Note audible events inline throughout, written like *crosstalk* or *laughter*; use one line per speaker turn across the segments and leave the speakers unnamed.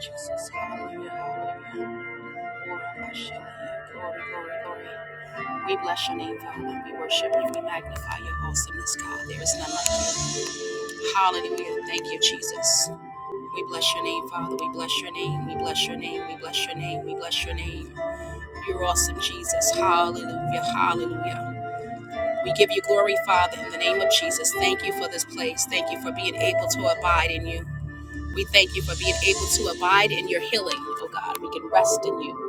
Jesus, hallelujah, hallelujah. Glory, glory, glory. We bless your name, Father. We worship you. We magnify your awesomeness, God. There is none like you. Hallelujah. Thank you, Jesus. We bless your name, Father. We bless your name. We bless your name. We bless your name. We bless your name. You're awesome, Jesus. Hallelujah. Hallelujah. We give you glory, Father, in the name of Jesus. Thank you for this place. Thank you for being able to abide in you. We thank you for being able to abide in your healing, oh God. We can rest in you.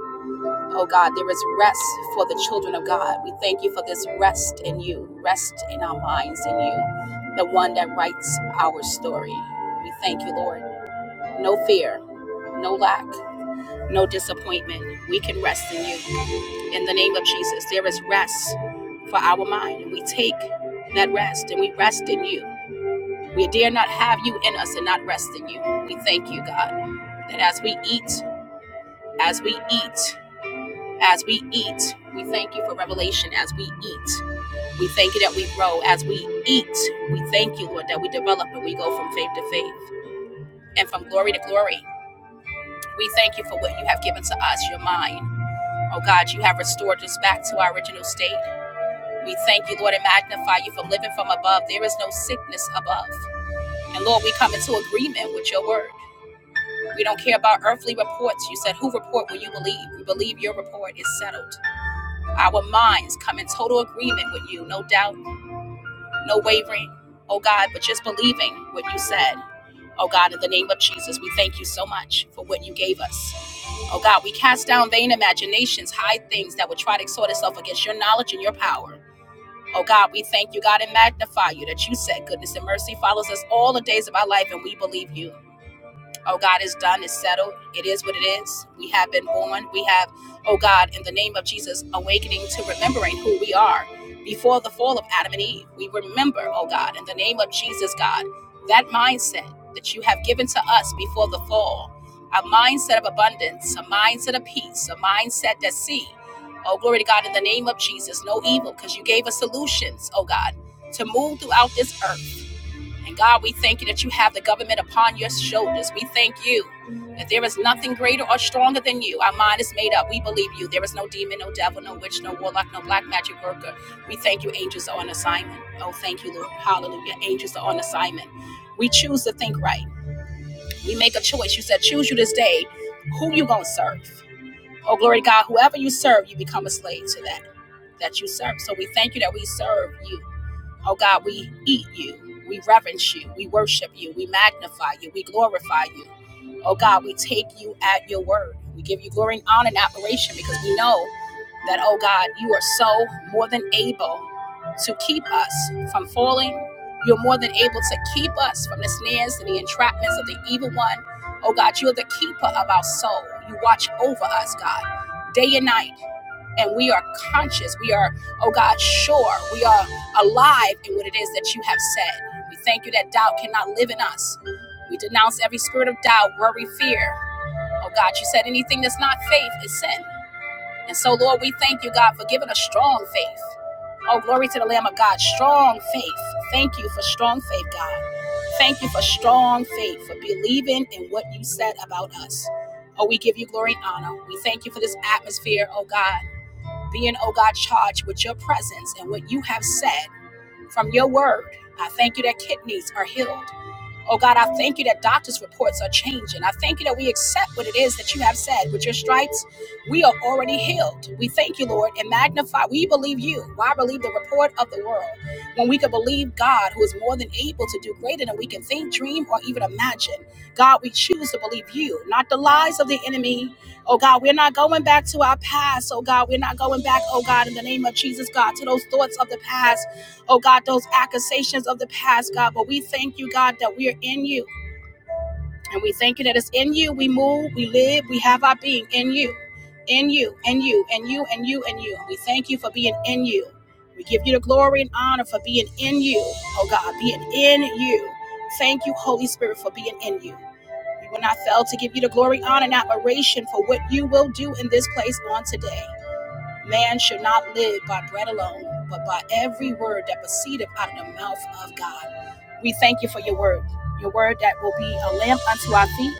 Oh God, there is rest for the children of God. We thank you for this rest in you, rest in our minds in you, the one that writes our story. We thank you, Lord. No fear, no lack, no disappointment. We can rest in you. In the name of Jesus, there is rest for our mind. And we take that rest and we rest in you. We dare not have you in us and not rest in you. We thank you, God, that as we eat, as we eat, As we eat, we thank you for revelation as we eat. We thank you that we grow as we eat. We thank you, Lord, that we develop and we go from faith to faith and from glory to glory. We thank you for what you have given to us, your mind. Oh God, you have restored us back to our original state. We thank you, Lord, and magnify you for living from above. There is no sickness above. And Lord, we come into agreement with your word. We don't care about earthly reports. You said, Who report will you believe? We believe your report is settled. Our minds come in total agreement with you, no doubt, no wavering, oh God, but just believing what you said. Oh God, in the name of Jesus, we thank you so much for what you gave us. Oh God, we cast down vain imaginations, high things that would try to exhort itself against your knowledge and your power. Oh God, we thank you, God, and magnify you that you said goodness and mercy follows us all the days of our life, and we believe you. Oh God, it's done, it's settled, it is what it is. We have been born. We have, oh God, in the name of Jesus, awakening to remembering who we are. Before the fall of Adam and Eve, we remember, oh God, in the name of Jesus, God, that mindset that you have given to us before the fall, a mindset of abundance, a mindset of peace, a mindset that see, oh glory to God, in the name of Jesus, no evil, because you gave us solutions, oh God, to move throughout this earth. And God, we thank you that you have the government upon your shoulders. We thank you that there is nothing greater or stronger than you. Our mind is made up. We believe you. There is no demon, no devil, no witch, no warlock, no black magic worker. We thank you. Angels are on assignment. Oh, thank you, Lord. Hallelujah. Angels are on assignment. We choose to think right. We make a choice. You said, choose you this day who you going to serve. Oh, glory to God. Whoever you serve, you become a slave to that that you serve. So we thank you that we serve you. Oh God, we eat you. We reverence you. We worship you. We magnify you. We glorify you. Oh God, we take you at your word. We give you glory and honor and admiration because we know that, oh God, you are so more than able to keep us from falling. You're more than able to keep us from the snares and the entrapments of the evil one. Oh God, you're the keeper of our soul. You watch over us, God, day and night. And we are conscious. We are, oh God, sure. We are alive in what it is that you have said. We thank you that doubt cannot live in us. We denounce every spirit of doubt, worry, fear. Oh God, you said anything that's not faith is sin. And so, Lord, we thank you, God, for giving us strong faith. Oh, glory to the Lamb of God, strong faith. Thank you for strong faith, God. Thank you for strong faith, for believing in what you said about us. Oh, we give you glory and honor. We thank you for this atmosphere, oh God, being, oh God, charged with your presence and what you have said from your word. I thank you that kidneys are healed. Oh God, I thank you that doctors' reports are changing. I thank you that we accept what it is that you have said. With your stripes, we are already healed. We thank you, Lord, and magnify. We believe you. Why believe the report of the world when we can believe God, who is more than able to do greater than we can think, dream, or even imagine? God, we choose to believe you, not the lies of the enemy. Oh God, we're not going back to our past. Oh God, we're not going back, oh God, in the name of Jesus, God, to those thoughts of the past oh God, those accusations of the past, God. But we thank you, God, that we are in you. And we thank you that it's in you. We move, we live, we have our being in you, in you, and you, and you, and you, and you. We thank you for being in you. We give you the glory and honor for being in you, oh God, being in you. Thank you, Holy Spirit, for being in you. We will not fail to give you the glory, honor, and admiration for what you will do in this place on today. Man shall not live by bread alone, but by every word that proceedeth out of the mouth of God. We thank you for your word, your word that will be a lamp unto our feet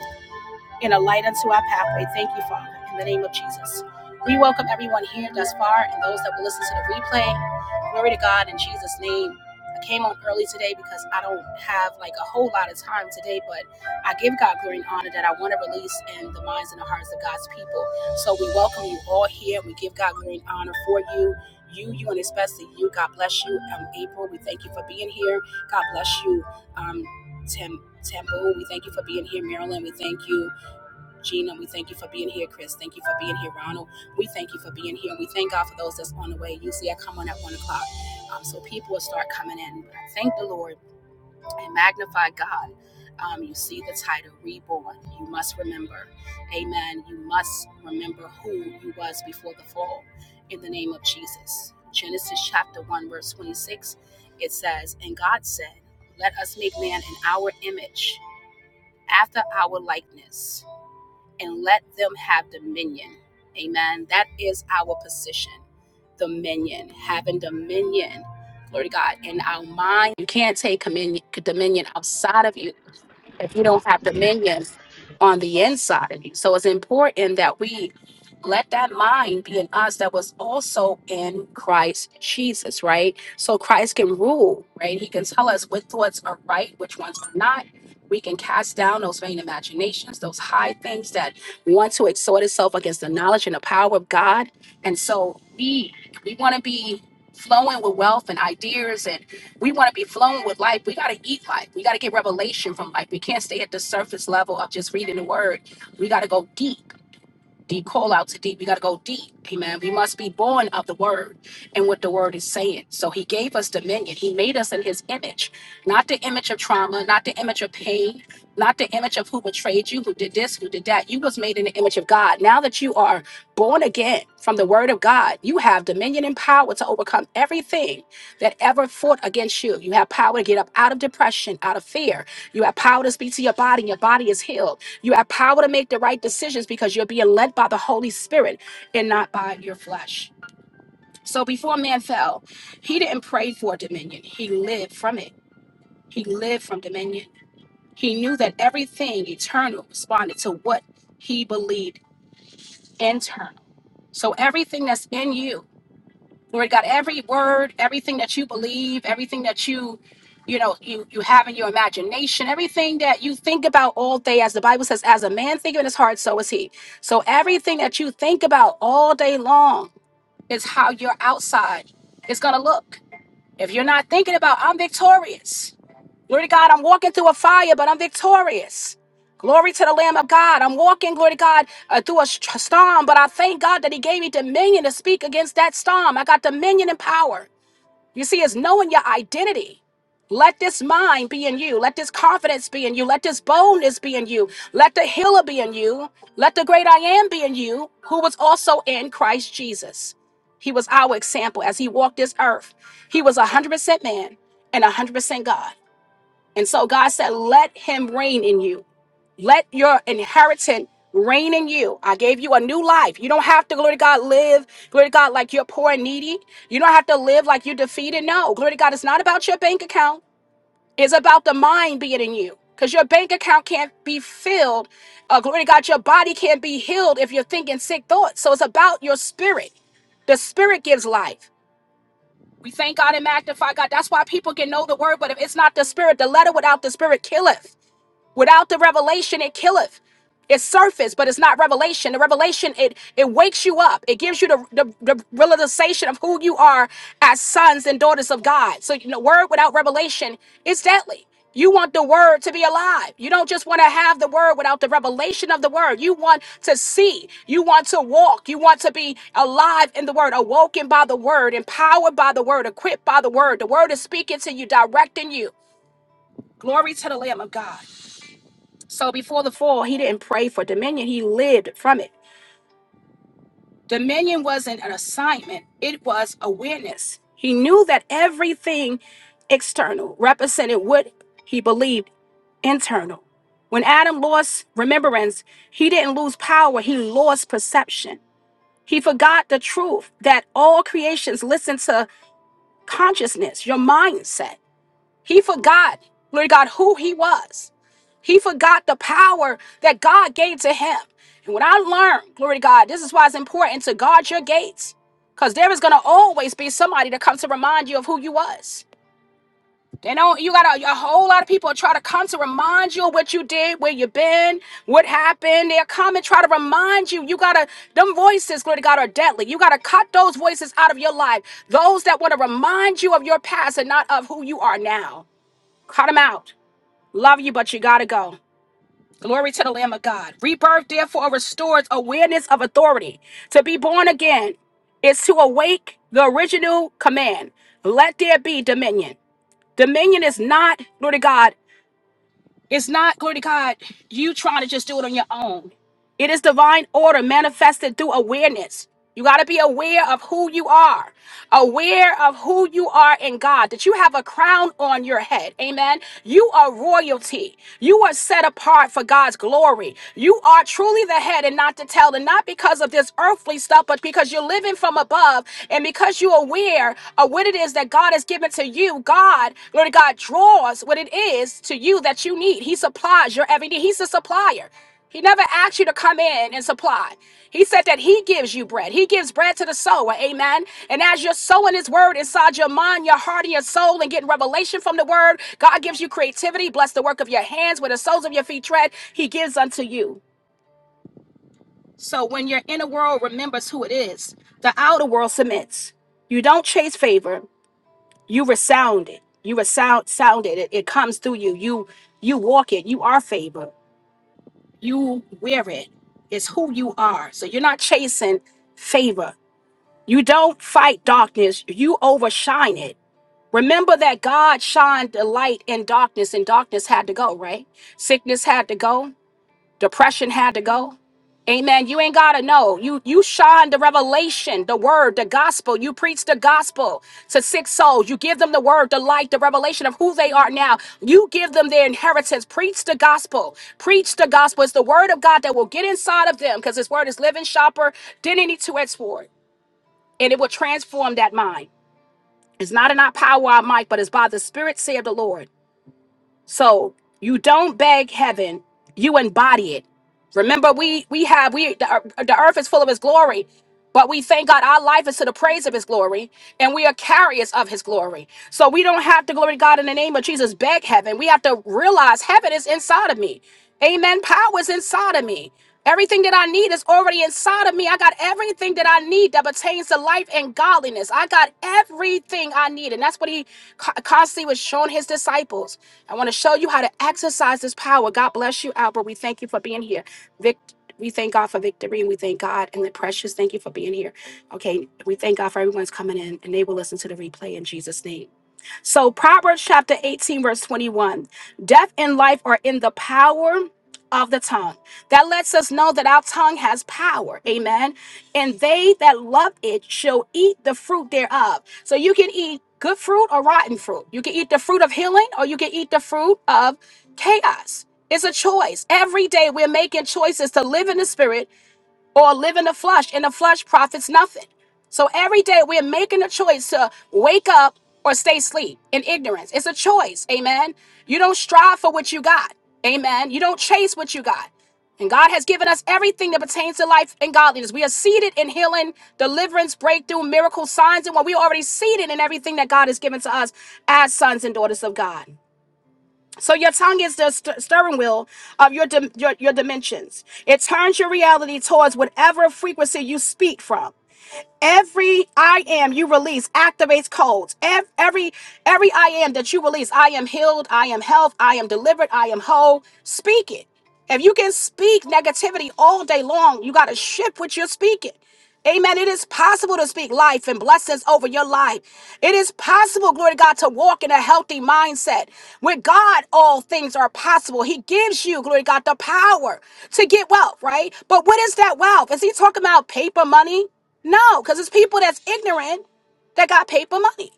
and a light unto our pathway. Thank you, Father, in the name of Jesus. We welcome everyone here thus far and those that will listen to the replay. Glory to God in Jesus' name. I came on early today because I don't have like a whole lot of time today, but I give God glory and honor that I want to release in the minds and the hearts of God's people. So we welcome you all here. We give God glory and honor for you. You, you, and especially you. God bless you. Um, April, we thank you for being here. God bless you. Um, Tim, Temple, we thank you for being here. Marilyn, we thank you. Gina, we thank you for being here. Chris, thank you for being here. Ronald, we thank you for being here. We thank God for those that's on the way. Usually I come on at one o'clock. Um, so people will start coming in. thank the Lord and magnify God. Um, you see the title, Reborn. You must remember. Amen. You must remember who you was before the fall in the name of Jesus. Genesis chapter 1, verse 26, it says, And God said, Let us make man in our image, after our likeness and let them have dominion. Amen. That is our position. Dominion, having dominion. Glory to God. In our mind, you can't take dominion, dominion outside of you if you don't have dominion on the inside of you. So it's important that we let that mind be in us that was also in Christ Jesus, right? So Christ can rule, right? He can tell us what thoughts are right, which ones are not. We can cast down those vain imaginations, those high things that want to exhort itself against the knowledge and the power of God. And so we we want to be flowing with wealth and ideas and we want to be flown with life. We got to eat life. We got to get revelation from life. We can't stay at the surface level of just reading the word. We got to go deep deep call out to deep. We got to go deep. Amen. We must be born of the word and what the word is saying. So he gave us dominion. He made us in his image, not the image of trauma, not the image of pain, not the image of who betrayed you, who did this, who did that. You was made in the image of God. Now that you are born again from the word of God, you have dominion and power to overcome everything that ever fought against you. You have power to get up out of depression, out of fear, you have power to speak to your body, and your body is healed. You have power to make the right decisions because you're being led by the Holy Spirit and not by your flesh. So before man fell, he didn't pray for dominion, he lived from it. He lived from dominion. He knew that everything eternal responded to what he believed internal. So everything that's in you Lord God, every word, everything that you believe, everything that you, you know, you you have in your imagination, everything that you think about all day, as the Bible says, as a man thinking in his heart, so is he. So everything that you think about all day long is how your outside is gonna look. If you're not thinking about I'm victorious, Glory to God, I'm walking through a fire, but I'm victorious. Glory to the Lamb of God. I'm walking, glory to God, uh, through a st- storm, but I thank God that He gave me dominion to speak against that storm. I got dominion and power. You see, it's knowing your identity. Let this mind be in you. Let this confidence be in you. Let this boldness be in you. Let the healer be in you. Let the great I am be in you, who was also in Christ Jesus. He was our example as he walked this earth. He was 100% man and 100% God. And so God said, Let him reign in you. Let your inheritance reign in you. I gave you a new life. You don't have to, glory to God, live, glory to God, like you're poor and needy. You don't have to live like you're defeated. No, glory to God, it's not about your bank account, it's about the mind being in you. Because your bank account can't be filled. Uh, glory to God, your body can't be healed if you're thinking sick thoughts. So it's about your spirit. The spirit gives life. We thank God and magnify God. That's why people can know the word, but if it's not the spirit, the letter without the spirit killeth. Without the revelation, it killeth. It's surface, but it's not revelation. The revelation, it it wakes you up. It gives you the, the, the realization of who you are as sons and daughters of God. So you know, word without revelation is deadly. You want the word to be alive. You don't just want to have the word without the revelation of the word. You want to see. You want to walk. You want to be alive in the word, awoken by the word, empowered by the word, equipped by the word. The word is speaking to you, directing you. Glory to the Lamb of God. So before the fall, he didn't pray for dominion, he lived from it. Dominion wasn't an assignment, it was awareness. He knew that everything external represented what he believed internal. When Adam lost remembrance, he didn't lose power, he lost perception. He forgot the truth that all creations listen to consciousness, your mindset. He forgot, Lord God, who he was. He forgot the power that God gave to him. And when I learned, glory to God, this is why it's important to guard your gates. Because there is going to always be somebody that comes to remind you of who you was. They know you got a, a whole lot of people try to come to remind you of what you did, where you been, what happened. They'll come and try to remind you. You gotta, them voices, glory to God, are deadly. You gotta cut those voices out of your life. Those that want to remind you of your past and not of who you are now. Cut them out. Love you, but you gotta go. Glory to the Lamb of God. Rebirth, therefore, restores awareness of authority. To be born again is to awake the original command. Let there be dominion. Dominion is not, glory to God, it's not, glory to God, you trying to just do it on your own. It is divine order manifested through awareness. You got to be aware of who you are, aware of who you are in God, that you have a crown on your head. Amen. You are royalty. You are set apart for God's glory. You are truly the head and not the tail, and not because of this earthly stuff, but because you're living from above and because you're aware of what it is that God has given to you. God, Lord God, draws what it is to you that you need. He supplies your every need. He's a supplier. He never asked you to come in and supply. He said that He gives you bread. He gives bread to the sower. Amen. And as you're sowing His word inside your mind, your heart, and your soul, and getting revelation from the word, God gives you creativity. Bless the work of your hands where the soles of your feet tread. He gives unto you. So when your inner world remembers who it is, the outer world submits. You don't chase favor. You resound it. You resound sounded it. It comes through you. You you walk it. You are favor you wear it. It's who you are. So you're not chasing favor. You don't fight darkness, you overshine it. Remember that God shined the light in darkness and darkness had to go, right? Sickness had to go, Depression had to go. Amen. You ain't gotta know. You you shine the revelation, the word, the gospel. You preach the gospel to sick souls. You give them the word, the light, the revelation of who they are now. You give them their inheritance. Preach the gospel. Preach the gospel. It's the word of God that will get inside of them because His word is living, sharper than any two-edged sword, and it will transform that mind. It's not in our power, our might, but it's by the Spirit, say the Lord. So you don't beg heaven, you embody it. Remember, we we have we the, ear- the earth is full of his glory, but we thank God our life is to the praise of his glory, and we are carriers of his glory. So we don't have to glory to God in the name of Jesus, beg heaven. We have to realize heaven is inside of me. Amen. Power is inside of me. Everything that I need is already inside of me. I got everything that I need that pertains to life and godliness. I got everything I need. And that's what he co- constantly was showing his disciples. I want to show you how to exercise this power. God bless you, Albert. We thank you for being here. Vic, we thank God for victory and we thank God and the precious. Thank you for being here. Okay, we thank God for everyone's coming in and they will listen to the replay in Jesus' name. So Proverbs chapter 18, verse 21. Death and life are in the power of the tongue. That lets us know that our tongue has power. Amen. And they that love it shall eat the fruit thereof. So you can eat good fruit or rotten fruit. You can eat the fruit of healing or you can eat the fruit of chaos. It's a choice. Every day we're making choices to live in the spirit or live in the flesh, and the flesh profits nothing. So every day we're making a choice to wake up or stay asleep in ignorance. It's a choice. Amen. You don't strive for what you got. Amen. You don't chase what you got. And God has given us everything that pertains to life and godliness. We are seated in healing, deliverance, breakthrough, miracles, signs, and what we are already seated in everything that God has given to us as sons and daughters of God. So your tongue is the st- steering wheel of your, dim- your your dimensions. It turns your reality towards whatever frequency you speak from. Every I am you release activates codes. Ev- Every every I am that you release, I am healed, I am health, I am delivered, I am whole. Speak it. If you can speak negativity all day long, you got to shift what you're speaking. Amen. It is possible to speak life and blessings over your life. It is possible, glory to God, to walk in a healthy mindset. With God, all things are possible. He gives you, glory to God, the power to get wealth, right? But what is that wealth? Is he talking about paper money? No, because it's people that's ignorant that got paper money.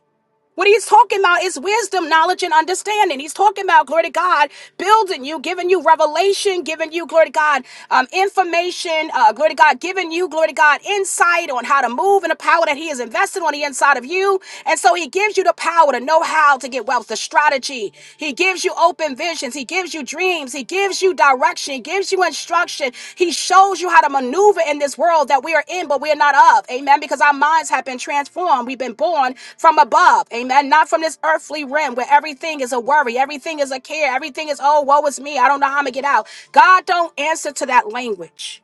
What he's talking about is wisdom, knowledge, and understanding. He's talking about, glory to God, building you, giving you revelation, giving you, glory to God, um, information, uh, glory to God, giving you, glory to God, insight on how to move and the power that he has invested on the inside of you. And so he gives you the power to know how to get wealth, the strategy. He gives you open visions. He he gives you dreams. He gives you direction. He gives you instruction. He shows you how to maneuver in this world that we are in, but we are not of. Amen. Because our minds have been transformed. We've been born from above. Amen. Not from this earthly realm where everything is a worry, everything is a care, everything is, oh, woe is me. I don't know how I'm going to get out. God don't answer to that language.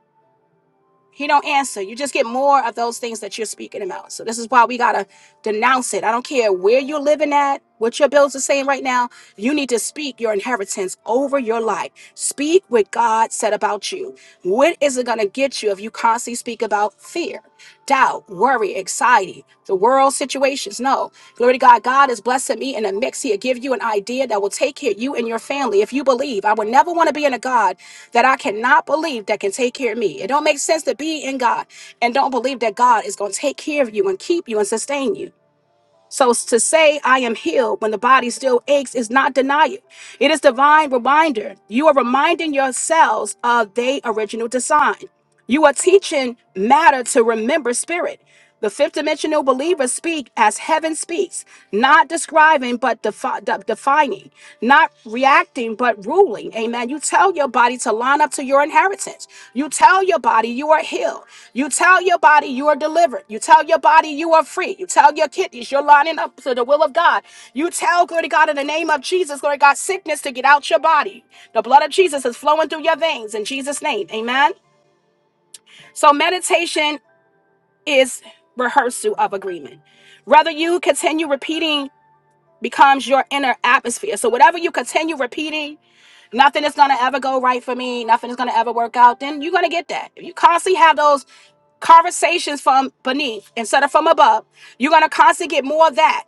He don't answer. You just get more of those things that you're speaking about. So this is why we gotta denounce it. I don't care where you're living at, what your bills are saying right now. You need to speak your inheritance over your life. Speak what God said about you. What is it gonna get you if you constantly speak about fear, doubt? worry, anxiety, the world situations. No. Glory to God. God is blessing me in a mix. He'll give you an idea that will take care of you and your family. If you believe, I would never want to be in a God that I cannot believe that can take care of me. It don't make sense to be in God and don't believe that God is going to take care of you and keep you and sustain you. So s- to say I am healed when the body still aches is not denial. It is divine reminder. You are reminding yourselves of their original design. You are teaching matter to remember spirit. The fifth dimensional believers speak as heaven speaks, not describing but defi- de- defining, not reacting but ruling. Amen. You tell your body to line up to your inheritance. You tell your body you are healed. You tell your body you are delivered. You tell your body you are free. You tell your kidneys you're lining up to the will of God. You tell, glory to God, in the name of Jesus, glory to God, sickness to get out your body. The blood of Jesus is flowing through your veins in Jesus' name. Amen. So meditation is rehearsal of agreement. Whether you continue repeating becomes your inner atmosphere. So whatever you continue repeating, nothing is gonna ever go right for me, nothing is gonna ever work out, then you're gonna get that. If you constantly have those conversations from beneath instead of from above, you're gonna constantly get more of that.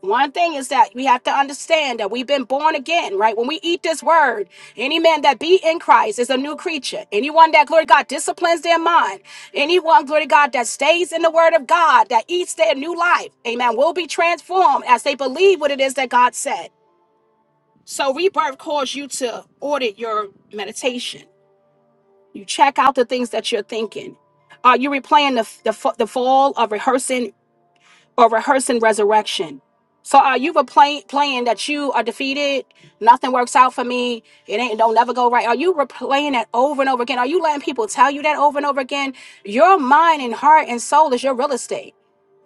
One thing is that we have to understand that we've been born again, right? When we eat this word, any man that be in Christ is a new creature. Anyone that, glory to God, disciplines their mind, anyone, glory to God, that stays in the word of God, that eats their new life, amen, will be transformed as they believe what it is that God said. So rebirth calls you to audit your meditation. You check out the things that you're thinking. Are you replaying the, the, fa- the fall of rehearsing or rehearsing resurrection. So are you replaying playing that you are defeated? Nothing works out for me. It ain't don't never go right. Are you replaying that over and over again? Are you letting people tell you that over and over again? Your mind and heart and soul is your real estate.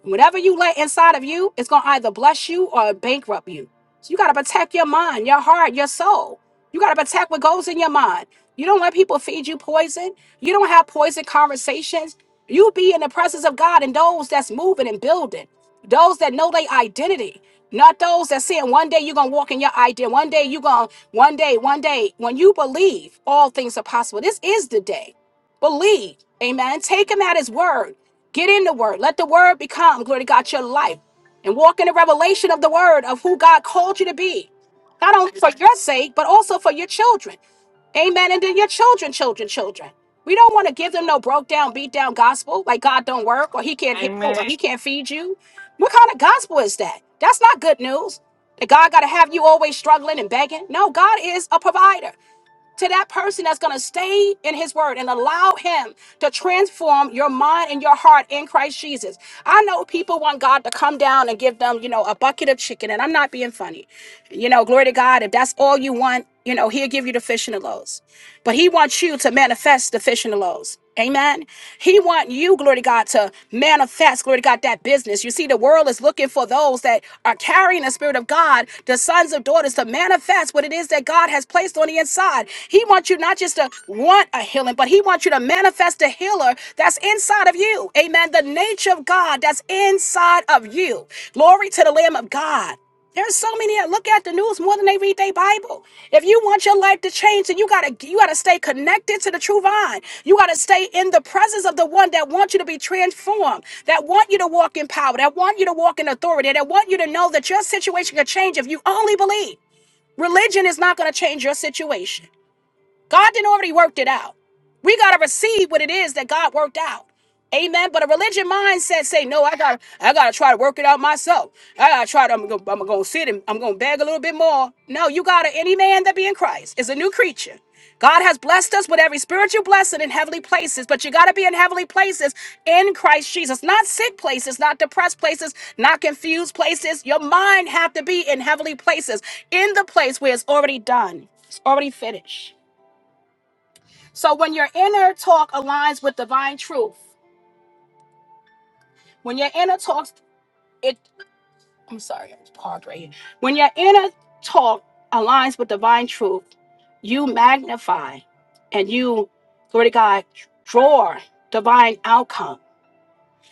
Whatever you let inside of you, it's gonna either bless you or bankrupt you. So you gotta protect your mind, your heart, your soul. You gotta protect what goes in your mind. You don't let people feed you poison. You don't have poison conversations. You be in the presence of God and those that's moving and building, those that know their identity, not those that saying one day you're gonna walk in your idea, one day you're gonna, one day, one day. When you believe, all things are possible. This is the day. Believe. Amen. Take him at his word. Get in the word. Let the word become, glory to God, your life. And walk in the revelation of the word of who God called you to be. Not only for your sake, but also for your children. Amen. And then your children, children, children. We don't want to give them no broke down, beat down gospel like God don't work or he can't heal
Amen.
or he can't feed you. What kind of gospel is that? That's not good news. That God got to have you always struggling and begging. No, God is a provider to that person that's going to stay in his word and allow him to transform your mind and your heart in Christ Jesus. I know people want God to come down and give them, you know, a bucket of chicken, and I'm not being funny. You know, glory to God, if that's all you want, you know, he'll give you the fish and the loaves. But he wants you to manifest the fish and the loaves. Amen. He want you, glory to God, to manifest, glory to God, that business. You see, the world is looking for those that are carrying the spirit of God, the sons of daughters, to manifest what it is that God has placed on the inside. He wants you not just to want a healing, but he wants you to manifest the healer that's inside of you. Amen. The nature of God that's inside of you. Glory to the Lamb of God. There's so many that look at the news more than they read their Bible. If you want your life to change, then you gotta you gotta stay connected to the true vine. You gotta stay in the presence of the one that wants you to be transformed, that want you to walk in power, that want you to walk in authority, that want you to know that your situation can change if you only believe. Religion is not gonna change your situation. God didn't already worked it out. We gotta receive what it is that God worked out. Amen. But a religion mindset say, no, I gotta, I gotta try to work it out myself. I gotta try to, I'm gonna, I'm gonna sit and I'm gonna beg a little bit more. No, you gotta, any man that be in Christ is a new creature. God has blessed us with every spiritual blessing in heavenly places, but you got to be in heavenly places in Christ Jesus, not sick places, not depressed places, not confused places. Your mind have to be in heavenly places, in the place where it's already done. It's already finished. So when your inner talk aligns with divine truth, when your inner talks, it, I'm sorry, I was paused right here. When your inner talk aligns with divine truth, you magnify and you, glory to God, draw divine outcomes.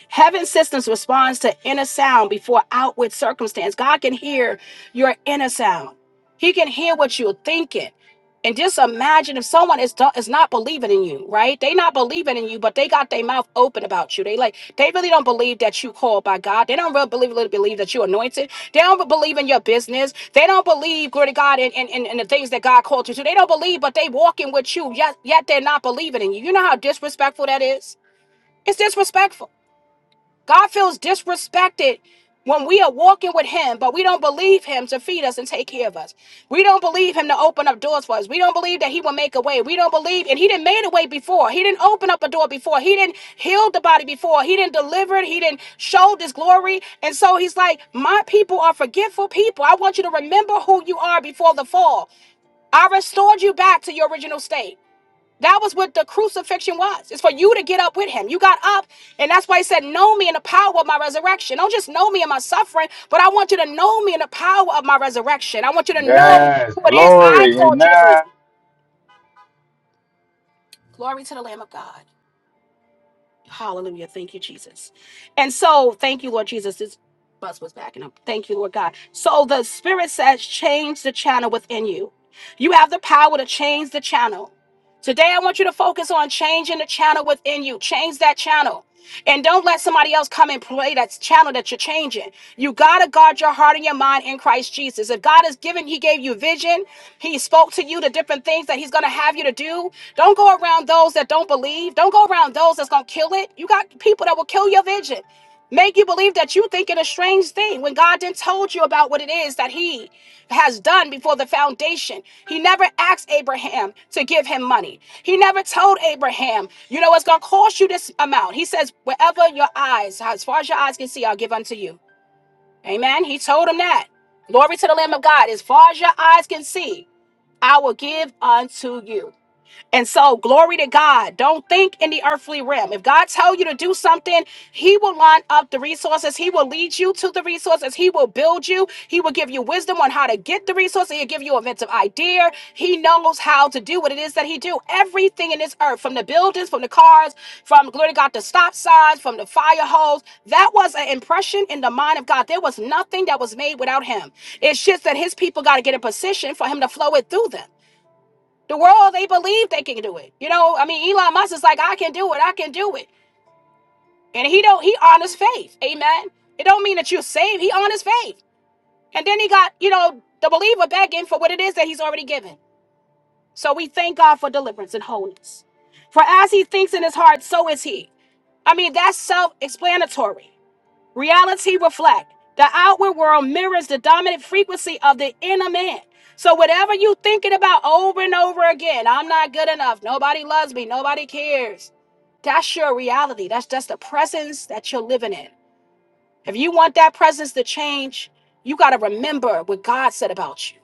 Heaven systems responds to inner sound before outward circumstance. God can hear your inner sound. He can hear what you're thinking. And just imagine if someone is do- is not believing in you, right? They not believing in you, but they got their mouth open about you. They like they really don't believe that you called by God. They don't really believe, really believe that you anointed. They don't believe in your business. They don't believe, glory to God, in, in, in, in the things that God called you to. They don't believe, but they walking with you. Yet yet they're not believing in you. You know how disrespectful that is. It's disrespectful. God feels disrespected when we are walking with Him, but we don't believe Him to feed us and take care of us. We don't believe Him to open up doors for us. We don't believe that He will make a way. We don't believe, and He didn't make a way before. He didn't open up a door before. He didn't heal the body before. He didn't deliver it. He didn't show this glory. And so He's like, My people are forgetful people. I want you to remember who you are before the fall. I restored you back to your original state. That was what the crucifixion was. It's for you to get up with him. You got up, and that's why he said, Know me in the power of my resurrection. Don't just know me in my suffering, but I want you to know me in the power of my resurrection. I want you to know
Yes.
who it is I
Glory.
called you to be.
Amen.
Glory to the Lamb of God. Hallelujah. Thank you, Jesus. And so, thank you, Lord Jesus. This bus was backing up. Thank you, Lord God. So, the Spirit says, Change the channel within you. You have the power to change the channel. Today, I want you to focus on changing the channel within you. Change that channel. And don't let somebody else come and play that channel that you're changing. You gotta guard your heart and your mind in Christ Jesus. If God has given, He gave you vision, He spoke to you the different things that He's gonna have you to do. Don't go around those that don't believe. Don't go around those that's gonna kill it. You got people that will kill your vision. Make you believe that you think it a strange thing when God didn't told you about what it is that He has done before the foundation. He never asked Abraham to give him money. He never told Abraham, you know, it's gonna cost you this amount. He says, wherever your eyes, as far as your eyes can see, I'll give unto you. Amen. He told him that. Glory to the Lamb of God. As far as your eyes can see, I will give unto you. And so, glory to God. Don't think in the earthly realm. If God tell you to do something, He will line up the resources. He will lead you to the resources. He will build you. He will give you wisdom on how to get the resources. He'll give you inventive idea. He knows how to do what it is that He do. Everything in this earth, from the buildings, from the cars, from glory to God, the stop signs, from the fire hose. That was an impression in the mind of God. There was nothing that was made without Him. It's just that His people got to get in position for Him to flow it through them. The world they believe they can do it. You know, I mean, Elon Musk is like, I can do it, I can do it, and he don't. He on his faith, amen. It don't mean that you're saved. He on his faith, and then he got you know the believer begging for what it is that he's already given. So we thank God for deliverance and wholeness. For as he thinks in his heart, so is he. I mean, that's self-explanatory. Reality reflects The outward world mirrors the dominant frequency of the inner man. So whatever you thinking about over and over again, I'm not good enough. Nobody loves me. Nobody cares. That's your reality. That's just the presence that you're living in. If you want that presence to change, you got to remember what God said about you.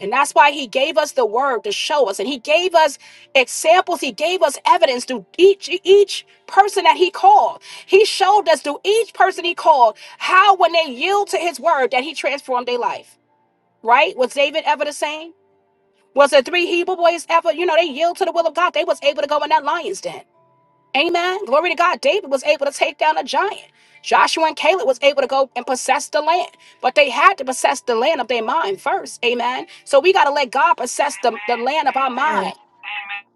And that's why he gave us the word to show us. And he gave us examples. He gave us evidence through each, each person that he called. He showed us through each person he called how, when they yield to his word, that he transformed their life. Right? Was David ever the same? Was the three Hebrew boys ever, you know, they yield to the will of God? They was able to go in that lion's den. Amen. Glory to God. David was able to take down a giant. Joshua and Caleb was able to go and possess the land, but they had to possess the land of their mind first. Amen. So we got to let God possess the, the land of our
Amen.
mind,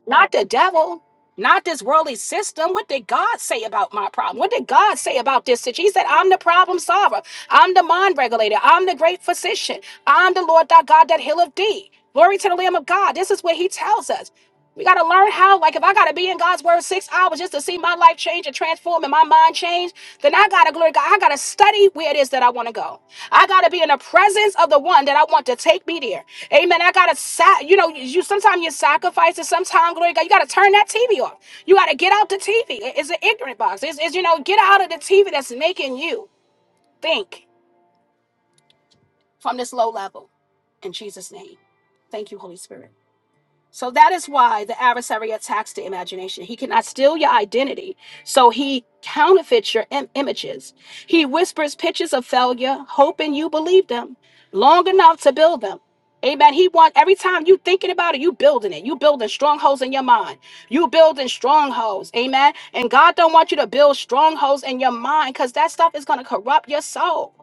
not the devil, not this worldly system. What did God say about my problem? What did God say about this situation? He said, I'm the problem solver. I'm the mind regulator. I'm the great physician. I'm the Lord thy God that healeth thee. Glory to the Lamb of God. This is what he tells us. We got to learn how, like, if I got to be in God's word six hours just to see my life change and transform and my mind change, then I got to glory to God. I got to study where it is that I want to go. I got to be in the presence of the one that I want to take me there. Amen. I got to, sa- you know, you sometimes you sacrifice and sometimes, glory to God, you got to turn that TV off. You got to get out the TV. It- It's an ignorant box. It's, it's, you know, get out of the TV that's making you think from this low level. In Jesus' name. Thank you, Holy Spirit. So that is why the adversary attacks the imagination. He cannot steal your identity. So he counterfeits your im- images. He whispers pictures of failure, hoping you believe them long enough to build them. Amen. He want every time you thinking about it, you building it. You building strongholds in your mind. You building strongholds. Amen. And God don't want you to build strongholds in your mind because that stuff is going to corrupt your soul.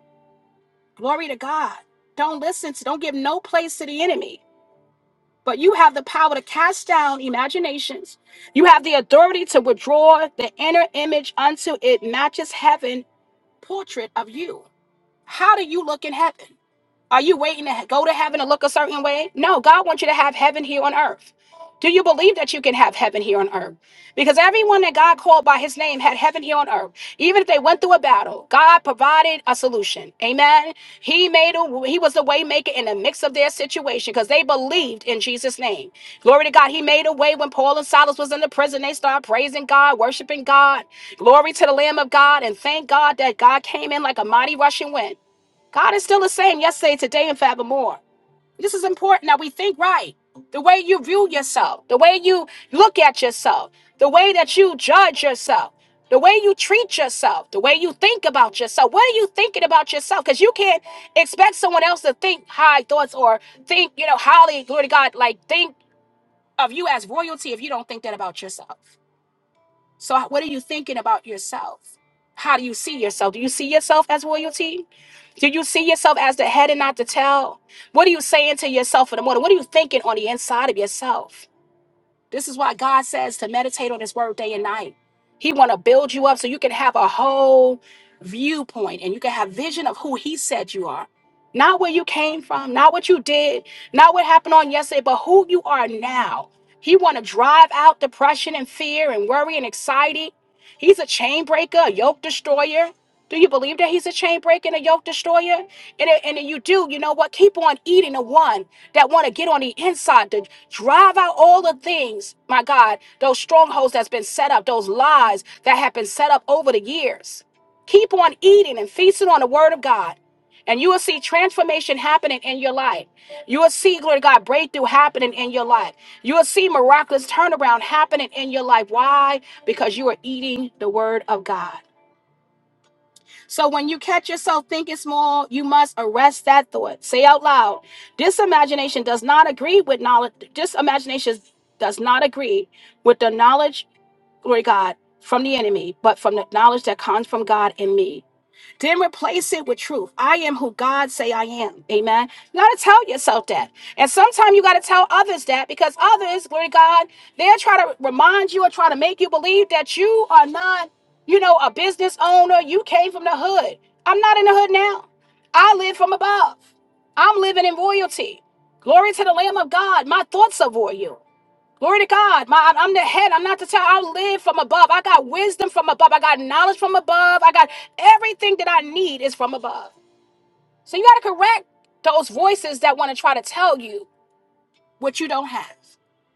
Glory to God. Don't listen to, don't give no place to the enemy. But you have the power to cast down imaginations. You have the authority to withdraw the inner image until it matches heaven portrait of you. How do you look in heaven? Are you waiting to go to heaven and look a certain way? No, God wants you to have heaven here on earth. Do you believe that you can have heaven here on earth? Because everyone that God called by his name had heaven here on earth. Even if they went through a battle, God provided a solution. Amen. He made a he was the way maker in the mix of their situation because they believed in Jesus' name. Glory to God. He made a way when Paul and Silas was in the prison. They started praising God, worshiping God. Glory to the Lamb of God. And thank God that God came in like a mighty rushing wind. God is still the same yesterday, today, and forevermore. This is important that we think right. The way you view yourself, the way you look at yourself, the way that you judge yourself, the way you treat yourself, the way you think about yourself. What are you thinking about yourself? Because you can't expect someone else to think high thoughts or think, you know, highly, glory to God, like think of you as royalty if you don't think that about yourself. So, what are you thinking about yourself? How do you see yourself? Do you see yourself as royalty? Do you see yourself as the head and not the tail? What are you saying to yourself in the morning? What are you thinking on the inside of yourself? This is why God says to meditate on his word day and night. He want to build you up so you can have a whole viewpoint and you can have vision of who he said you are. Not where you came from, not what you did, not what happened on yesterday, but who you are now. He want to drive out depression and fear and worry and anxiety. He's a chain breaker, a yoke destroyer. Do you believe that he's a chain breaker and a yoke destroyer? And, and if you do, you know what? Keep on eating the one that want to get on the inside to drive out all the things, my God, those strongholds that's been set up, those lies that have been set up over the years. Keep on eating and feasting on the word of God. And you will see transformation happening in your life. You will see, glory to God, breakthrough happening in your life. You will see miraculous turnaround happening in your life. Why? Because you are eating the word of God. So when you catch yourself thinking small, you must arrest that thought. Say out loud, this imagination does not agree with knowledge. This imagination does not agree with the knowledge, glory to God, from the enemy, but from the knowledge that comes from God in me. Then replace it with truth. I am who God say I am. Amen. You gotta tell yourself that. And sometimes you gotta tell others that because others, glory to God, they'll try to remind you or try to make you believe that you are not, you know, a business owner. You came from the hood. I'm not in the hood now. I live from above. I'm living in royalty. Glory to the Lamb of God. My thoughts are royal. Glory to God. My, I'm the head. I'm not the tail. I live from above. I got wisdom from above. I got knowledge from above. I got everything that I need is from above. So you got to correct those voices that want to try to tell you what you don't have.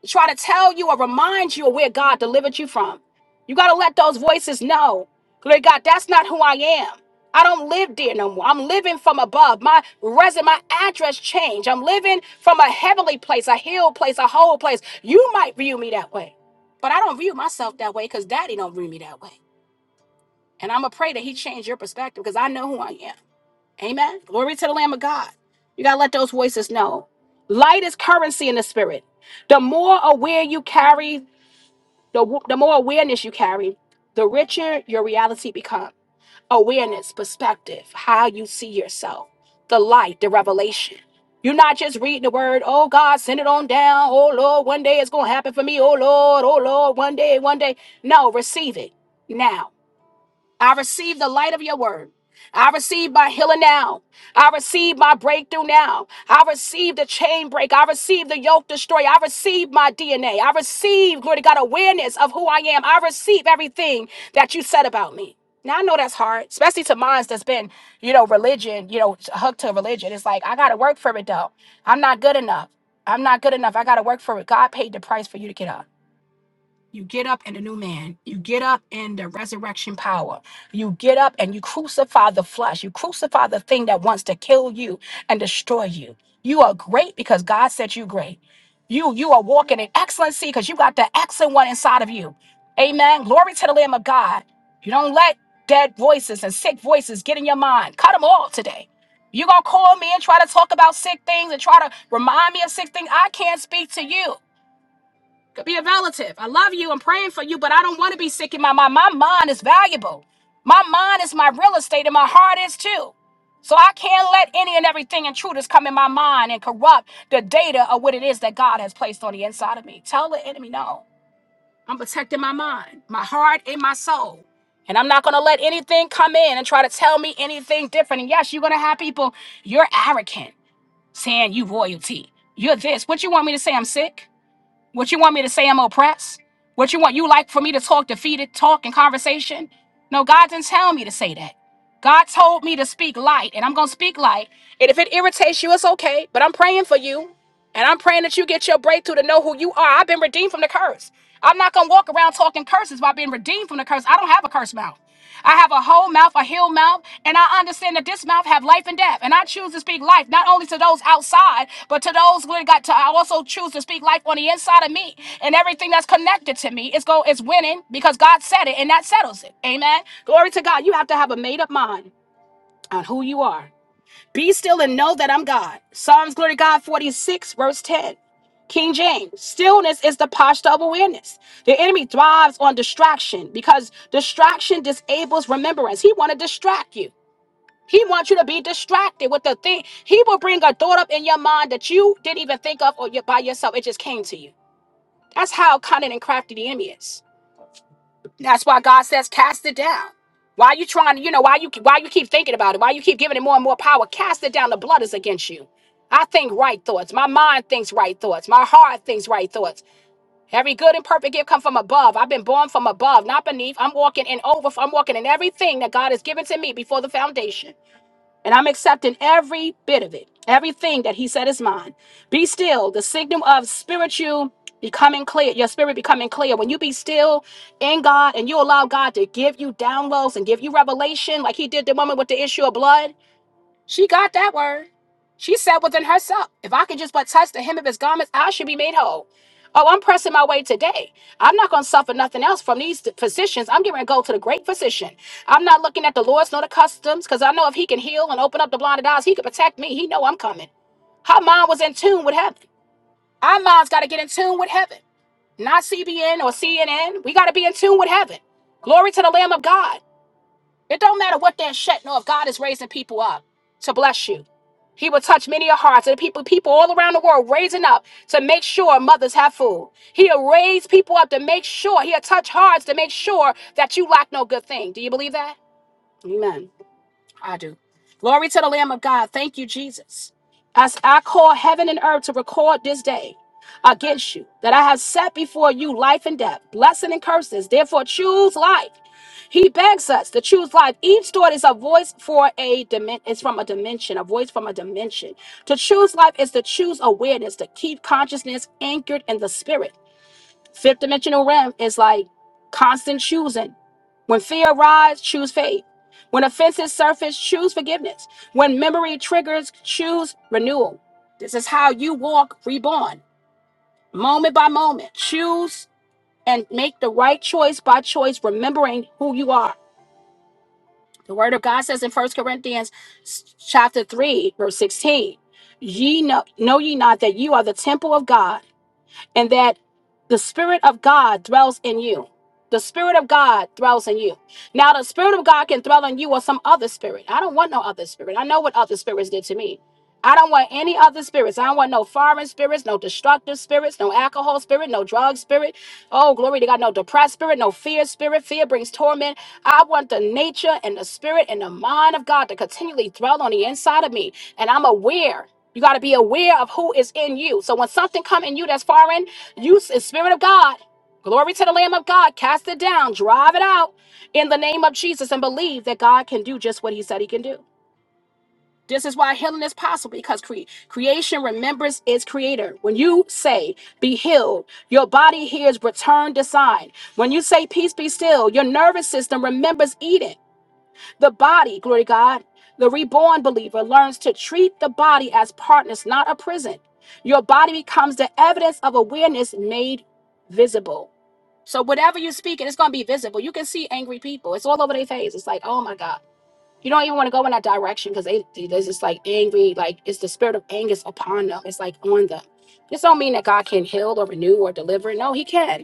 Try to tell you or remind you of where God delivered you from. You got to let those voices know. Glory to God, that's not who I am. I don't live there no more. I'm living from above. My resume, my address changed. I'm living from a heavenly place, a hill place, a whole place. You might view me that way, but I don't view myself that way because daddy don't view me that way. And I'm going to pray that he change your perspective because I know who I am. Amen. Glory to the Lamb of God. You got to let those voices know. Light is currency in the spirit. The more aware you carry, the, w- the more awareness you carry, the richer your reality becomes. Awareness, perspective, how you see yourself, the light, the revelation. You're not just reading the word, oh God, send it on down. Oh Lord, one day it's going to happen for me. Oh Lord, oh Lord, one day, one day. No, receive it now. I receive the light of your word. I receive my healing now. I receive my breakthrough now. I receive the chain break. I receive the yoke destroy. I receive my DNA. I receive, glory to God, awareness of who I am. I receive everything that you said about me. Now I know that's hard, especially to minds that's been, you know, religion, you know, hooked to religion. It's like, I got to work for it though. I'm not good enough. I'm not good enough. I got to work for it. God paid the price for you to get up. You get up in a new man. You get up in the resurrection power. You get up and you crucify the flesh. You crucify the thing that wants to kill you and destroy you. You are great because God said you great. You you are walking in excellency because you got the excellent one inside of you. Amen. Glory to the Lamb of God. You don't let dead voices and sick voices get in your mind. Cut them all today. You're gonna call me and try to talk about sick things and try to remind me of sick things. I can't speak to you could be a relative. I love you. I'm praying for you, but I don't want to be sick in my mind. My mind is valuable. My mind is my real estate, and my heart is too. So I can't let any and everything intruders come in my mind and corrupt the data of what it is that God has placed on the inside of me. Tell the enemy no. I'm protecting my mind, my heart, and my soul. And I'm not going to let anything come in and try to tell me anything different. And yes, you're going to have people, you're arrogant, saying you royalty. You're this. What you want me to say? I'm sick? What you want me to say I'm oppressed? What you want you like for me to talk defeated talk in conversation? No, God didn't tell me to say that. God told me to speak light, and I'm gonna speak light. And if it irritates you, it's okay, but I'm praying for you. And I'm praying that you get your breakthrough to know who you are. I've been redeemed from the curse. I'm not going to walk around talking curses by being redeemed from the curse. I don't have a curse mouth. I have a whole mouth, a healed mouth, and I understand that this mouth have life and death. And I choose to speak life not only to those outside, but to those who got to. I also choose to speak life on the inside of me, and everything that's connected to me is go is winning because God said it, and that settles it. Amen. Glory to God. You have to have a made up mind on who you are be still and know that I'm God. Psalms, glory to God, 46, verse 10. King James, stillness is the posture of awareness. The enemy thrives on distraction because distraction disables remembrance. He want to distract you. He wants you to be distracted with the thing. He will bring a thought up in your mind that you didn't even think of or you by yourself. It just came to you. That's how cunning and crafty the enemy is. That's why God says, cast it down. Why you trying to, you know, why you why you keep thinking about it? Why you keep giving it more and more power? Cast it down. The blood is against you. I think right thoughts. My mind thinks right thoughts. My heart thinks right thoughts. Every good and perfect gift come from above. I've been born from above, not beneath. I'm walking in over. I'm walking in everything that God has given to me before the foundation. And I'm accepting every bit of it, everything that he said is mine. Be still, the signal of spiritual becoming clear, your spirit becoming clear. When you be still in God and you allow God to give you downloads and give you revelation, like he did the woman with the issue of blood, she got that word. She said within herself, if I could just but touch the hem of his garments, I should be made whole. Oh, I'm pressing my way today. I'm not going to suffer nothing else from these physicians. I'm getting ready to go to the great physician. I'm not looking at the Lord's nor the customs because I know if he can heal and open up the blinded eyes, he can protect me. He know I'm coming. Her mind was in tune with heaven. Our minds got to get in tune with heaven, not CBN or CNN. We got to be in tune with heaven. Glory to the Lamb of God. It don't matter what they're shutting off. God is raising people up to bless you. He will touch many of hearts. And people, people all around the world raising up to make sure mothers have food. He'll raise people up to make sure. He'll touch hearts to make sure that you lack no good thing. Do you believe that? Amen. I do. Glory to the Lamb of God. Thank you, Jesus. As I call heaven and earth to record this day against you, that I have set before you life and death, blessing and curses. Therefore, choose life. He begs us to choose life. Each thought is a voice for a dimension. It's from a dimension, a voice from a dimension. To choose life is to choose awareness, to keep consciousness anchored in the spirit. Fifth dimensional realm is like constant choosing. When fear arrives, choose faith. When offenses surface, choose forgiveness. When memory triggers, choose renewal. This is how you walk reborn, moment by moment. Choose and make the right choice by choice, remembering who you are. The word of God says in First Corinthians chapter 3, verse 16, ye know, know ye not that you are the temple of God and that the Spirit of God dwells in you. The Spirit of God dwells in you. Now, the Spirit of God can dwell in you or some other spirit. I don't want no other spirit. I know what other spirits did to me. I don't want any other spirits. I don't want no foreign spirits, no destructive spirits, no alcohol spirit, no drug spirit. Oh, glory to God, no depressed spirit, no fear spirit. Fear brings torment. I want the nature and the spirit and the mind of God to continually dwell on the inside of me. And I'm aware you got to be aware of who is in you. So when something come in you that's foreign, you the spirit of God. Glory to the Lamb of God. Cast it down, drive it out in the name of Jesus, and believe that God can do just what He said He can do. This is why healing is possible because cre- creation remembers its creator. When you say, be healed, your body hears return design. When you say, peace be still, your nervous system remembers Eden. The body, glory to God, the reborn believer learns to treat the body as partners, not a prison. Your body becomes the evidence of awareness made visible. So whatever you speak, and it's going to be visible. You can see angry people. It's all over their face. It's like, oh my God. You don't even want to go in that direction because they they- they're just like angry. Like it's the spirit of anger is upon them. It's like on them. This don't mean that God can heal or renew or deliver. No, He can.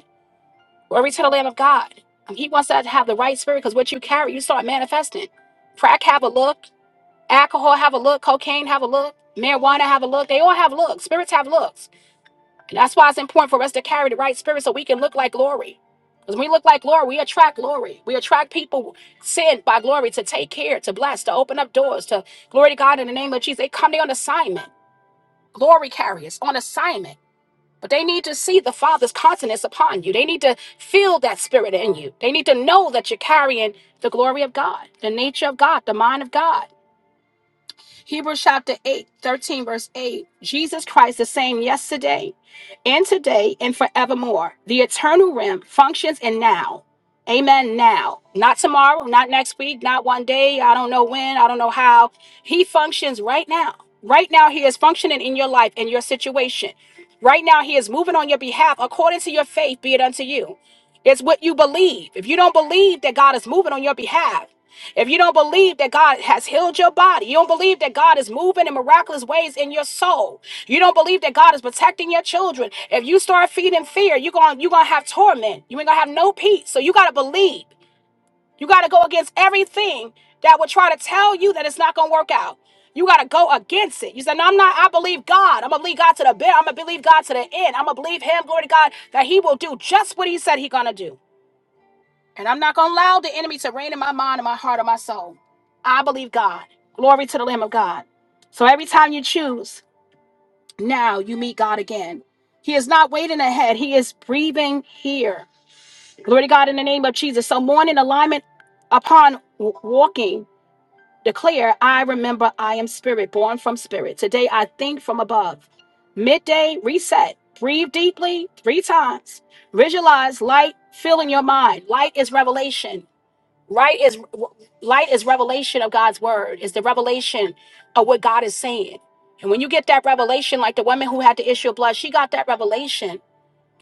Glory to the Lamb of God. And He wants us to have the right spirit because what you carry, you start manifesting. Crack have a look, alcohol have a look, cocaine have a look, marijuana have a look. They all have looks. Spirits have looks. And that's why it's important for us to carry the right spirit so we can look like glory. Because when we look like glory, we attract glory. We attract people sent by glory to take care, to bless, to open up doors, to glory to God in the name of Jesus. They come there on assignment. Glory carriers on assignment. But they need to see the Father's countenance upon you. They need to feel that spirit in you. They need to know that you're carrying the glory of God, the nature of God, the mind of God. Hebrews chapter 8, 13, verse 8. Jesus Christ, the same yesterday and today and forevermore. The eternal realm functions in now. Amen. Now, not tomorrow, not next week, not one day. I don't know when, I don't know how. He functions right now. Right now, He is functioning in your life, in your situation. Right now, He is moving on your behalf according to your faith, be it unto you. It's what you believe. If you don't believe that God is moving on your behalf, if you don't believe that God has healed your body, you don't believe that God is moving in miraculous ways in your soul, you don't believe that God is protecting your children. If you start feeding fear, you're going you're gonna have torment. You ain't gonna have no peace. So you gotta believe. You gotta go against everything that would try to tell you that it's not gonna work out. You gotta go against it. You say, No, I'm not. I believe God. I'm gonna believe God to the bit. I'm gonna believe God to the end. I'm gonna believe Him, glory to God, that He will do just what He said He gonna do. And I'm not going to allow the enemy to reign in my mind and my heart or my soul. I believe God. Glory to the Lamb of God. So every time you choose, now you meet God again. He is not waiting ahead, He is breathing here. Glory to God in the name of Jesus. So, morning alignment upon w- walking, declare, I remember I am spirit, born from spirit. Today I think from above. Midday reset. Breathe deeply three times. Visualize light filling your mind. Light is revelation. Right is light is revelation of God's word. It's the revelation of what God is saying. And when you get that revelation, like the woman who had the issue of blood, she got that revelation.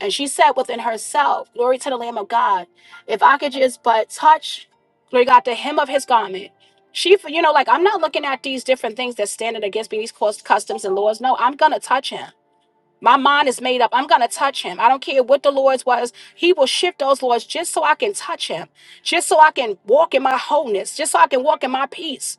And she said within herself, Glory to the Lamb of God. If I could just but touch, glory to God, the hem of his garment. She, you know, like I'm not looking at these different things that's standing against me, these cost customs and laws. No, I'm gonna touch him. My mind is made up. I'm going to touch him. I don't care what the Lord's was. He will shift those laws just so I can touch him, just so I can walk in my wholeness, just so I can walk in my peace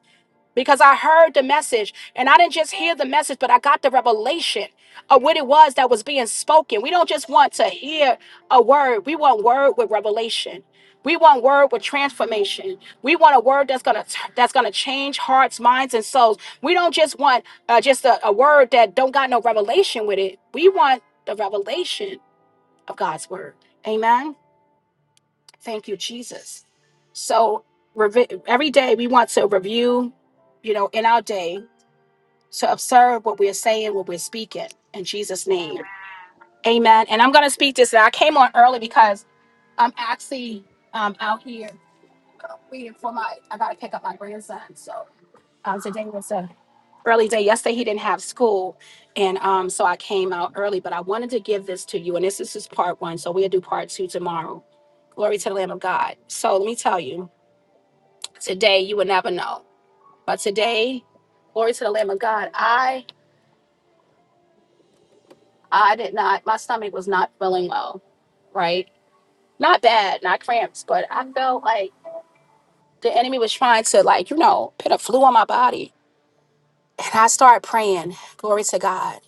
because I heard the message and I didn't just hear the message, but I got the revelation of what it was that was being spoken. We don't just want to hear a word, we want word with revelation. We want word with transformation. We want a word that's gonna that's gonna change hearts, minds, and souls. We don't just want uh, just a, a word that don't got no revelation with it. We want the revelation of God's word. Amen. Thank you, Jesus. So revi- every day we want to review, you know, in our day to observe what we're saying, what we're speaking in Jesus' name. Amen. And I'm going to speak this. I came on early because I'm actually um, out here um, waiting for my, I got to pick up my grandson. So um, today was a early day. Yesterday he didn't have school. And um, so I came out early, but I wanted to give this to you. And this, this is just part one. So we'll do part two tomorrow. Glory to the Lamb of God. So let me tell you, today you will never know. But today, glory to the Lamb of God, I. I did not, my stomach was not feeling well, right? Not bad, not cramps, but I felt like the enemy was trying to, like, you know, put a flu on my body. And I started praying, glory to God,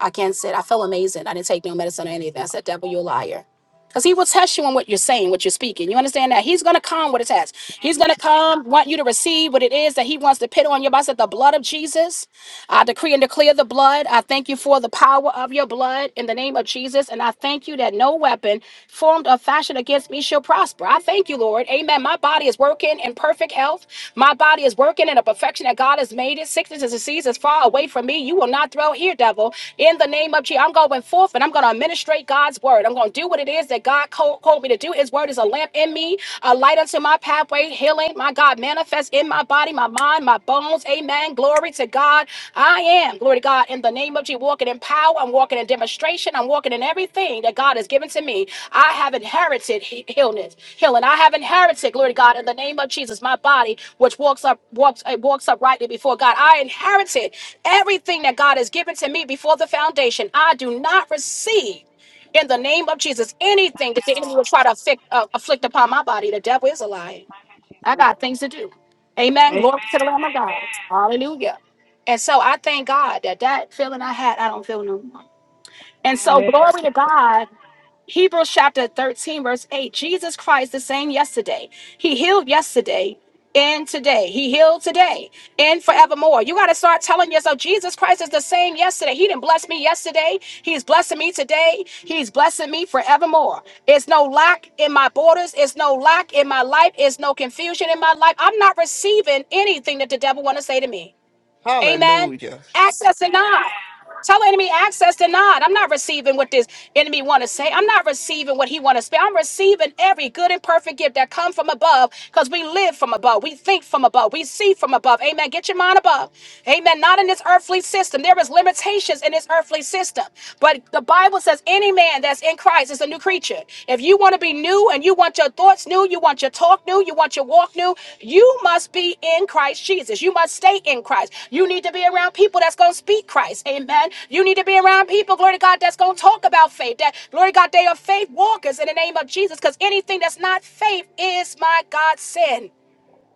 against it. I felt amazing. I didn't take no medicine or anything. I said, devil, you're a liar. Because he will test you on what you're saying, what you're speaking. You understand that? He's going to come with a test. He's going to come, want you to receive what it is that he wants to put on your body. I said, the blood of Jesus. I decree and declare the blood. I thank you for the power of your blood in the name of Jesus. And I thank you that no weapon formed or fashioned against me shall prosper. I thank you, Lord. Amen. My body is working in perfect health. My body is working in a perfection that God has made it. Sickness and disease is far away from me. You will not throw here, devil. In the name of Jesus, I'm going forth and I'm going to administrate God's word. I'm going to do what it is that God co- called me to do you. His word is a lamp in me, a light unto my pathway, healing. My God, manifest in my body, my mind, my bones. Amen. Glory to God. I am, glory to God, in the name of Jesus, walking in power. I'm walking in demonstration. I'm walking in everything that God has given to me. I have inherited he- healness, healing. I have inherited, glory to God, in the name of Jesus, my body, which walks up, walks, it walks uprightly before God. I inherited everything that God has given to me before the foundation. I do not receive. In the name of Jesus, anything that the enemy will try to afflict, uh, afflict upon my body, the devil is a liar. I
Jesus.
got things to do. Amen. Glory
Amen.
to the Lamb of God. Hallelujah. And so I thank God that that feeling I had, I don't feel no more. And so
Amen.
glory to God Hebrews chapter 13, verse 8 Jesus Christ, the same yesterday. He healed yesterday and today. He healed today and forevermore. You got to start telling yourself Jesus Christ is the same yesterday. He didn't bless me yesterday. He's blessing me today. He's blessing me forevermore. It's no lack in my borders. It's no lack in my life. It's no confusion in my life. I'm not receiving anything that the devil want to say to me. Amen.
Hallelujah.
Access denied.
Amen.
Tell the enemy access denied. I'm not receiving what this enemy want to say. I'm not receiving what he want to say. I'm receiving every good and perfect gift that come from above because we live from above. We think from above. We see from above. Amen. Get your mind above. Amen. Not in this earthly system. There is limitations in this earthly system. But the Bible says any man that's in Christ is a new creature nature. If you want to be new and you want your thoughts new, you want your talk new, you want your walk new, you must be in Christ Jesus. You must stay in Christ. You need to be around people that's going to speak Christ. Amen. You need to be around people, glory to God, that's going to talk about faith. That, glory to God, they are faith walkers in the name of Jesus because anything that's not faith is, my God, sin.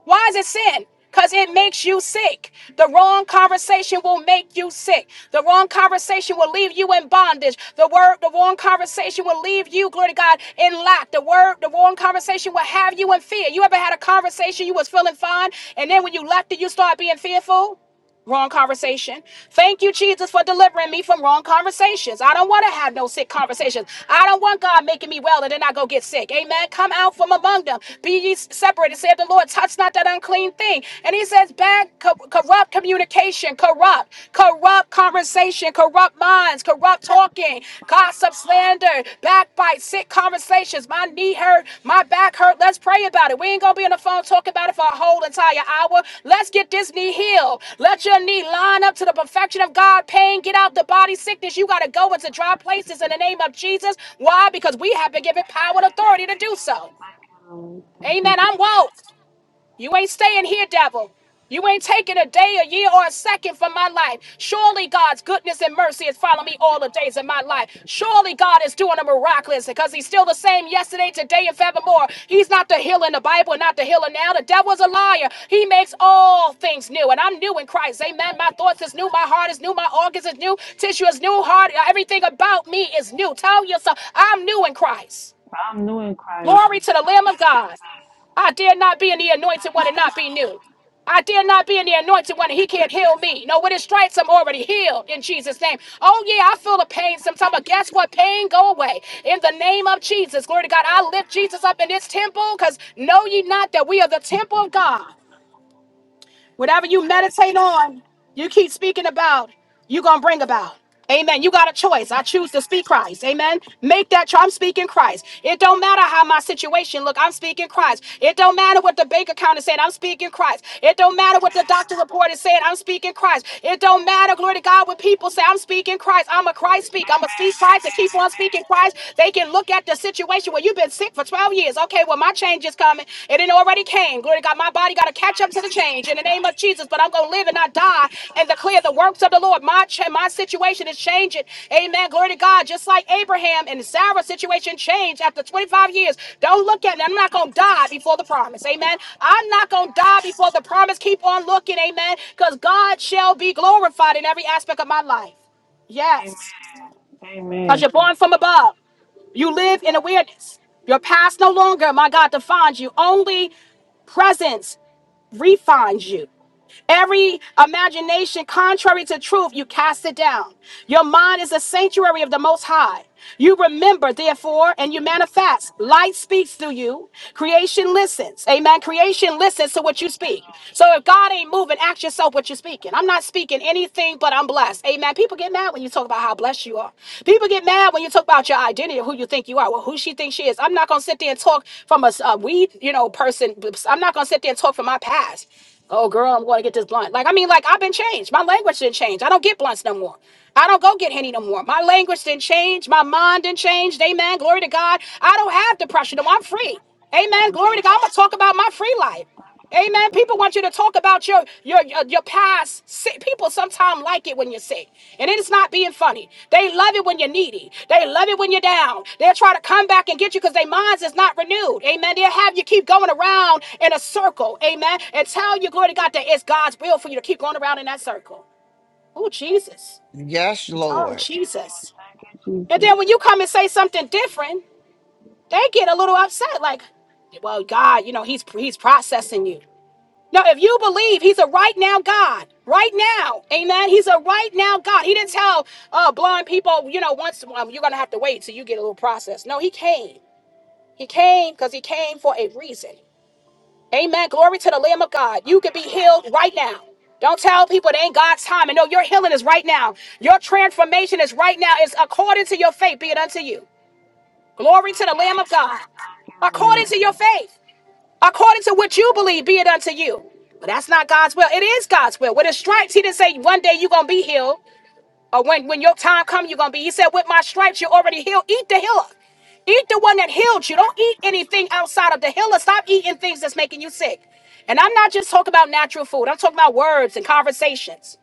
Why is it sin? Because it makes you sick. The wrong conversation will make you sick. The wrong conversation will leave you in bondage. The word, the wrong conversation will leave you, glory to God, in lack. The word, the wrong conversation will have you in fear. You ever had a conversation you was feeling fine, and then when you left it, you start being fearful? Wrong conversation. Thank you, Jesus, for delivering me from wrong conversations. I don't want to have no sick conversations. I don't want God making me well and then I go get sick. Amen. Come out from among them. Be ye separated. Said the Lord, touch not that unclean thing. And he says, bad, co- corrupt communication, corrupt, corrupt conversation, corrupt minds, corrupt talking. Gossip, slander, backbite, sick conversations. My knee hurt, my back hurt. Let's pray about it. We ain't gonna be on the phone talking about it for a whole entire hour. Let's get this knee healed. Let your knee line up to the perfection of God. Pain, get out the body sickness. You gotta go into dry places in the name of Jesus. Why? Because we have been given power and authority to do so.
Amen. Thank you,
Amen. I'm
Jesus.
woke. You ain't staying here, devil. You ain't taking a day, a year, or a second from my life. Surely God's goodness and mercy is
Thank
following me
you,
all the
Lord.
days of my
Thank you,
life.
Jesus. Thank
Surely God is doing a miraculous because He's still the same yesterday, today, and forevermore.
you,
He's
Lord.
not the healer in the Bible, not the healer now. The devil's a liar. He makes all things new, and I'm new in Christ.
Thank you, Jesus. Thank you,
Amen.
Jesus.
My
Thank you, Jesus.
thoughts is new, my heart is new, my organs is new, tissue is new, heart, everything about me is new. Tell yourself, I'm new in Christ.
I'm new in Christ.
Glory to the Lamb
Thank
of
you,
God.
Jesus.
I dare not be in the anointed
Thank
one and
you,
not be
Lord.
new. I dare not be in the anointed one
Thank
and he
you,
can't heal
Jesus.
me. No, with his stripes, I'm already healed in Jesus' name. Oh, yeah, I feel the pain
Thank
sometimes,
you,
but guess
Jesus. Thank
what? Pain go away. In the name of Jesus, glory to God, I lift Jesus up in this temple because know ye not that we are the temple of
you, Jesus.
God. Whatever
Thank
you
you,
meditate
Jesus.
on, you keep speaking about, you're going to bring about. Amen. You got a choice. I choose to speak Christ. Amen. Make that choice. I'm speaking Christ. It don't matter how my situation look. I'm speaking Christ. It don't matter what the bank account is saying. I'm speaking Christ. It don't matter what the doctor report is saying. I'm speaking Christ. It don't matter, glory to God, what people say. I'm speaking Christ. I'm a Christ
Amen.
speak. I'm a
Amen.
speak Christ and
Amen.
keep on
Amen.
speaking Christ. They can look at the situation where you've been sitting sick for 12 years. Okay, well, my change is coming. It didn't already came. Glory to God. My body got to catch up
Thank
to
you,
the change in
Jesus.
the name of Jesus, but I'm going to live and not
Thank you,
die and
Jesus.
declare the works of the Lord. My, ch- my situation is changing. Amen. Glory to God. Just like Abraham and Sarah's situation changed after 25 years. Don't look at me. I'm not
Thank you,
going to die
Jesus.
before the
Thank
promise.
you,
Amen.
Lord.
I'm not going to die before the promise. Keep on looking. Amen. Because God shall be glorified in every aspect of my life.
Amen.
Yes. Because
Amen. Amen.
you're born from above. You live in awareness. Your past no longer, my God, defines you. Only presence refines you. Every imagination contrary to truth, you cast it down. Your mind is a sanctuary of the Most High. You remember, therefore, and you manifest. Light speaks through you. Creation listens. Amen. Creation listens to what you
Thank you,
speak.
Lord.
So if God ain't moving, ask yourself what you're speaking. I'm not speaking anything, but I'm blessed. Amen. People get mad when you talk about how blessed you are. People get mad when you talk about your identity, who you think you are, well, who she thinks she is. I'm not gonna sit there and talk from a a weed, you know, person. I'm not gonna sit there and talk from my past. Oh, girl, I'm going to get this blunt. Like, I mean, like, I've been changed. My language didn't change. I don't get blunts no more. I don't go get Henny no more. My language didn't change. My mind didn't change. Amen. Glory to God. I don't have
Thank
depression. No,
you,
I'm free.
Jesus. Thank you,
Amen. Glory to
Lord.
God. I'm going to talk about my free life.
Thank you,
Amen.
Jesus.
People want you to talk about your your your, your past sick people sometimes like it when you're sick, and it is not being funny. They love it when you're needy. They love it when you're down. They'll try to come back and get you because their minds is not renewed. Amen. They'll have you keep going around in a circle. Amen. And tell you, glory to God, that it's God's will for you to keep going around in that circle. Oh Jesus.
Yes,
Oh
Lord.
Thank you, Lord.
Jesus.
Thank you,
And
Jesus.
then when you come and say something different, they get a little upset. Like, well, God, you know, He's He's processing you. No, if you believe he's a right now God, right now, amen. He's a right now God. He didn't tell uh, blind people, you know, once um, you're going to have to wait till you get a little process. No, he came. He came because he came for a reason. Amen. Glory to the Lamb of God. You
Thank
can
you,
be
Lord.
healed right now. Don't tell people it ain't God's time. And no, your healing is right now. Your transformation is right now. It's according to your faith, be it unto you. Glory to
Thank
the
you,
Lamb
Jesus.
of God.
Thank you, Lord.
According to your faith according to what you believe, be it unto you. But that's not God's will. It is God's will. With his stripes, he didn't say one day you're gonna be healed, or when, when your time comes, you're gonna be. He said, With my stripes, you're already healed. Eat the healer. Eat the one that healed you. Don't eat anything outside of the healer. Stop eating things that's making you sick. And I'm not just talking about natural food, I'm talking about words and conversations.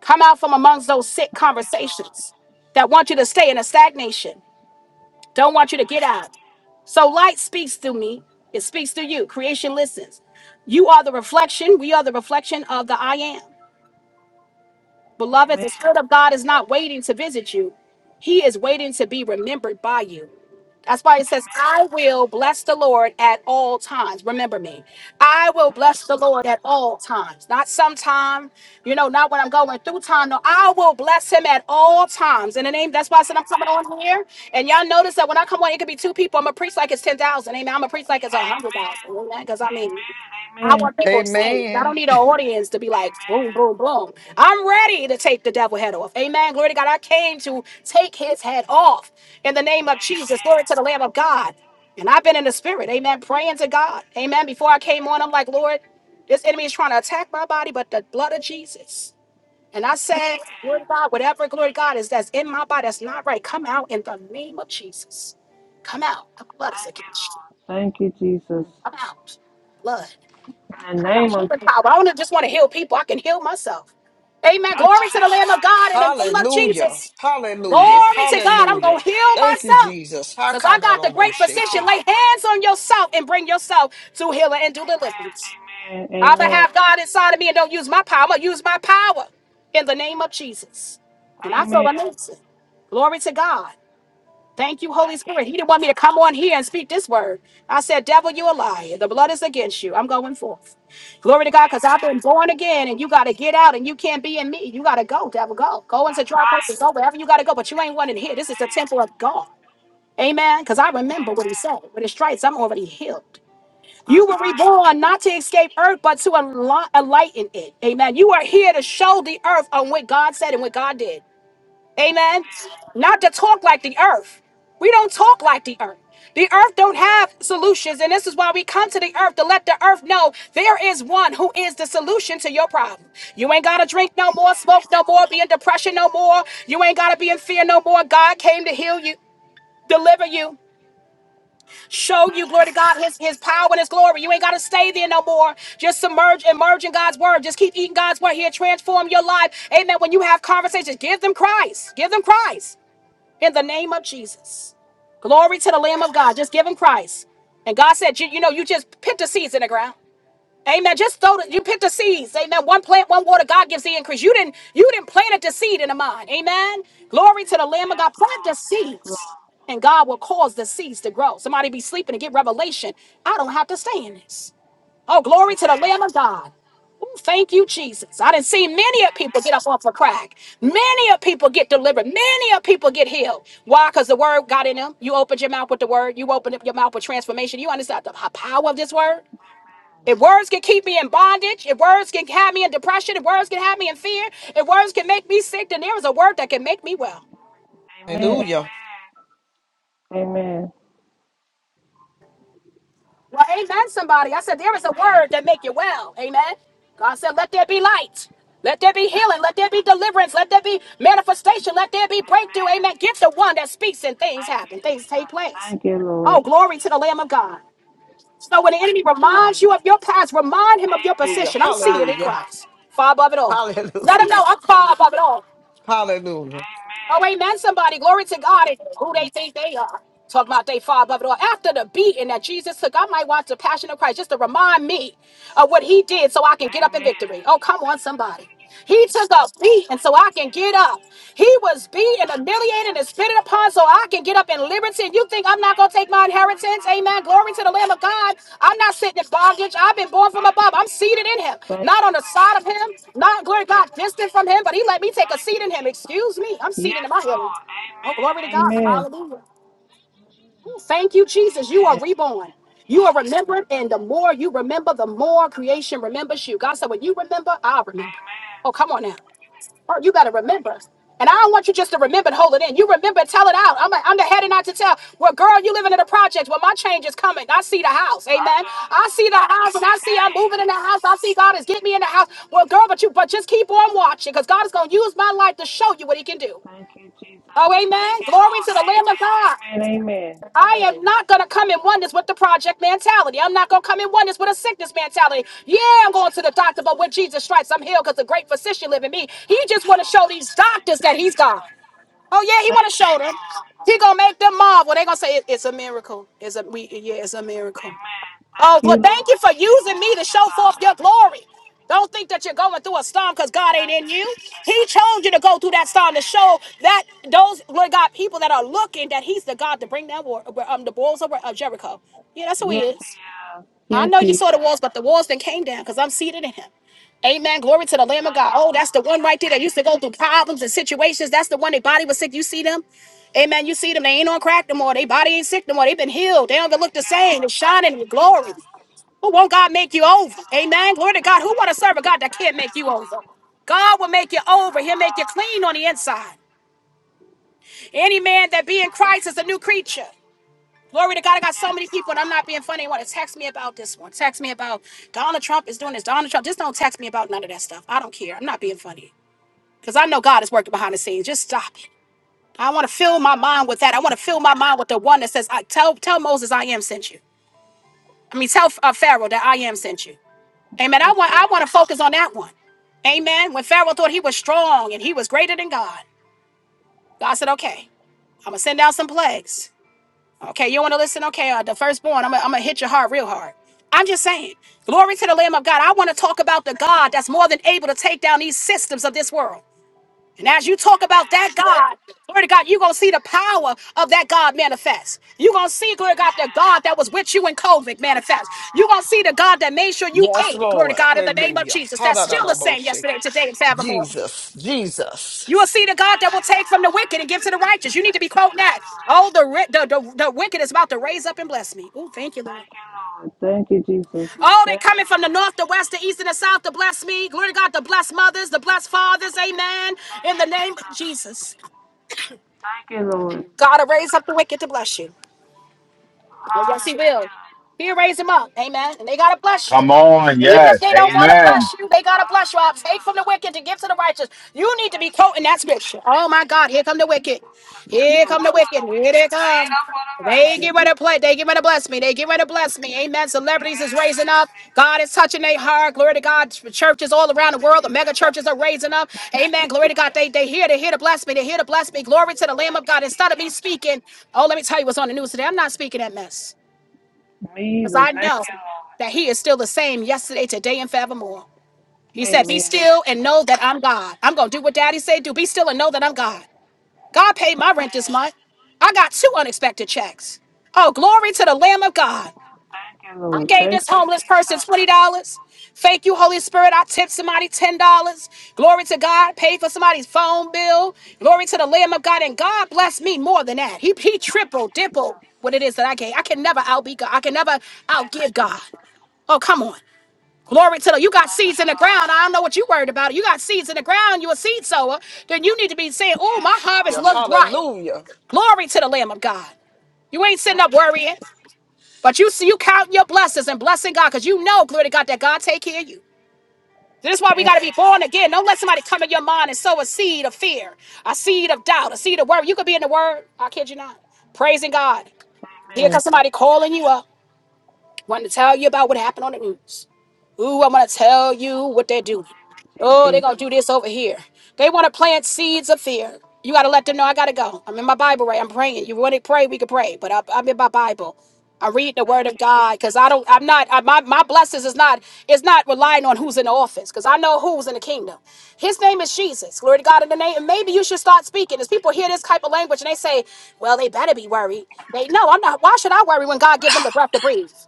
Come out from amongst those sick
Thank you, Lord.
conversations that want you to stay in a stagnation, don't want you to get
Amen.
out. So light speaks through me. It speaks through you. Creation listens. You are the reflection. We are the reflection of the I am. Beloved, the
Amen.
Spirit of God is not waiting to visit you, He is waiting to be remembered by you. That's why it says,
Amen.
I will bless the Lord at all times. Remember me. I will
Thank you,
bless the Lord at
Jesus.
all times. Not sometime, you know, not when I'm going through time. No, I will bless him at all times. In the name, that's why I said I'm coming
Amen.
on here. And y'all notice that when I come on, it could be two people. I'm going to preach like it's 10,000. Amen. I'm going to preach like it's a
Amen.
100,000. Amen. Because I mean,
Amen.
I
Amen.
want people to change. I don't
Amen.
need an audience to be like boom, boom,
Amen.
boom. I'm ready to take the devil head off. Amen. Glory to God. I came to take his head off in the name of Jesus. Glory to
Amen.
the Lamb of God. And I've been in the spirit. Amen. Praying to God. Amen. Before I came on, I'm like, Lord, this enemy is trying to attack my body, but the blood of Jesus. And I said,
Amen.
Lord God, whatever glory to God is that's in my body that's not right, come out in the name of Jesus. Come out. The blood is
Thank you,
against you.
Lord. Thank you, Jesus.
Come out. Blood.
In the
I got
name of
Healing power.
Jesus.
I don't just want to heal people. I can heal myself. Amen.
I know
Glory to the
that's
Lamb of
right.
God in the name of
Hallelujah.
Jesus.
Hallelujah.
Glory to
Amen.
God. I'm
Hallelujah.
going to heal
Amen.
Thank you,
myself.
Jesus.
Because I got the great
Speak,
physician.
Hakadaroboshake.
Lay
Lord.
hands on yourself and bring yourself to healing and
Amen.
deliverance.
Amen.
I'm going to
Amen. Amen.
have God inside of me and don't use my power. I'm going to use my power in the name of Jesus. And I feel amazing. Glory to God. Thank you, Holy
Thank you,
Spirit. He didn't want me to
Jesus.
come on here and speak this word. I said, Devil, you a liar. The blood is against you. I'm going forth. Glory to God, because I've
Amen.
been born again and you got to get out and you can't be in me. You got to go, devil, go. Go into
That's
dry
right.
places, go wherever you got to go, but you ain't one in here. This is the
Amen.
temple of God. Amen. Because I remember what he
Amen.
said. With his stripes, I'm already healed. You
That's
were
right.
reborn not to escape earth, but to enli- enlighten it. Amen. You are here to show the earth on what God said and what God did. Amen.
Amen.
Not to talk like the earth. We don't talk like the earth. The earth don't have solutions, and this is why we come to the earth to let the earth know there is one who is the solution to your problem. You ain't gotta drink no more,
Yes,
smoke no
Lord.
more, be in depression no more. You ain't gotta be in fear no more. God came to heal you, deliver you, show you, glory to
Amen.
God, his, his power and his glory. You ain't gotta stay there no more. Just submerge, immerse in God's word. Just keep eating God's word. He'll transform your life. Amen. When you have conversations, give them Christ. Give them Christ in the name of Jesus. Glory to the Lamb of God. Just give him Christ. And God said, you, you know, you just picked the seeds in the ground. Amen. Just throw the, you picked the seeds. Amen. One plant, one water. God gives the increase. You didn't, you didn't plant it the seed in the mind. Amen. Glory to the Lamb of
Yes,
God. Plant the
Lord. Yes,
seeds.
Lord.
And God will cause the seeds to grow. Somebody be sleeping and get revelation. I don't have to stay in this. Oh, glory to the Lamb of God. Thank you, Jesus. I didn't see many of people get
Amen.
up off a crack. Many of people get delivered. Many of people get healed. Why? Because the word got in them. You opened your mouth with the word. You opened up your mouth with transformation. You understand the h- power of this word? If words can keep me in bondage, if words can have me in depression, if words can have me in fear, if words can make me sick, then there is a word that can make me well.
Amen. Amen. Amen.
Hallelujah.
Amen. Amen.
Well, amen, somebody. I said, there is a
Thank
word
you,
that make you
Jesus.
well. Amen. God said, let there be light. Let there be healing. Let there be deliverance. Let there be manifestation. Let there be breakthrough.
Amen.
Amen. Get the one that speaks and things
Thank you,
happen. Things take
Jesus.
place.
Thank you,
Oh,
Lord.
glory to the Lamb of God. So when the enemy reminds you of your past, remind him of your
Amen.
Hallelujah.
position. I'm
Yes, I
seated in
Hallelujah.
am.
Christ, far above it all. Let him
Hallelujah.
know I'm far above it all.
Hallelujah.
Oh,
Amen.
ain't that somebody? Glory to God and who they think they are. Talking about they father above it all. After the beating that Jesus took, I might watch the Passion of Christ just to remind me of what he did so I can get up in
Amen.
victory. Oh, come on, somebody. He took a beating
Thank
so
you,
I can get
Jesus.
up. He was beaten humiliated and spit it upon so I can get up in liberty. You think I'm not
Thank
going to
you,
take my
Jesus.
inheritance?
Thank you,
Amen. Glory to
Lord.
the Lamb of God. I'm not sitting in bondage. I've been born from
Thank
above.
you,
I'm seated
Jesus.
in him,
Thank
not
you,
on the side
Lord.
of him, not, glory to God, distant from him, but he let me take a
Thank
seat
you,
in him.
Jesus.
Excuse me. I'm seated
Yes,
in my healing.
Lord.
Oh,
Amen.
glory to God.
Amen.
Hallelujah. Thank you, Jesus. You are
Amen.
reborn. You are remembered, and the more you remember, the more creation remembers you. God said, when you remember, I'll remember.
Amen.
Oh, come on now. Oh, you gotta remember. And I don't want you just to remember and hold it in. You remember, tell it out. I'm, I'm the head and not to tell. Well, girl, you living in a project. Well, my change is coming. I see the house.
I
Amen.
shall
I
do.
see the house and
*laughs*
I see I'm
Hey.
moving in the house. I see God is getting me in the house. Well, girl, but you but just keep on watching because God is gonna use my life to show you what he can do.
Thank you, Jesus.
Oh,
Thank
amen.
you,
Glory
Lord.
to the Lamb of
Amen.
God.
Amen. Amen.
I am not going to come in oneness with the project mentality. I'm not going to come in oneness with a sickness
Thank
mentality.
you,
Yeah, I'm going to the
Jesus.
doctor, but with Jesus stripes, I'm healed because the great physician live in me. He
Thank
just
you,
want to show
Lord.
these
Thank
doctors
you,
that he's God.
Jesus.
Oh yeah, he want
Thank
to
you,
show them.
Lord.
He gonna make them marvel. They gonna say "It- it's a miracle. It's a we yeah, it's a miracle.
Amen. Thank
Oh,
you,
well, thank you
Lord.
for using me
Glory
to
to
show forth
God.
your glory. Don't think that you're going through a storm because God ain't
Thank
in
you,
you.
Jesus.
He chose you to go through that storm to
Amen.
show that those, Lord God, people that are looking that He's the God to bring down war, um, the walls of, of Jericho. Yeah, that's who He
Yes, He
is.
is.
I
Yes,
know
He
you
is.
saw the walls, but
Thank
the walls then came down because I'm seated in Him. Amen. Glory to the Lamb of God.
you,
Oh, that's the
Lord.
one right
Thank
there
you,
that used to go through
Jesus. Thank
problems and situations. That's the one their body was sick. You see them? Amen. You see them. They ain't on crack no more. Their body ain't sick no more. They've been healed. They don't even look the
you,
same.
Lord.
They're
Thank
shining
you,
with glory.
Jesus.
Who won't God make you
Thank
over?
you, Lord.
Amen. Glory to God.
Thank
Who
you,
want to
Jesus.
serve a God that can't
Thank you,
make you over?
Lord.
God will make you over. He'll make you clean on the
Hallelujah.
inside. Any man that be in
Thank you,
Christ is a new
Jesus.
creature. Glory to God. I got so many
Yes,
people, and I'm not being
Lord.
funny. Want to text me about this one? Text me about Donald Trump is doing this. Donald Trump. Just don't text me about none of that stuff. I don't care. I'm not being funny because I know God is working behind the scenes. Just stop it. I want to fill my mind with that. I want to fill my mind with
Amen.
the one that says, "I tell tell Moses I am sent you." I mean, tell uh, Pharaoh that I am sent you. Amen. I
Yes,
want I want to
Lord.
focus on that one. Amen. When Pharaoh thought he was strong and he was greater than God, God said, "Okay, I'm gonna send down some plagues. Okay, you want to listen? Okay, uh, the firstborn, I'm gonna, I'm gonna hit your heart real hard. I'm just saying, glory to the Lamb of God. I want to talk about the God that's more than able to take down these systems of this world. And as you talk about
Amen.
that God, glory to God, you're going to see the power of that God manifest. You're going to see, glory to God, the God
Amen.
that was with you in COVID
Yes,
manifest. You're going to see
Lord.
the God that made sure you
Yes,
ate, glory to
Lord.
God, in the name of
Hallelujah.
Jesus. That's still the same
Hallelujah.
yesterday,
Thank you,
today, and
Jesus.
forevermore.
Jesus. Jesus.
You will see the God
Thank
that will
you,
take from
Lord.
the wicked
Thank
and give
you,
to the righteous.
Jesus.
You
Thank
need to
you,
be quoting that.
Lord.
Oh, the, ri- the, the, the wicked is about to raise up and bless me. Oh, thank you, Lord.
Thank you, Lord. Thank you, Jesus.
Oh,
Thank you,
they're coming
Lord.
from the north, the west, the east, and the south to bless me. Glory to God, the blessed mothers, the blessed fathers. Amen.
Thank
In the
you,
name of
Jesus.
Jesus.
Thank you, Lord.
God will raise up the wicked to bless you. Oh, yes, He will.
Hallelujah.
He'll raise them up. Amen. And they got to
Thank
bless
you,
you.
Come
Jesus.
on.
Even if
Yes.
they don't want
Yes,
to
Amen.
bless
Lord.
you, they got to bless you. I'll take
Hallelujah.
from the wicked to give to the righteous. You need to be
Thank you,
quoting that
Jesus.
scripture. Oh, my God. Here come the wicked.
The
Here
the
come the
work of
wicked.
the
Here
wicked
they
is laid
come.
up for the
They get
righteous.
ready to play. They get ready to bless me. They get ready to bless me. Amen.
Now get
Celebrities
ready
is
to
raising
bless
up.
me.
God is touching their heart. Glory to God. Churches all around
Thank
the
you,
world. The mega
Jesus.
churches are raising up.
Thank you,
Amen. Glory to
Jesus.
God. They they here. They here to bless me. They here to bless me. Glory to the Lamb
Thank
of
you,
God. Instead of me
Jesus.
speaking, oh, let me tell you what's on the news today. I'm not speaking that mess
Me
because
either.
I
Thank
know
you, Lord.
that He is still the same yesterday, today, and forevermore. He said, "Be
Amen.
still and know that I'm God." I'm gonna do what Daddy said. Do be still and know that I'm God. God paid my rent this
Amen.
month. I got two unexpected checks. Oh, glory to the Lamb of God.
Thank you,
I
Lord.
gave
Thank
this
you,
homeless person $20.
Jesus.
Thank you, Holy Spirit. I tipped somebody $10. Glory to God. Paid for somebody's phone bill. Glory to the Lamb of God. And God blessed me more than that. He, he
Thank you,
tripled, dimpled
Jesus.
what it is that I gave. I can never outbe God. I can never
Thank you,
outgive God.
Jesus.
Oh, come on. Glory to the you got
Thank
seeds in
you,
the ground.
Lord.
I don't know what you worried about. You got seeds in the ground, you a seed sower, then you need to be saying, Oh,
Yes,
my harvest
Yeah,
looks
Lord.
bright.
Hallelujah.
Glory to the Lamb of God. You ain't sitting
Thank
up
you,
worrying,
Jesus.
but you see, you counting your blessings and blessing God because you know, glory to God, that God take care of you. This is why we
Amen.
got to be born again. Don't let somebody come in your mind and sow a seed of fear, a seed of doubt, a seed of worry. You could be in the Word. I kid you not. Praising God. Here
Amen. Amen.
comes somebody calling you up, wanting to tell you about what happened on the news. Ooh, I'm gonna tell you
In
what they're
the
doing.
name of
Oh, they're
Jesus.
gonna do this over here. They wanna plant seeds of fear. You gotta let them know I gotta go. I'm in my Bible, right? I'm praying. You want to pray? We can pray, but I, I'm in my Bible. i read the Word
Thank
of
you,
God because
Jesus.
I don't. I'm not. I, my my blessings is not. It's not relying on who's in the office because I know who's in the kingdom. His name is Jesus. Glory to God in the name. And maybe you should start speaking. As
Thank you,
people hear this type
Jesus.
of language and they say, "Well, they better be worried." They no, I'm not. Why should I worry when God give them the breath to breathe?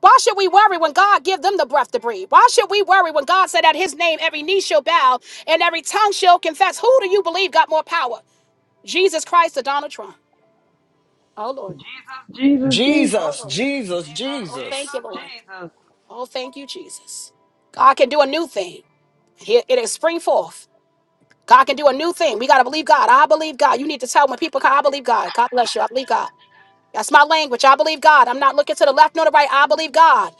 Why should we worry when God give them the breath to breathe? Why should we worry when God said that his name every knee shall bow and every tongue shall confess? Who do you believe got more power? Jesus Christ or Donald Trump? Oh Lord.
Jesus, Jesus, Jesus.
Oh
Jesus.
Lord.
Jesus.
Jesus,
Oh thank
Jesus.
you,
Jesus,
Lord.
Jesus.
Oh thank you, Jesus. God can do a new thing. It it is spring forth. God can do a new thing. We gotta believe God. I believe God. You need to tell when people come, I believe God. God bless you. I believe God. That's my language. I believe God. I'm not looking to the left nor the right. I believe God.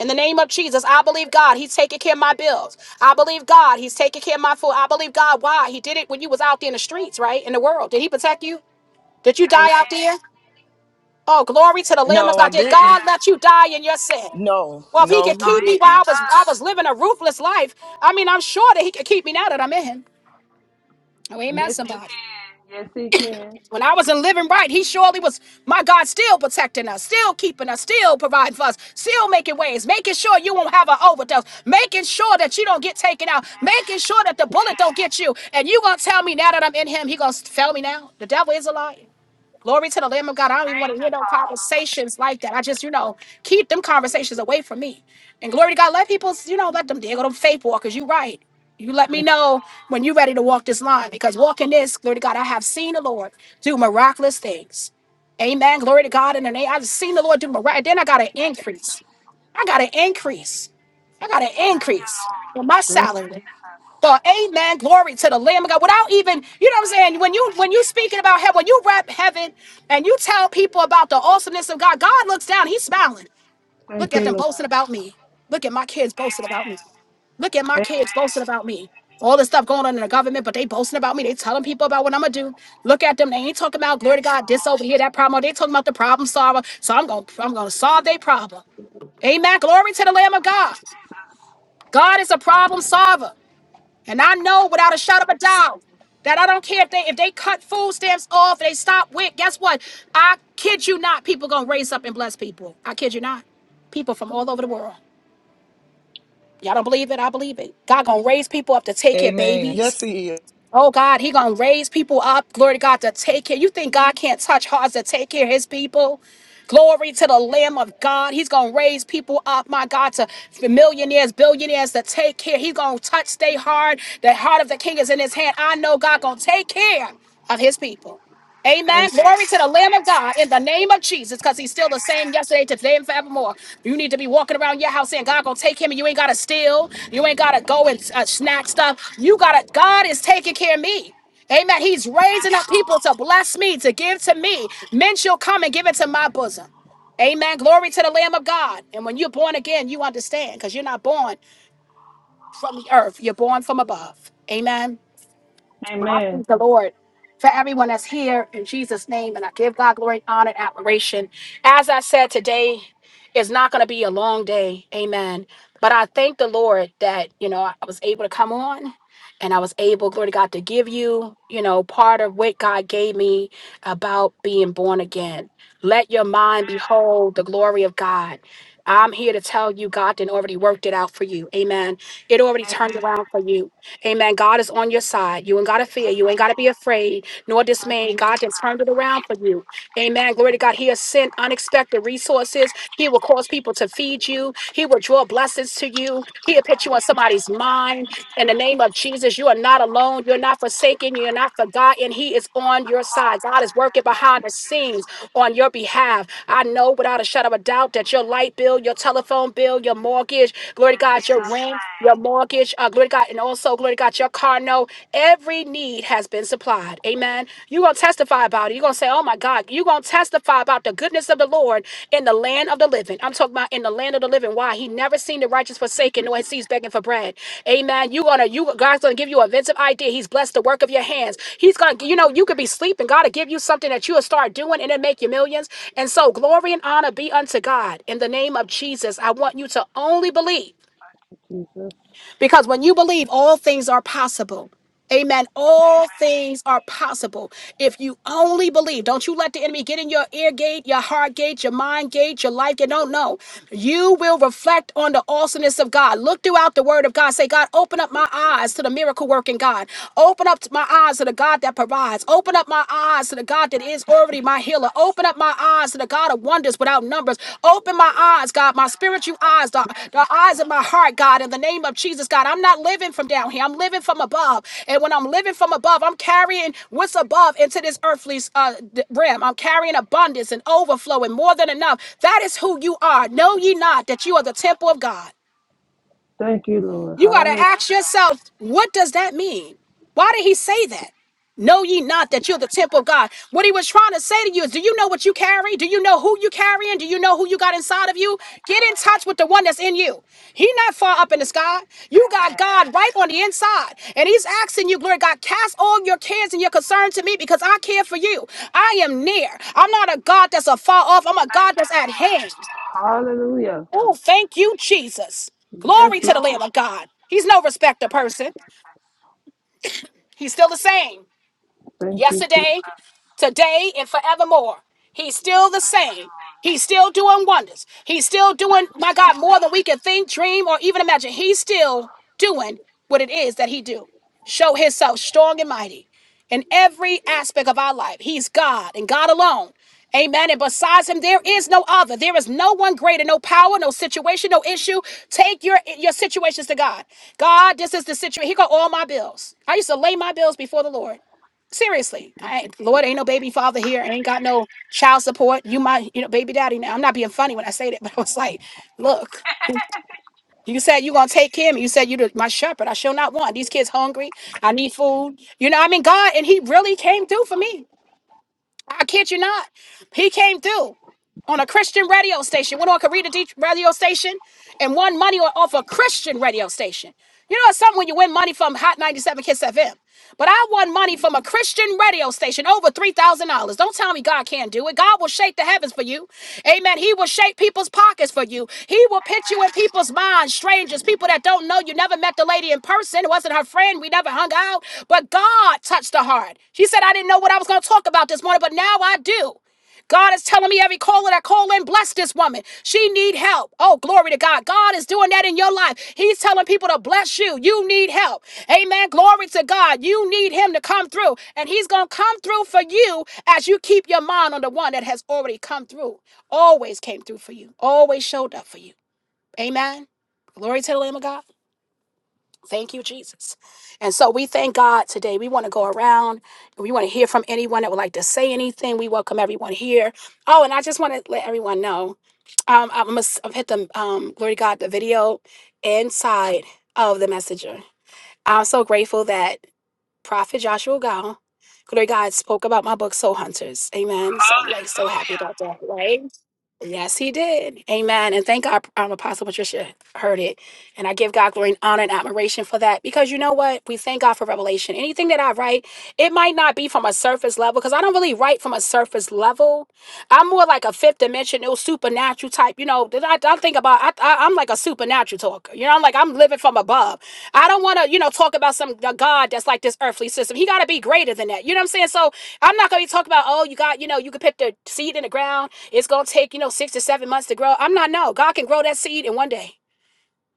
In the name of Jesus, I believe God. He's taking care of my bills. I believe God. He's taking care of my food. I believe God. Why? He did it when you was out there in the streets, right? In the world. Did he protect you? Did you
Amen.
die out there? Oh, glory to the Lamb of
No, I
God. Did
didn't.
God
Amen.
let you die in your sin?
No,
Well, if he
no,
No,
could
he
keep
he
me while
did
I
didn't.
was
not.
I was living a ruthless life, I mean, I'm sure that he could keep me now that I'm in him. Oh, amen,
Yes, he
somebody.
can. Yes, he can.
When I wasn't living right, he surely was, my God, still protecting us, still keeping us, still providing for us, still making ways, making sure you won't have an overdose, making sure that you don't get taken out, making
Yes.
sure that the bullet don't
Yes.
get you. And you gonna tell me now that I'm in him, he gonna fail me now? The devil is a liar. Glory to the Lamb of God. I don't even want to
Preach,
hear no
Apostle.
conversations like that. I just, you know, keep them conversations away from me. And glory to God, let people, you know, let them dig on them faith walkers. You right. You let me
Thank you,
know
Lord.
when you're ready to walk this line because walking this, glory to God, I have seen the Lord do miraculous things. Amen. Glory to God in the name. I've seen the Lord do miraculous. Then I got an
Thank you, Jesus.
increase. I got an increase. I got an
Thank you,
increase
Lord.
in my
Thank you,
salary.
Jesus.
God, amen. Glory to the Lamb of God. Without even, you know what I'm
Thank
saying?
you,
When you
Lord.
when you speaking about heaven, when you rap heaven and you tell people about the awesomeness of God, God looks down, he's smiling. Look
Thank
at
you,
them
Lord.
boasting about me. Look at my kids
Amen.
boasting
Amen.
about me. Look at my kids boasting about me. All this stuff going on in the government, but they boasting about me. They telling people about what I'm gonna do. Look at them. They ain't talking about glory to
Yes,
God, this
Lord.
over here, that problem. They talking about the problem solver. So I'm gonna I'm gonna solve their problem. Amen. Glory to the Lamb of
Thank
God.
you, Jesus. Thank you,
God is a problem solver. And I know without a shot of a doubt that I don't care if they if they cut food stamps off, they stop WIC, guess what? I kid you not, people gonna raise up and bless people. I kid you not. People from all over the world. Y'all don't believe it? I believe it. God gonna raise people up to take care of
Amen.
babies.
Yes, he is.
Oh God, He gonna raise people up. Glory to God to take care. You think God can't touch hearts to take care of His people? Glory to the Lamb of God. He's gonna raise people up, my God, to millionaires, billionaires to take care. He's gonna touch their heart. The heart of the King is in His hand.
Jesus.
I know God gonna take care of His people.
Amen.
Amen. Glory to the Lamb of God
Amen.
in the name of Jesus, because he's still the same
Amen.
yesterday, today, and forevermore. You need to be walking around your house saying, God gonna take him, and you ain't gotta steal, you ain't gotta go and uh, snack stuff. You gotta, God is taking care of me. Amen. He's raising
Yes,
up people
Lord.
to bless me, to give to me. Men shall come and give it to my bosom. Amen. Glory to the Lamb of God. And when you're born again, you understand because you're not born from the earth, you're born from above. Amen. Well, I
Amen.
thank the Lord for everyone that's here in Jesus' name, and I give God glory, honor, and admiration. As I said, today is not going to be a long day. Amen. But I thank the Lord that, you know, I was able to come on and I was able, glory to God, to give you, you know, part of what God gave me about being born again. Let your mind
Amen.
behold the glory of God. I'm here to tell you, God didn't already worked it out for you. Amen. It already
Amen.
turned around for
Thank
you. Amen. God is on your side. You ain't got to fear. You
you,
ain't got to be
Lord.
afraid nor
Thank you,
dismayed. God has turned it
Jesus.
around for you. Amen. Glory to God. He has sent unexpected resources. He will cause people to feed you. He will draw blessings to you. He'll put you
Thank
on
you, Lord.
somebody's
Thank you,
mind.
Jesus.
In the name of Jesus, you are not alone. You're not forsaken. You're not forgotten. He is on your side. God is
Hallelujah.
working
Thank
behind
you,
the
Jesus.
scenes on your behalf. I know without a shadow of a doubt that your light bill, your telephone bill, your mortgage, Glory to
In
God, your
Jesus'
rent, your
name.
mortgage, uh, glory to God, and also, glory to God, your car note. Every need has been supplied. Amen. You're going to testify about it. You're going to say, oh my God, you're going to testify about the goodness of the Lord in the land of the living. I'm talking about in the land of the living. Why? He never seen the righteous forsaken, nor his seeds begging for bread. Amen. You gonna you God's gonna give you a inventive idea. He's blessed the work of your hands. He's gonna you know you could be sleeping. God will give you something that you'll start doing and it make you millions. And so glory and honor be unto God in the name of Jesus. I want you to only believe.
Thank you, Jesus.
Because when you believe, all things are possible. Amen. All
Amen.
things are possible if you only believe. Don't you let the enemy get in your ear gate, your heart gate, your mind gate, your life gate. No, no. You will reflect on the awesomeness of God. Look throughout the word of God. Say, God, open up my eyes to the miracle working God. Open up my eyes to the God that provides. Open up my eyes to the God that
Thank
is
you,
already my
Jesus.
healer. Open Open up my eyes to the God of wonders without numbers. Open my eyes, God,
Thank
my
you,
spiritual
Lord.
eyes, the,
Yes,
the eyes of
Lord.
my heart, God, in the name of Jesus, God. I'm not living from down here. I'm living from above. And when I'm living from above, I'm carrying what's above into this earthly uh, d- realm. I'm carrying abundance and overflow and more than enough. That is who you are. Know
Jesus.
ye
Thank
not
you,
that you are the
Lord.
temple of God.
Thank you, Lord.
You got to ask
Hallelujah.
yourself, what does that mean? Why did he say that? Know ye not
Thank you,
that you're the
Jesus.
temple of
Thank
God? What he was trying to say to you is, do you know what you carry? Do you know who you carrying? Do you know who you got inside of you?
you,
Get in
Lord.
touch with the one that's in you. He not far up in the sky. You got
Amen.
God right on the inside. And he's asking you, glory to God, cast all your cares and your concern to me because I care for you. I am near. I'm not a God that's afar off. I'm a
Thank
God
you,
that's at hand.
Lord. Hallelujah.
Oh, thank you, Jesus.
Yes,
Glory to the Lamb
Lord.
of God. He's no respecter
Thank you,
person.
Jesus.
He's still the same
Thank you, Jesus.
yesterday,
Thank
today, and forevermore. He's still the
you,
same.
Lord.
He's still doing wonders. He's still doing,
Thank you,
my God,
Lord.
more than we can think, dream, or even imagine. He's still doing what it is that he do. Show himself strong and mighty in every aspect of our life. He's God and God alone. Amen. And besides him, there is no other. There is no one greater, no power, no situation, no issue. Take your your situations to God. God, this is the situation. He got all my bills. I used to lay my bills before the Lord. Seriously, I ain't, Lord ain't no baby father here. Ain't got no child support. You my, you know, baby daddy. Now I'm not being funny when I say that, *laughs* but I was like, look, you said you gonna take care of me. You said you the- my shepherd. I shall not want. These kids hungry. I need food. You know, I mean, God, and He really came through for me. I kid you not. He came through on a Christian radio station. Went on Karita D radio station and won money off a Christian radio station. You know, it's something when you win money from Hot 97 Kiss FM. But I won money from a Christian radio station, over $3,000. Don't tell me God can't do it. God will shake the heavens for you. Amen. He will shake people's pockets for you. He will put you in
Amen.
people's minds, strangers, people that don't know you. Never met the lady in person. It wasn't her friend. We never hung out. But God touched her heart. She said, I didn't know what I was going to talk about this morning, but now I do. God is telling me every caller that call in, bless this woman. She need help. Oh, glory to God. God is doing that in your life. He's telling people to bless you. You need help. Amen. Glory to God. You need him to come through. And he's going to come through for you as you keep your mind on the one that has already come through. Always came through for you. Always showed up for you. Amen. Glory to the Lamb of God. Thank you, Jesus. And so we thank God today. We want to go around and we want to hear from anyone that would like to say anything. We welcome everyone here. Oh, and I just want to let everyone know um, I must I've hit the um, glory to God, the video inside of the messenger. I'm so grateful that. Prophet Joshua Gal. Glory to God spoke about my book, Soul Hunters. Amen. So like so happy
Hallelujah.
about that, right? Yes, he did. Amen. And thank God um, Apostle Patricia heard it. And I give God glory and honor and admiration for that. Because you know what? We thank God for revelation. Anything that I write, it might not be from a surface level, because I don't really write from a surface level. I'm more like a fifth dimensional supernatural type. You know, that I, I think about I, I I'm like a supernatural talker. You know, I'm like I'm living from above. I don't want to, you know, talk about some a God that's like this earthly system. He got to be greater than that. You know what I'm saying? So I'm not going to be talking about, oh, you got, you know, you can put the seed in the ground. It's going to take, you know, six to seven months to grow. I'm not, no. God can grow that seed in one day,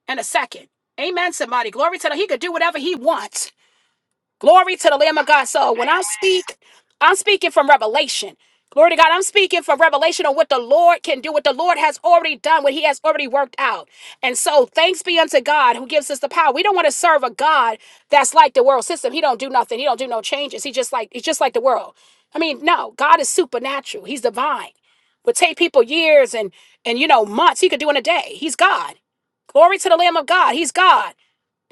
in a second. Amen, somebody. Glory to Him. He could do whatever he wants. Glory to the Lamb of God. So when I
Amen.
speak, I'm speaking from revelation. Glory to God. I'm speaking from revelation on what the Lord can do, what the Lord has already done, what He has already worked out. And so thanks be unto God who gives us the power. We don't want to serve a God that's like the world system. He don't do nothing. He don't do no changes. He just like he's just like the world. I mean, no, God is supernatural. He's divine. Would take people years and and you know months. He could do in a day. He's God. Glory to the Lamb of God. He's God.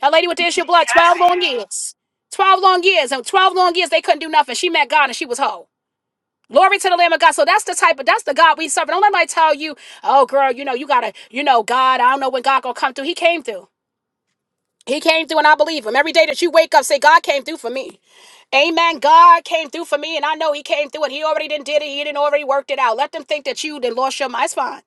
That lady with the issue of blood,
Yes,
12
he
long
is.
years. 12 long years. And 12 long years, they couldn't do nothing. She met God and she was whole. Glory to the Lamb of God. So that's the type of, that's the God we serve. Don't let nobody tell you, oh, girl, you know, you got to, you know, God, I don't know when God going to come through. He came through. He came through and I believe him. Every day that you wake up, say, God came through for me. Amen. God came through for me, and I know He came through, and He already didn't did it. He didn't already worked it out. Let them think that you did lost your mind. It's fine.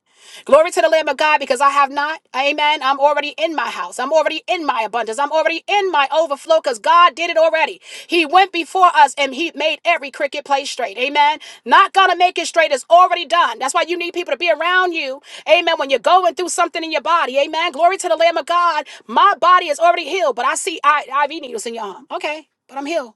Glory to the Lamb of God, because I have not. Amen. I'm already in my house. I'm already in my abundance. I'm already in my overflow, because God did it already. He went before us, and He made every cricket play straight. Amen. Not gonna make it straight. It's already done. That's why you need people to be around you. Amen. When you're going through something in your body. Amen. Glory to the Lamb of God. My body is already healed, but I see I- IV needles in your arm. Okay, but I'm healed.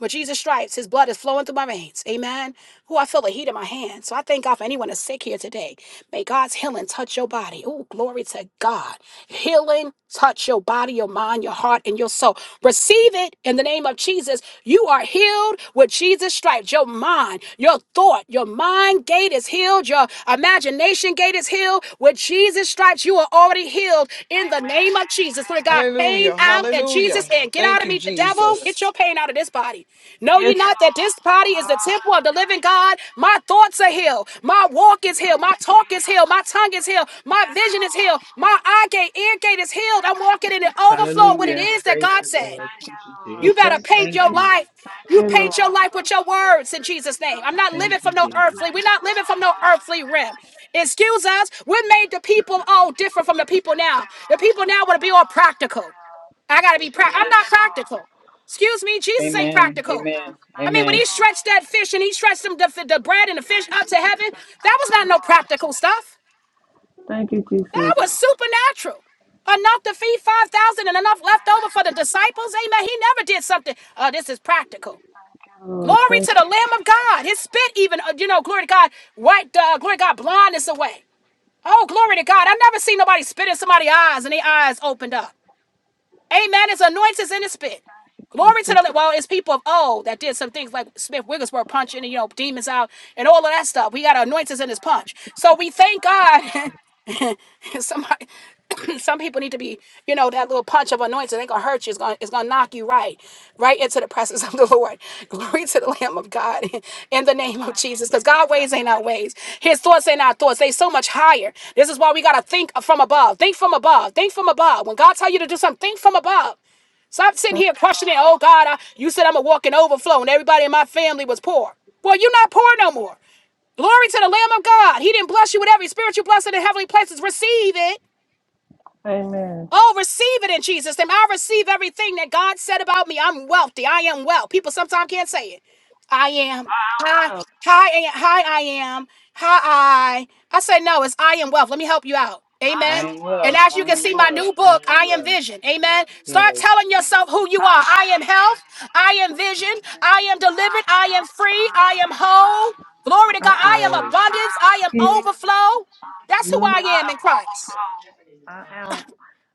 With Jesus' stripes, his blood is flowing through my veins. Amen. Who I feel the heat in my hands. So I thank God for anyone that's sick here today. May God's healing touch your body. Oh, glory to God. Healing touch your body, your mind, your heart, and your soul. Receive it in the name of Jesus. You are healed with Jesus' stripes. Your mind, your thought, your mind gate is healed. Your imagination gate gate is healed. With Jesus' stripes, you are already healed in the
Amen.
name of Jesus. Lord
Amen.
God, pain
Hallelujah.
out and
Hallelujah.
Jesus in. Get out
Thank
of
you,
me, the devil.
Jesus.
Get your pain out of this body. Know ye
Yes,
not that this
Lord.
body is the temple of the
Hallelujah.
living God? My thoughts are healed. My walk is healed.
Thank
My
you,
talk is
Jesus.
healed. My tongue is healed. My
Yes,
vision is
Lord.
healed. My eye gate, ear gate is healed.
Thank
I'm
you,
walking in an
Jesus.
overflow of what it
Hallelujah.
is that
Praise
God
the
said.
Lord.
Thank you,
Thank you,
Lord.
You better
Thank
Jesus.
you,
paint
Thank
your
you.
Jesus.
life.
Thank
You
you,
paint your
Lord.
life with your words in Jesus' name. I'm not
Thank you,
living
Thank you,
from no
Jesus.
Jesus.
earthly.
Thank
We're
you,
not living
Lord.
from no earthly realm.
Hallelujah.
Excuse us. We're made the people
Thank
all
you,
different from the
Jesus.
people
Thank
now.
you,
The people now
Lord.
want to be all practical.
Hallelujah.
I gotta be practical. I'm
Yes,
not
Lord.
practical. Excuse me, Jesus ain't
Thank you,
Amen.
practical.
Jesus.
Amen.
I
Thank
mean, when
you,
he
Amen.
stretched
Lord.
that fish and he stretched them the, the bread and the fish
Thank
up
you,
to heaven,
Jesus.
that
Thank
was
you,
not no
Lord.
practical stuff.
Thank you, Jesus. Thank
That was supernatural. Enough to feed 5,000 and enough left over
you,
for the
Jesus.
disciples. Amen. He never did something. Uh, this is practical.
Thank you, Lord.
Glory
Thank
to the
you,
Lamb of
Jesus.
God. His spit, even, uh, you know, glory to God, wiped, uh, glory to God, blindness away. Oh, glory to God. I've never seen nobody spit in somebody's eyes and their eyes opened up. Amen. His anointing's in his spit.
Thank you, Jesus.
Glory to
Thank you, Jesus.
the
Thank
Lord. Well, it's people of old that did some things like Smith Wigglesworth punching, you know, demons out and all of that stuff. We got anointings in his punch. So we thank
you,
God *laughs*
Lord.
*laughs* Somebody, *clears throat* some people need to be, you know, that little punch of anointing ain't gonna hurt you. It's gonna, it's gonna knock you right, right into the presence *laughs* of the Lord. *laughs* Glory to the Lamb of God *laughs* in the name of
Thank you,
Jesus. Because God's
Jesus.
ways ain't our ways. His thoughts ain't our thoughts. They so much higher. This is why we gotta think from above. Think from above. Think from above. When God tell you to do something, think from above. Stop sitting
Thank
here
you,
questioning,
Lord.
oh God, I, you said I'm a walking overflow and everybody in my family was poor. Well, you're not poor no more. Glory to the Lamb of God. He didn't bless you with every spiritual blessing in heavenly places. Receive it.
Amen.
Oh, receive it in Jesus' name. I receive everything that God said about me. I'm wealthy. I am well. People sometimes can't say it. I am.
I am
Hi,
well.
hi, I- hi, I am. Hi, I. I say, no, it's I am wealth. Let me help you out.
I
I
Amen.
am
am
well.
And
well.
as you
I
can
am
see, my
well.
new
I
book,
am
I Am
well.
Vision. Amen. Start
Yes.
telling yourself who you
I
are.
am
I am
vision.
health. I am vision. I am
I
delivered.
am
I am
health. I
free. I
am
am
vision. I am
whole. Glory
delivered.
to
I
God.
am
I am
Yes.
well. I
abundance.
am
I am
healed.
overflow.
I am
That's who I
delivered. I
am in
am
Christ.
overflow. I am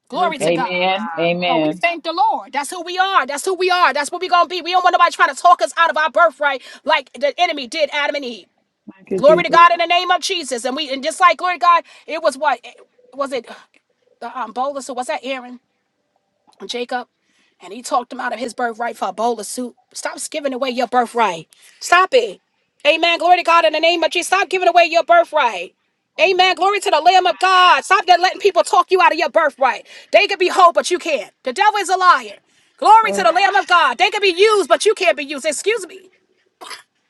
Glory to
virtuous
God.
woman of
Amen.
God.
Oh, we
Amen.
thank the Lord. That's who we are. That's who we are. That's what we're going to be. We don't want nobody trying to talk us out of our birthright like the enemy did Adam and Eve.
Thank you,
Glory to
Jesus.
God in the name of Jesus. And we, and just like, glory to God, it was what? It- Was it uh, the um, bolus or was that Aaron? Jacob, and he talked him out of his birthright for a bowl of soup. Stop giving away your birthright. Stop it. Amen. Glory to God in the name of Jesus. Stop giving away your birthright. Amen. Glory to the Lamb of God.
Amen.
Stop that letting people talk you out of your birthright. They could be whole, but you can't. The devil is a liar. Glory to the Lamb
Amen.
of God. They could be used, but you can't be used. Excuse me.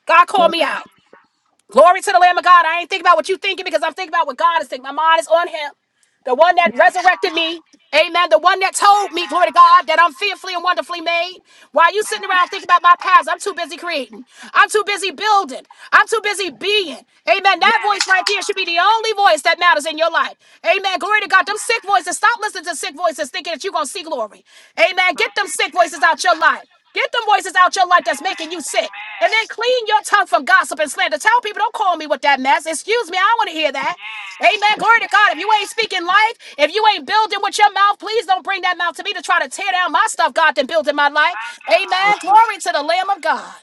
God called
Thank
me
you,
out.
Jesus.
Glory to the Lamb of God. I ain't thinking about what you thinking because I'm thinking about what God is thinking. My mind is on him. The one that
Yes,
resurrected
Lord.
me. Amen. The one that told me, glory
Amen.
to God, that I'm fearfully and wonderfully made. While you sitting around
Amen.
thinking about my past, I'm too busy creating. I'm too busy building. I'm too busy being. Amen. That
Yes,
voice right there should
Lord.
be the only voice that matters in your life. Amen. Glory to God. Them sick
Amen.
voices. Stop listening to sick voices thinking that you're going to see glory. Amen. Get
Thank
them
you,
sick voices
Jesus.
out your life. Get them voices out your life that's making
Amen.
you sick. And
Amen.
then clean your tongue from gossip and slander. Tell people, don't call me with that mess. Excuse me, I don't want to hear that.
Yes.
Amen. Glory to God. If you ain't
Amen.
speaking life, if you ain't building with your mouth, please don't bring that mouth to me to try to tear down my stuff, God, than building my life.
Thank you,
Amen.
Lord.
Glory to the Lamb of God.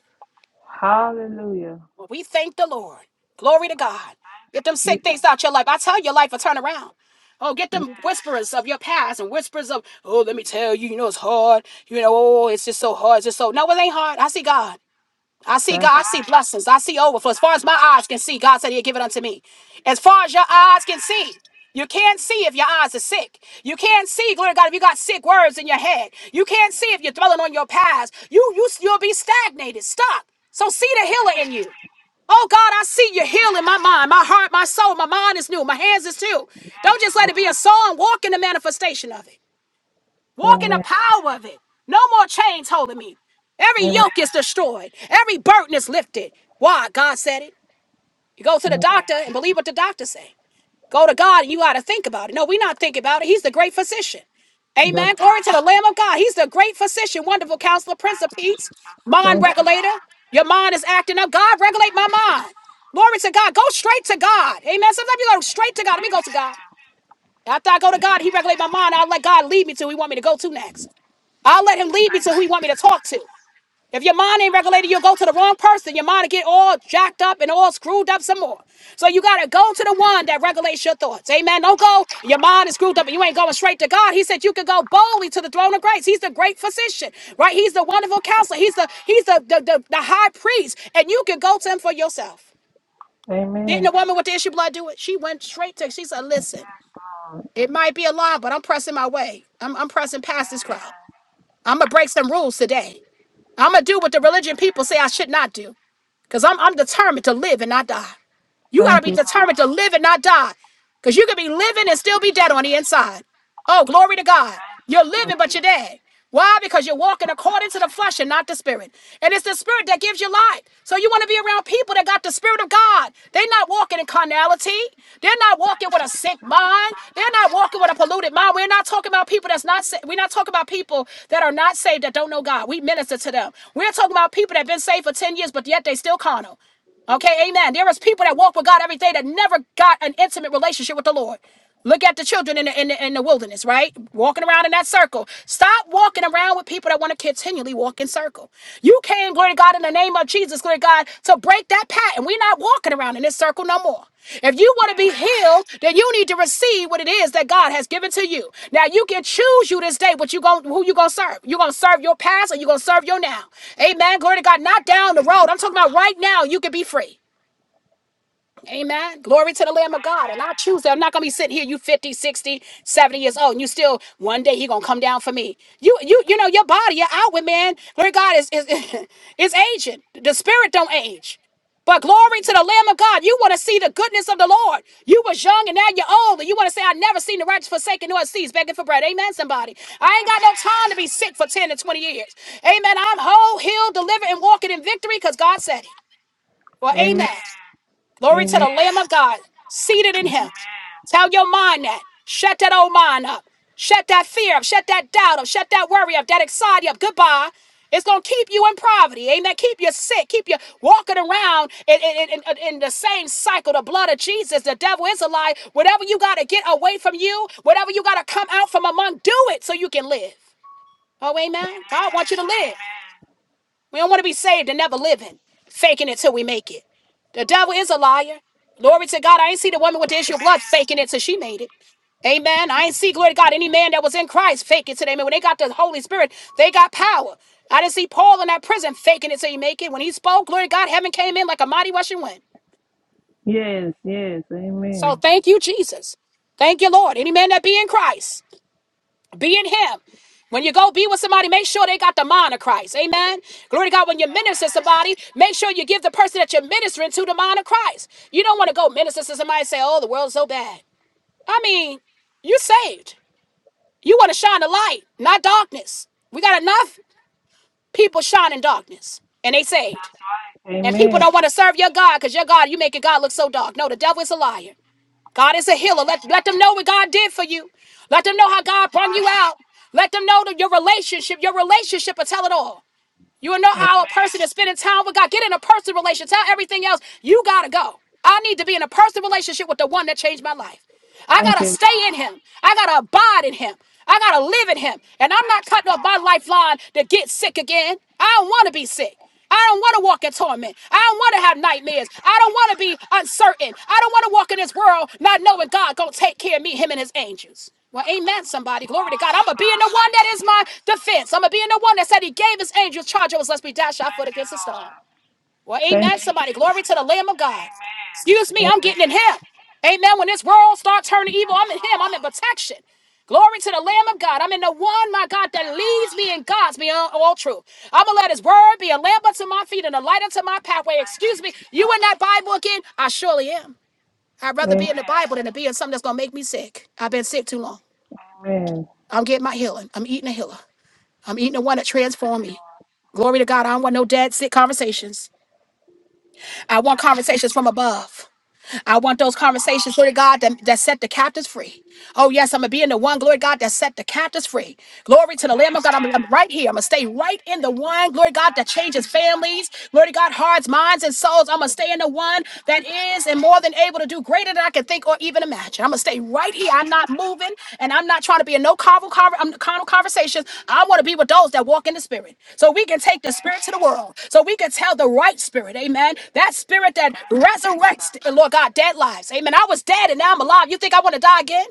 Hallelujah.
Well, we thank the Lord. Glory to God.
Thank
Get
you,
them sick things
Jesus.
out your life. I tell your life will turn around. Oh, get them
Yes.
whispers of your past and whispers of, oh, let me tell you, you know, it's hard. You know, oh, it's just so hard. It's just so. No, it ain't hard. I see God. I see
That's
God, I see
right.
blessings. I see overflow. As far
That's
as my
right.
eyes can see, God said he'll give it unto me. As far as your eyes can
Amen.
see. You can't see if your eyes are sick. You can't see, glory to God, if you got sick words in your head. You can't see if you're dwelling on your past. You, you, you'll be stagnated, stuck. So see the healer in you.
Amen.
Oh God, I see you healing my
Amen.
mind, my heart, my soul. My mind is new. My hands is too.
Yes,
Don't just let it be
Lord.
a song. Walk in the manifestation of it. Walk in the
Amen.
power of it. No more chains holding me. Every yoke is
Amen.
destroyed. Every burden is lifted. Why? God said it. You go to the doctor and believe what the doctor say. Go to God and you got to think about it. No, we're not thinking about it. He's the great physician.
That's
Amen. Glory to
right.
the Lamb of God. He's the great physician, wonderful counselor, prince of
Thank you,
peace,
Jesus.
mind
Thank you,
regulator.
Lord.
Your mind is acting up. God,
Thank
regulate my
you, Jesus.
mind. Glory to God. Go straight to God. Amen. Sometimes you go straight to God. Let me go to God.
Amen.
After I go to God, He regulate my mind. I'll let God lead me to who He want me to go to next. I'll let him
Amen. Thank you,
lead me to who he want me to
Jesus.
talk to. If your mind ain't regulated, you'll go to the wrong person. Your mind will get all jacked up and all screwed up some more. So you gotta go to the one that regulates your thoughts. Amen. Don't go, your mind is screwed up and you ain't going straight to God. He said you could go boldly to the throne of grace. He's the great physician, right? He's the wonderful counselor. He's the he's the the, the, the high priest. And you can go to him for yourself.
Amen. Thank you, Jesus. Amen. Thank you, Lord.
Didn't
Amen.
the woman with the issue of blood do it? She went straight to she said, Listen,
Yes, Lord.
it might be a lie, but I'm pressing my way. I'm I'm pressing
Amen.
past this crowd.
Amen.
I'm gonna break some rules today. I'm gonna do what the religion people say I should not do, cause I'm I'm determined to live and not die.
Thank
You got to
Thank you,
be
you.
determined
Lord.
to live and not die. Because you could be living
Thank you,
and still be dead
Jesus.
on the inside. Oh, glory to God.
Thank you,
You're living,
Lord.
but you're dead. Why? Because you're walking
For
according to the
mercy.
flesh and not the spirit. And it's the spirit that gives you life. So you want to be around people that got the spirit of God. They're not walking in carnality. They're not
Thank
walking
you,
with a sick
Jesus.
mind.
Thank
They're
you,
not
Lord.
walking with a polluted mind. We're not talking about people that's not sa- we're not talking about people that are not saved that don't know God. We minister to them. We're talking about people that have been saved for 10 years, but yet they still carnal. Okay, amen. There is people that walk with God every day that never got an intimate relationship with the Lord. Look at the children in the, in the in the wilderness, right? Walking around in that circle. Stop walking around with people that want to continually walk in circle. You came, glory to God, in the name of Jesus, glory to God, to break that pattern. We're not walking around in this circle no more. If you want to be
Amen.
healed, then you need to receive what it is that God has given to you. Now you can choose you this day what you going who you gonna serve. You gonna serve your past or you gonna serve your now. Amen. Glory to God. Not
Thank
down the
you,
road.
Jesus.
I'm talking about right now. You can be free. Amen. Glory to the Lamb of God. And I
Amen.
choose that. I'm not going to be sitting here, you 50, 60, 70 years old, and you still, one day he going to come down for me. You, you, you know, your body, your outward man, glory to God is, is, *laughs* is aging. The spirit don't age. But glory to the Lamb of God. You want to see the goodness of the Lord. You was young and now you're old. And you want to say, I never seen the righteous forsaken nor seeds begging for bread. Amen, somebody. I ain't got no time to be sick for 10 to 20 years. Amen. I'm whole, healed, delivered, and walking in victory because God said it. Well,
Amen. Amen.
amen.
Amen.
Glory to
Amen.
the Lamb of God, seated in
Amen. Amen.
Him. Tell your mind that. Shut that old mind up. Shut that fear up. Shut that doubt up. Shut that worry up. That anxiety up. Goodbye. It's going to keep you in poverty. Amen. Keep you sick. Keep you walking around in, in, in, in- in the same cycle. The blood of Jesus. The devil is a lie. Whatever you got to get away from you, whatever you got to come out from among, do it so you can live. Oh, amen. God wants you to live.
Amen. Amen.
We don't want to be saved and never living, faking it till we make it. The devil is a liar. Glory to God. I ain't see the woman with the issue of blood
Amen.
faking it till she made it. Amen. I ain't see, glory to God, any man that was in Christ fake it till they made it. When they got the Holy Spirit, they got power. I didn't see Paul in that prison faking it till he make it. When he spoke, glory to God, heaven came in like a mighty rushing wind.
Yes, yes,
So
amen.
thank you, Jesus. Thank you, Lord. Any man that be in Christ. Be in him. When you go be with somebody, make sure they got the mind of Christ. Amen. Glory to God. When you minister to
Amen.
somebody, make sure you give the person that you're ministering to the mind of Christ. You don't want to go minister to somebody and say, oh, the world's so bad. I mean, you saved. You want to shine the light, not darkness. We got enough people shining darkness and they saved.
That's right.
And people
Amen.
don't want to serve your God because your God, you making God look so dark. No, the devil is a liar. God is a healer. Let,
Amen.
let them know what God did for you. Let them know how God
That's
brought you
right.
out. Let them know that your relationship, your relationship will tell it all. You will know how a
Amen.
person is spending time with God. Get in a personal relationship. Tell everything else. You gotta go. I need to be in a personal relationship with the one that changed my life. I
Thank
gotta
you. Lord.
stay in him. I gotta abide in him. I gotta live in him. And I'm
Thank
not
you,
cutting off
Lord.
my lifeline to get sick again. I don't wanna be sick. I don't want to walk in torment. I don't want to have
Thank you,
nightmares.
Jesus.
I don't want to be uncertain. I don't want to walk in this world not knowing God gonna take care of me, him and his angels. Well, amen, somebody. Glory to
Glory
God. I'm
to
going to be in
God.
the one
Thank
that
you,
is my
Jesus.
defense. I'm going to be in the one that said he gave his angels charge over us, lest we dash our
Thank
foot
you,
against the stone.
Lord.
Well,
Thank
amen,
you,
somebody.
Jesus.
Glory to the Lamb of God.
Amen.
Excuse me, I'm getting in
Amen.
Him. Amen. When this world starts turning evil,
Yes,
I'm in Him. I'm in
Lord.
protection. Glory to the Lamb of God. I'm in the one, my God,
Thank you,
that leads
Lord.
me and guides me on all truth. I'm going to let His word be a lamp unto my feet and a light unto my pathway.
Thank you,
Excuse me, you
Jesus.
in that Bible again? I surely am. I'd rather be in the Bible than
Amen.
to be in something that's going to make me sick. I've been sick too long.
Amen.
I'm getting my healing. I'm eating a healer. I'm eating the one that
Thank you,
transformed me.
Lord.
Glory to God. I don't want no dead, sick conversations. I want
Thank you,
conversations
Jesus.
from above. I want those conversations, Lord God, that,
Hallelujah.
that set the captives free. Oh, yes, I'm going to be in the one, glory God, that set the captives free. Glory to the Lamb of God. I'm, I'm
Amen.
right here. I'm going to stay right in the one, glory God, that
Thank you,
changes
Jesus.
families, glory to God, hearts, minds, and souls. I'm going to stay in the one that
Thank you,
is
Lord.
and more than able to do greater than I can think or even imagine. I'm going to stay right
Thank
here.
you,
I'm
Jesus.
not moving and I'm not trying to be in no carnal, conver- um, carnal conversations. I want to be with those that walk in the spirit so we can take the spirit to the
Amen.
world, so we can tell the right spirit, amen. That spirit that
Thank you, Jesus.
resurrects, Lord
Bless
God, dead lives, amen. I was dead and now I'm alive. You think I want to die again?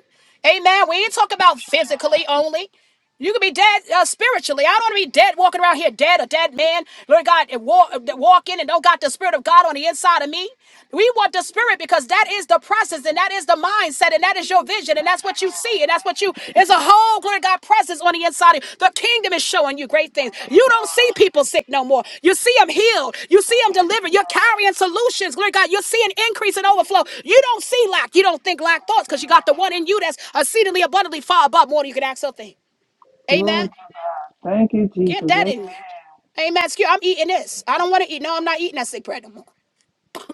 Amen. We ain't talking about
your
physically
name.
only. You can be dead uh, spiritually. I don't want to be dead walking around here dead, a dead man. Lord God, and walk, walking and don't got the spirit of God on the inside of me. We want the spirit because that is the process and that is the mindset and that is your vision and
Thank
that's
you,
what you
Lord.
see and that's
Thank
what
you,
you it's
Jesus.
a whole glory to God presence on the inside. of you. The kingdom is showing you great things.
Thank you,
You don't see
Lord.
people sick no more. You see them healed. You see
Thank
them
you,
delivered. You're
Jesus.
carrying solutions. Glory to God. You're seeing increase and overflow. You don't see lack. You don't think lack
Thank
thoughts
you,
because you got the
Lord.
one in you that's exceedingly abundantly far above more than you can ask or think. Amen.
Glory to God. Thank you,
Get
Jesus.
that
Amen.
in you. Amen. Excuse, I'm eating this. I don't want to eat. No, I'm not eating that sick bread no more.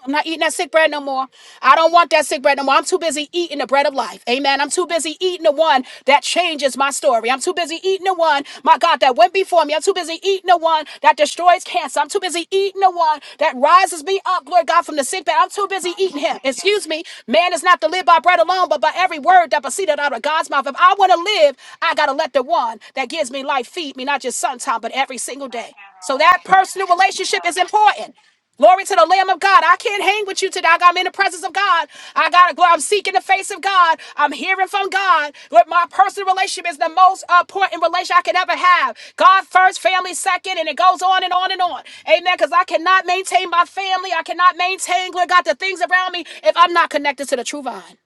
I'm not eating that sick bread no more. I don't want that sick bread no more. I'm too busy eating the bread of life. Amen. I'm too busy eating the one that changes my story. I'm too busy eating the one, my God, that went before me. I'm too busy eating the one that destroys cancer. I'm too busy eating the one that rises me up, glory God, from the sick bed. I'm too busy
Thank
eating
you,
him.
Jesus.
Excuse me. Man is not to live by bread alone, but by every word that proceeded out of God's mouth. If I want to live, I got to let the one that gives me life feed me, not just sometime, but every single
Thank
day.
you,
So
Lord.
that
Thank you,
personal
Jesus.
relationship is important. Glory to the Lamb of God. I can't hang with you today. I got- I'm in the presence of God. I gotta go. I'm seeking the face of God. I'm hearing from God. But my personal relationship is the most uh, important relationship I could ever have. God first, family second, and it goes on and on and on. Amen. Because I cannot maintain my family. I cannot maintain, Lord God, the things around me if I'm not connected to the true vine.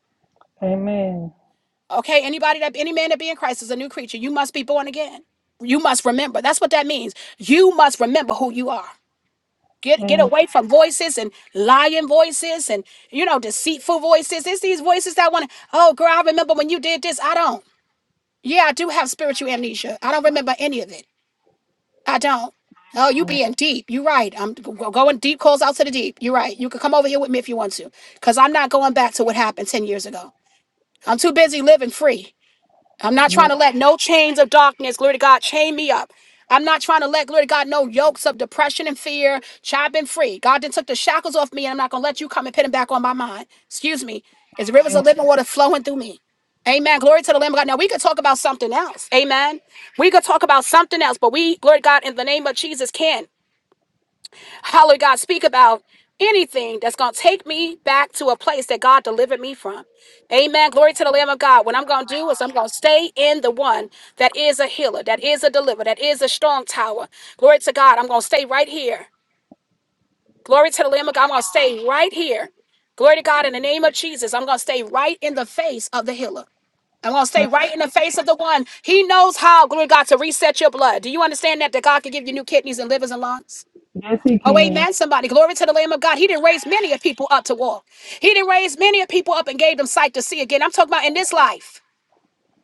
Amen.
Okay, anybody that any man that be in Christ is a new creature. You must be born again. You must remember. That's what that means. You must remember who you are. Get get
Amen.
away from
Thank
voices and lying voices and you know deceitful voices. It's these voices that want to. Oh, girl, I remember when you did this. I don't. Yeah, I do have spiritual
you,
amnesia. I
Jesus.
don't remember any of it. I don't. Oh, you
Amen.
being deep. You're right. I'm g- go- going deep. Calls out to the deep. You're right. You can come over here with me if you want to, cause I'm not going back to what happened ten years ago. I'm too busy living free. I'm not trying to
Yes.
let no chains of darkness, glory to God, chain me up. I'm not trying to let, glory to God, no yokes of depression and fear. Child, I've been free. God then took the shackles off me, and I'm not going to let you come and put them back on my mind. Excuse me. It's rivers
Amen.
of living water flowing through me. Amen. Glory to the Lamb of God. Now, we could talk about something else. Amen. We could talk about something else, but we, glory to God, in the name of Jesus, can. Hallelujah, God, speak about anything that's going to take me back to a place that God delivered me from. Amen. Glory to the Lamb of God. What
Thank
I'm
you,
going to do is
Lord.
I'm going to stay in the one that is a healer, that is a deliverer, that is a strong tower. Glory to God. I'm going to stay right here. Glory to the Lamb
Thank
of
you,
God. I'm going to
Lord.
stay right here. Glory to God. In the name of Jesus, I'm going to stay right in the face of the healer. I'm going to stay
Thank you,
right in the face of the one. He knows how, glory to God, to reset your blood. Do you understand that? That God can give you new kidneys and livers and lungs?
Jesus. Yes, He
Oh,
can.
amen, somebody. Glory to the Lamb of God. He didn't raise many of people up to walk. He didn't raise many of people up and gave them sight to see again. I'm talking about in this life.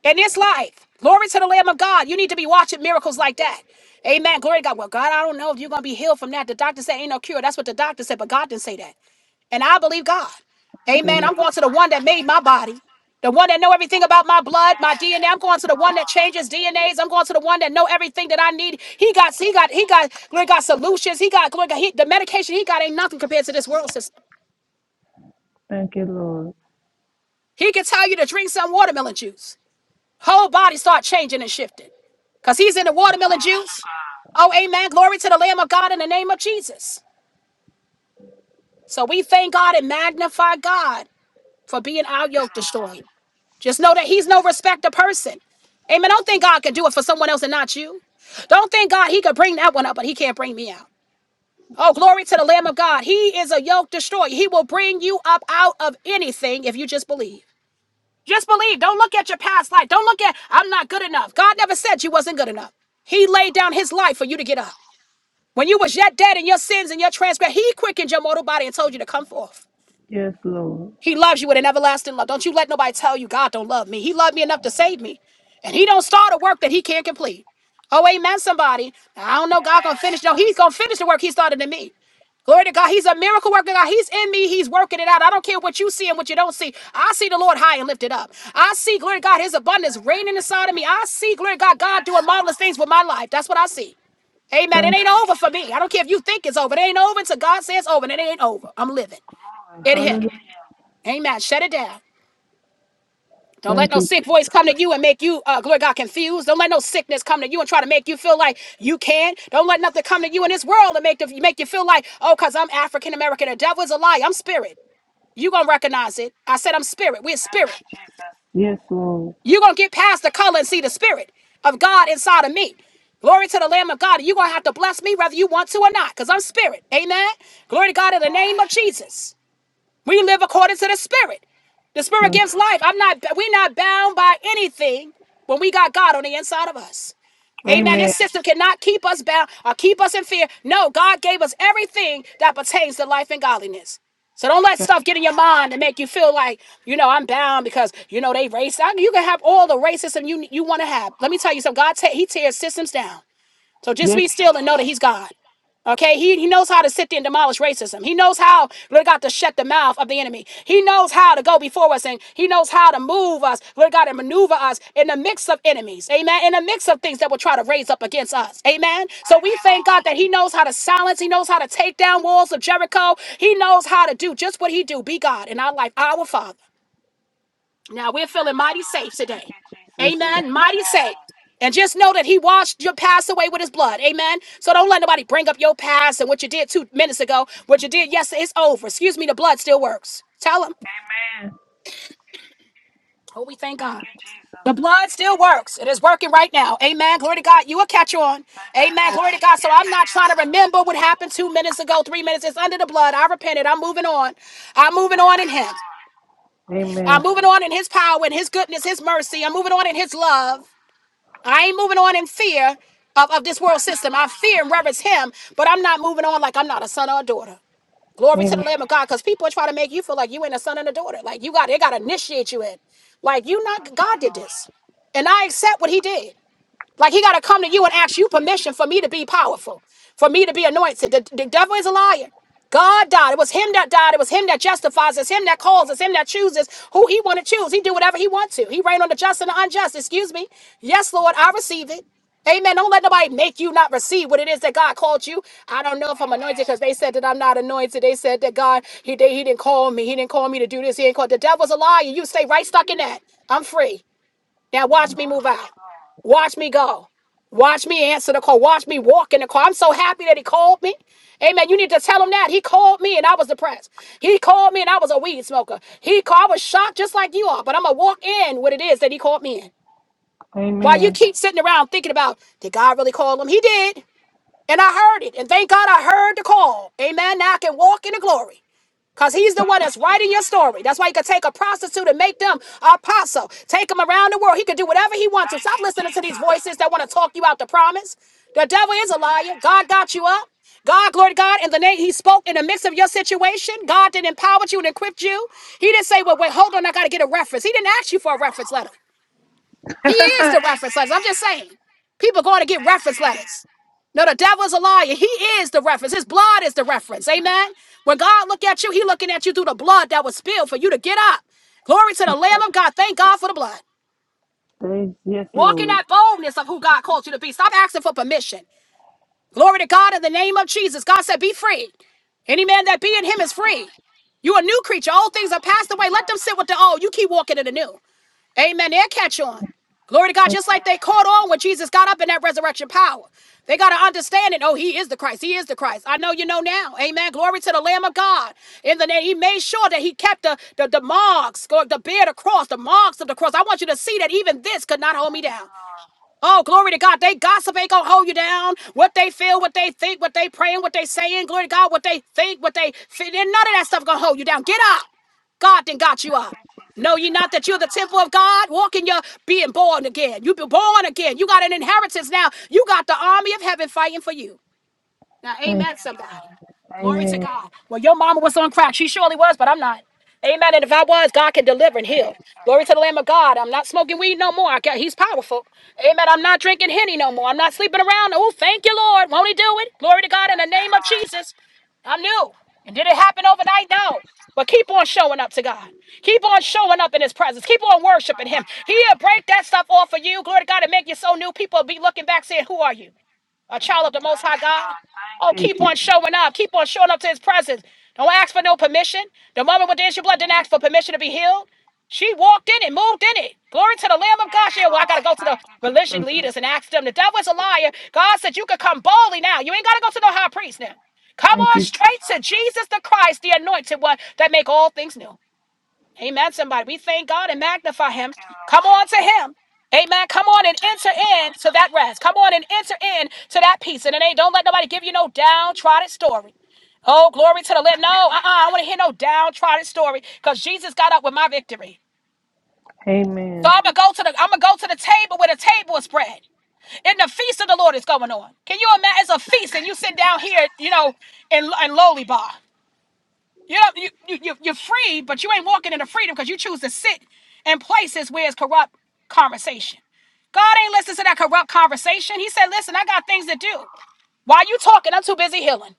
In this life. Glory to the Lamb of God. You need to be watching miracles like that. Amen. Glory to God. Well, God, I don't know if you're going to be healed from that. The doctor said ain't no cure. That's what the doctor said, but God didn't say that and I believe God.
Thank you,
Amen.
Lord.
I'm going to the one that made
Thank
my
you,
body,
Jesus.
the one that know everything about my blood, my DNA.
Yes,
I'm going to
yes,
the one that
Lord.
changes DNAs. I'm going to the one that know everything that I need. He got, he got, he got, glory to God solutions. He got, glory to God, he, the medication he got ain't nothing compared to this world system.
Thank you, Lord.
He can tell you to drink some watermelon juice. Whole body start changing and shifting. Cause he's in the watermelon
Glory to
juice.
God.
Oh, amen. Glory to the Lamb of God in the name of Jesus. So we thank God and magnify God for being our
Thank you,
yoke destroyer.
Lord.
Just know that he's no respecter person. Amen. Don't think God can do it for someone else and not you. Don't think God he could bring that one up, but he can't bring me out. Oh, glory to the Lamb of God. He is a yoke destroyer. He will bring you up out of anything if you just believe. Just believe. Don't look at your past life. Don't look at I'm not good enough. God never said you wasn't good enough. He laid down his life for you to get up. When you was yet dead in your sins and your transgressions, he quickened your mortal body and told you to come forth.
Yes, Lord.
He loves you with an everlasting love. Don't you let nobody tell you God don't love me. He loved me enough to save me. And he don't start a work that he can't complete. Oh, amen, somebody. I don't know God gonna finish.
Amen.
No, he's gonna finish the work he started in me. Glory to God. He's a miracle worker. God. He's in me. He's working it out. I don't care what you see and what you don't see. I see the Lord high and lifted up. I see, glory to God, his abundance
Thank you,
reigning inside of me.
Jesus.
I see, glory to God, God
Yes,
doing marvelous
Lord.
things with my life. That's what I see. Amen. It
Thank you,
ain't over for
Jesus.
me. I don't care if you think it's over. It ain't over until God says over, and it ain't over. I'm living.
Glory.
It hit.
Hallelujah.
Amen. Shut it down. Don't let no
Thank you,
sick voice
Jesus.
come to you and make you, uh, glory to God, confused. Don't let no sickness come to you and try to make you feel like you can. Don't let nothing come to you in this world and make, the, make you feel like, oh, because I'm African American. The devil is a lie. I'm spirit. you going to recognize it. I said I'm spirit. We're
Thank
spirit.
you, Jesus. Yes, Lord.
you going to get past the color and see the spirit of God inside of me. Glory to the Lamb of God. you going to have to bless me whether you want to or not because I'm spirit. Amen. Glory to God in the name of
Glory.
Jesus. We live according to the Spirit. The Spirit
Thank
gives
you,
life. I'm not. We're
Jesus.
not bound by anything when we got God on the inside of us. Amen. This
Amen.
system cannot keep us bound or keep us in fear. No, God gave us everything that pertains to life and godliness. So don't let
Thank
stuff get
you,
in your
Lord.
mind and make you feel like, you know, I'm bound because, you know, they race. I mean, you can have all the racism you you want to have. Let me tell you something. God, ta- he tears systems down. So just
Yes,
be
He
still and know that
does.
he's God. Okay, he, he knows how to sit there and demolish racism. He knows how, Lord God, to shut the mouth of the enemy. He knows how to go before us and he knows how to move us, Lord God, and maneuver us in the mix of enemies. Amen. In the mix of things that will try to raise up against us. Amen. So
Thank
we
you,
thank
Lord.
God that he knows how to silence. He knows how to take down walls of Jericho. He knows how to do just what he do. Be God in our life, our Father. Now we're feeling
Thank you,
mighty safe
Lord. Thank
today.
you, Jesus.
Amen.
Thank you,
Mighty safe.
Lord.
And just know that he washed your past away with his blood. Amen. So don't let nobody bring up your past and what you did two minutes ago. What you did yesterday is over. Excuse me, the blood still works. Tell him.
Amen.
Oh, we thank
Thank
God.
you, Jesus.
The blood still works. It is working right now. Amen. Glory to God. You will catch on.
Thank you,
Amen. Glory
Lord.
to God. So
Yes,
I'm
it
not trying to
is.
remember what happened two minutes ago, three minutes. It's under the blood. I repented. I'm moving on. I'm moving
Thank
on in
you,
him.
Lord. Amen.
I'm moving on in his power and his goodness, his mercy. I'm moving on in his love. I ain't moving on in fear of, of this world
Thank you,
system. I
Lord.
fear and reverence him, but I'm not moving on like I'm not a son or a daughter. Glory to the Lamb
Amen.
of God, because people are trying to make you feel like you ain't a son and a daughter. Like you got they gotta initiate you in. Like you not
Thank you,
God did
Lord.
this. And I accept what he did. Like he got to come to
Thank
you and
you,
ask you
Jesus.
permission for me to be powerful, for me to be anointed. The, the devil is a liar. God died. It was him that died. It was him that justifies. It's him that calls. It's him that chooses who he want to choose. He do whatever he wants to. He reign on the just and the unjust. Excuse me. Yes, Lord, I receive it. Amen. Don't let nobody make you not receive what it is that God called you. I don't know if I'm anointed
Amen.
because they said that I'm not anointed. They said that God, he, they, he didn't call me. He didn't call me to do this. He didn't call. The devil's a liar. You stay right stuck in that. I'm free. Now watch me
Oh,
move
yes,
out.
Lord.
Watch me go. Watch me answer the call. Watch me walk in the call. I'm so happy that he called me. Amen. You need to tell him that. He called me and I was depressed. He called me and I was a weed smoker. He called, I was shocked just like you are, but I'm going to walk in what it is that he called me in. While you
Amen.
keep sitting around thinking about, did God really call him? He did. And I heard it. And thank God I heard the call. Amen. Now I can walk in the glory. Because he's the one
Thank
that's
you,
writing your
Jesus.
story. That's why he could take a prostitute and make them an apostle. Take them around the world. He could do whatever he wants to.
Thank
Stop
you,
listening to these
Jesus.
voices that want to talk you out the promise. The devil is a liar.
Amen.
God got you up. God, glory to God, in the name he spoke in the midst of your situation. God didn't empower you and equip you. He didn't say, well, wait, hold on, I got to get a reference. He didn't ask you for a reference letter.
*laughs*
He is
Amen.
the reference letters. I'm just saying. People going to get reference
Amen.
letters. No, the devil is a liar. He is the reference. His blood is
Thank
the
you,
reference.
Jesus.
Amen. When God look at you, he looking at you through the blood that was spilled for you to get up. Glory to the
Thank
Lamb of
you,
God. Thank
Jesus.
God for the blood.
Praise, yes,
Walk in
Lord.
that boldness of
Thank
who God called you to be. Stop asking for permission. Glory to God in the name of Jesus. God said, be free. Any man that be in him is free. You a new creature. All things are passed away. Let them sit with the old. You keep walking in the new. Amen. They'll catch on. Glory to God.
Thank you,
Just
Lord.
like they caught on when Jesus got up in that resurrection power. They got to understand it. Oh, he is the Christ. He is the Christ. I know you know now. Amen. Glory to the Lamb of God. In the name, he made sure that he kept the, the, the marks, or the beard across, the cross, the marks of the cross. I want you to see that even this could not hold me down. Oh, glory to God. They gossip ain't gonna hold you down. What they feel, what they think, what they praying, what they saying, glory to God, what they think, what they feel, none of that stuff gonna hold you down. Get up. God then got you
Thank
up.
you, Jesus.
Know ye not that you're the temple of God? Walk in your being born again. You've been born again. You got an inheritance now. You got the army of heaven fighting for you. Now,
Amen. Thank
amen,
you,
somebody.
Lord. Thank you, Jesus. Thank you, Lord. thank, you, Lord.
Glory to
amen.
God. Well, your mama was on crack. She surely was, but I'm not. Amen. And if I was, God can deliver
Thank
and
you,
heal.
Jesus.
Glory to
Thank
the Lamb of God. I'm not smoking weed no more. I got, he's powerful. Amen. I'm not drinking henny no more. I'm not sleeping around. Oh, thank you, Lord. Won't he do it? Glory to God in the
you,
name of
Lord.
Jesus. I'm new. And did it happen
Thank
overnight?
you,
No.
Jesus. Thank you,
But keep on showing up to God. Keep on showing up in his presence. Keep on worshiping him. He'll break that stuff off of you. Glory to God and make you so new. People will be looking back saying, Who are you? a child of the Most
Thank
High
you,
God.
God. Thank
Oh,
you,
keep on
Jesus.
showing up. Keep on showing up to His presence. Don't ask for no permission. The woman with the issue of blood didn't ask for permission to be healed. She walked in it, moved in it. Glory to the Lamb of
Yes,
God. She, said, well, I gotta
Lord.
go to the
Thank you,
religion
Jesus.
leaders and ask them. The devil is a liar. God said you could come boldly now. You ain't gotta go to no high priest now. Come
Thank
on
you,
straight to
Jesus.
Jesus the Christ, the anointed one that make all things new. Amen. Somebody, we thank God and magnify
Thank
Him.
you,
Come
Lord.
on to Him. Amen. Come on
Thank
and
you,
enter in to that
Jesus.
rest. Come on and enter in to that peace. And it ain't, don't let nobody give you no downtrodden story. Oh, glory to the
Thank you,
Lord. No, uh-uh,
Jesus.
I don't want to hear no downtrodden story because Jesus got up with my victory. So
amen.
I'm gonna go to the I'm gonna go to the table where the table is spread, and the feast of the Lord is going on. Can you imagine? It's a
Thank
feast, and
you,
you sit down here,
Jesus.
you know, in in lowly bar. You know, you, you, you, you're free, but you ain't walking in the freedom because you choose to sit in places where it's corrupt conversation. God ain't listening to that corrupt conversation. He said, listen, I got things to do. While you talking, I'm too busy healing.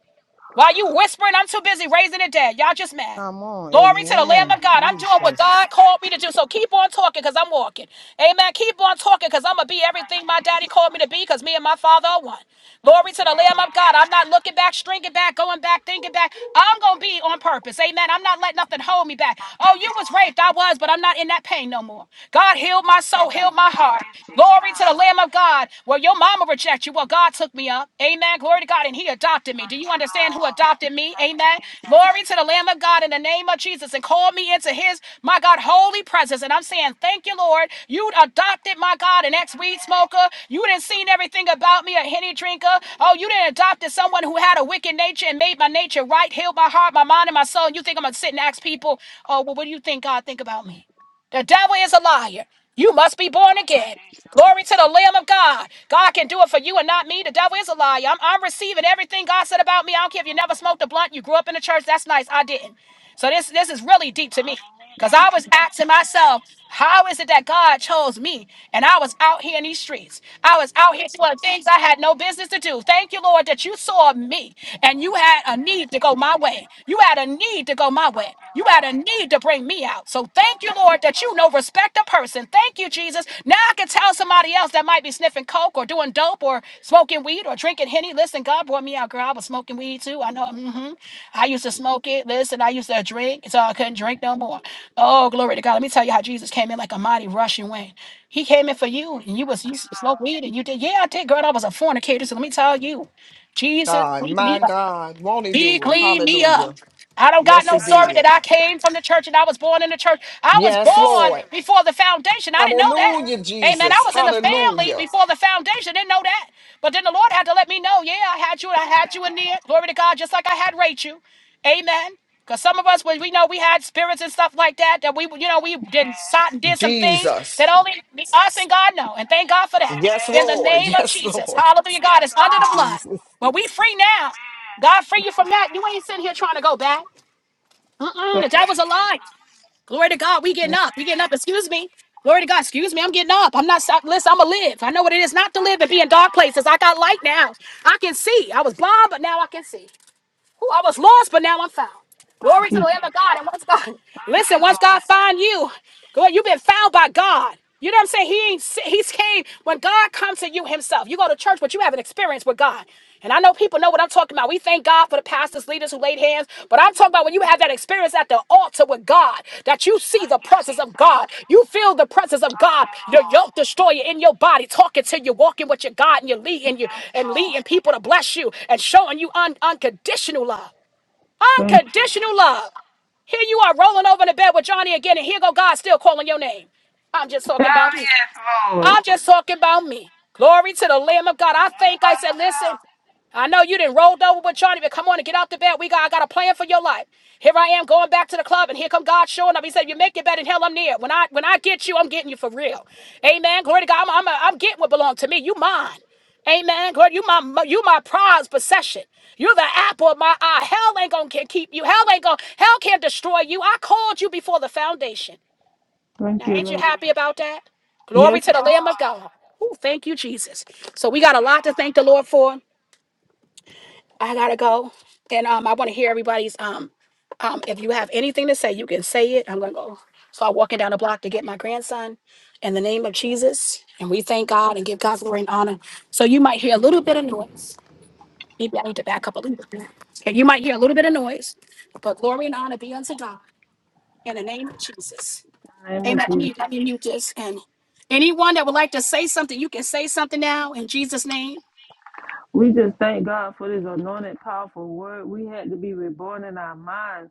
While you whispering, I'm too busy raising the dead. Y'all just mad.
Come on.
Glory to the Lamb
Amen.
of God. I'm doing
Amen.
what
Jesus.
God
Thank you,
called me to
Jesus.
do. So keep on
Thank
talking because I'm walking. Amen. Keep on talking because I'm going to be everything
you,
my daddy
Jesus.
called me to be because me and my father are one. Glory to the Lamb of God. I'm
Amen.
not looking back, stringing back, going back, thinking back. I'm going to be on purpose. Amen. I'm not letting nothing hold me back.
Thank
Oh,
you,
you was
Lord.
raped. I was, but I'm not in that pain no more. God healed my soul, healed my
Thank
heart.
you,
Glory to
Jesus.
the Lamb of God. Well, your mama rejected you. Well, God took me up. Amen. Glory to God. And he adopted me. Do
Thank
you
you,
understand who
Lord.
adopted? me? adopted me.
Thank you,
Amen.
Jesus.
Glory to the Lamb of God in the name of Jesus and called me into his, my God, holy presence. And I'm saying, thank you, Lord. You adopted, my God, an
Thank
ex
you,
weed
Lord.
smoker. You didn't seen everything about me, a henny drinker. Oh, you didn't adopted someone who had a wicked nature and made my nature right, healed my heart, my mind, and my soul. And you think I'm going to sit and ask people, oh, well, what do you think God think about me? The devil is a liar. You must be born
Thank you,
again.
Jesus.
Glory to the Lamb of God. God can do it for you and not me. The devil is a liar. I'm, I'm receiving everything God said about me. I don't care if you never smoked a blunt, you grew up in the church. That's nice. I didn't. So this this is really deep to me. Because
Hallelujah.
I was asking
Amen.
myself, how is it that God chose me and I was out here in these streets? I was out here doing things I had no business to do. Thank you, Lord, that you saw me and you had a need to
Mercy
go my
there.
way. You had a need to go my way.
Thank you,
You had a
Lord.
need to bring me out. So thank
Thank
you,
you,
Lord, that
Jesus.
you know respect a person. Thank you, Jesus. Now I can tell somebody else that my that might be sniffing coke or doing dope or smoking weed or drinking henny. Listen, God brought me out, girl. I was smoking weed too. I know. hmm I used to smoke it. Listen, I used to drink, so I couldn't drink no more. Oh, glory to God. Let me tell you how Jesus came in like a mighty rushing wind. He came in for you, and you was
Thank
you
you,
smoked
Lord.
weed, and you did. Yeah, I did, girl. I was a fornicator. So let me tell you, Jesus,
God,
freed
my
me.
God. Won't he
Be
do it?
clean me up.
Hallelujah.
I don't got
Yes,
no
he
Thank
story
you,
did.
that I
Jesus. Thank
came from the
you,
church and I was born in the church. I was
Yes,
born
Lord.
before the foundation. I didn't know that.
Hallelujah,
Amen. I
Jesus.
was in the family
Hallelujah.
before
Lord.
the foundation. Didn't know that. But then the Lord had to let me know, yeah, I had you and I
Thank
had
you,
you in
Lord.
there. Glory to God, just like I had Rachel. Amen. Because some of us, we we know we had spirits and stuff like that, that we, you know, we did,
Yes.
sought and did some things
Jesus.
that only us and God know. And thank God for that.
Yes,
Amen.
In the
Lord. *laughs*
name of
Yes,
Jesus.
Lord.
Hallelujah. God
Yes,
is under the
Lord.
blood.
Jesus.
But we free now.
Amen.
God free you from that.
Amen.
You ain't sitting here trying to go back. Mm-mm, the
Thank you,
devil's a lie.
Jesus.
Glory to God. We getting
Amen.
up. We getting up. Excuse me. Glory to God. Excuse me. I'm getting up. I'm not. stop- Listen, I'm going to live. I know what it is not to live
Thank
and be
you,
in dark
Lord.
places. I got light now. I can see. I was blind, but now I can see. Who I was lost, but now I'm found. Glory
Thank
to
you,
the Lamb of God.
Jesus.
And once God,
Thank you,
listen, once
Lord.
God find you, go ahead, you've been found by God. You know what I'm saying? He ain't, si- he's came when God comes to you himself. You go to church, but you have an experience with God. And I know people know what I'm talking about. We thank God for the pastors, leaders who laid hands, but I'm talking about when you have that experience at the altar with God, that you see
Thank
the
you,
presence of
Jesus.
God. You feel the presence of
Thank
God,
you,
your
Lord.
yoke destroyer in your body, talking to you, walking with your God, and you're leading you
Yes,
and leading
Lord.
people to bless you and showing you un- unconditional love.
Thank you,
Unconditional
Jesus.
love. Here you are rolling over in the bed with Johnny again, and here go God still calling your name. I'm just talking
Oh,
about me.
yes, Lord.
I'm just talking about me. Glory to the Lamb of God.
You
I
ain't
think I
by
said, listen,
yourself.
I know you didn't rolled over with Johnny, but come on and get out the bed. We got I got a plan for your life. Here I am going back to the club, and here come God showing up. He said, "You make it bed in hell. I'm near. When I when I get you, I'm getting you for real. Amen. Glory to God. I'm I'm, I'm getting what belongs to me. You mine." Amen. Glory, you my you my prize possession. You're the apple of my eye. Hell ain't gonna can keep you. Hell ain't gonna hell can't destroy you. I called you before the foundation.
Thank
Now
you,
ain't you
Lord.
happy about that? Glory
Yes,
to the Lamb of
Lord.
God. Ooh, thank you, Jesus. So we
Thank
got a
you,
lot to
Lord.
thank the Lord for. I gotta go, and um, I want to hear everybody's um, um, if you have anything to say, you can say it. I'm gonna go. So I'm walking down the block to get my grandson in the name of Jesus, and we thank God and give God glory and honor. So you might hear a little bit of noise. Maybe I need to back up a little bit. Okay, you might hear a little bit of noise, but glory and honor be unto God in the name of Jesus.
In the name of
Amen. Let
Jesus.
me, let me mute this. And anyone that would like to say something, you can say something now in Jesus' name.
We just thank God for this anointed, powerful word. We had to be reborn in our mind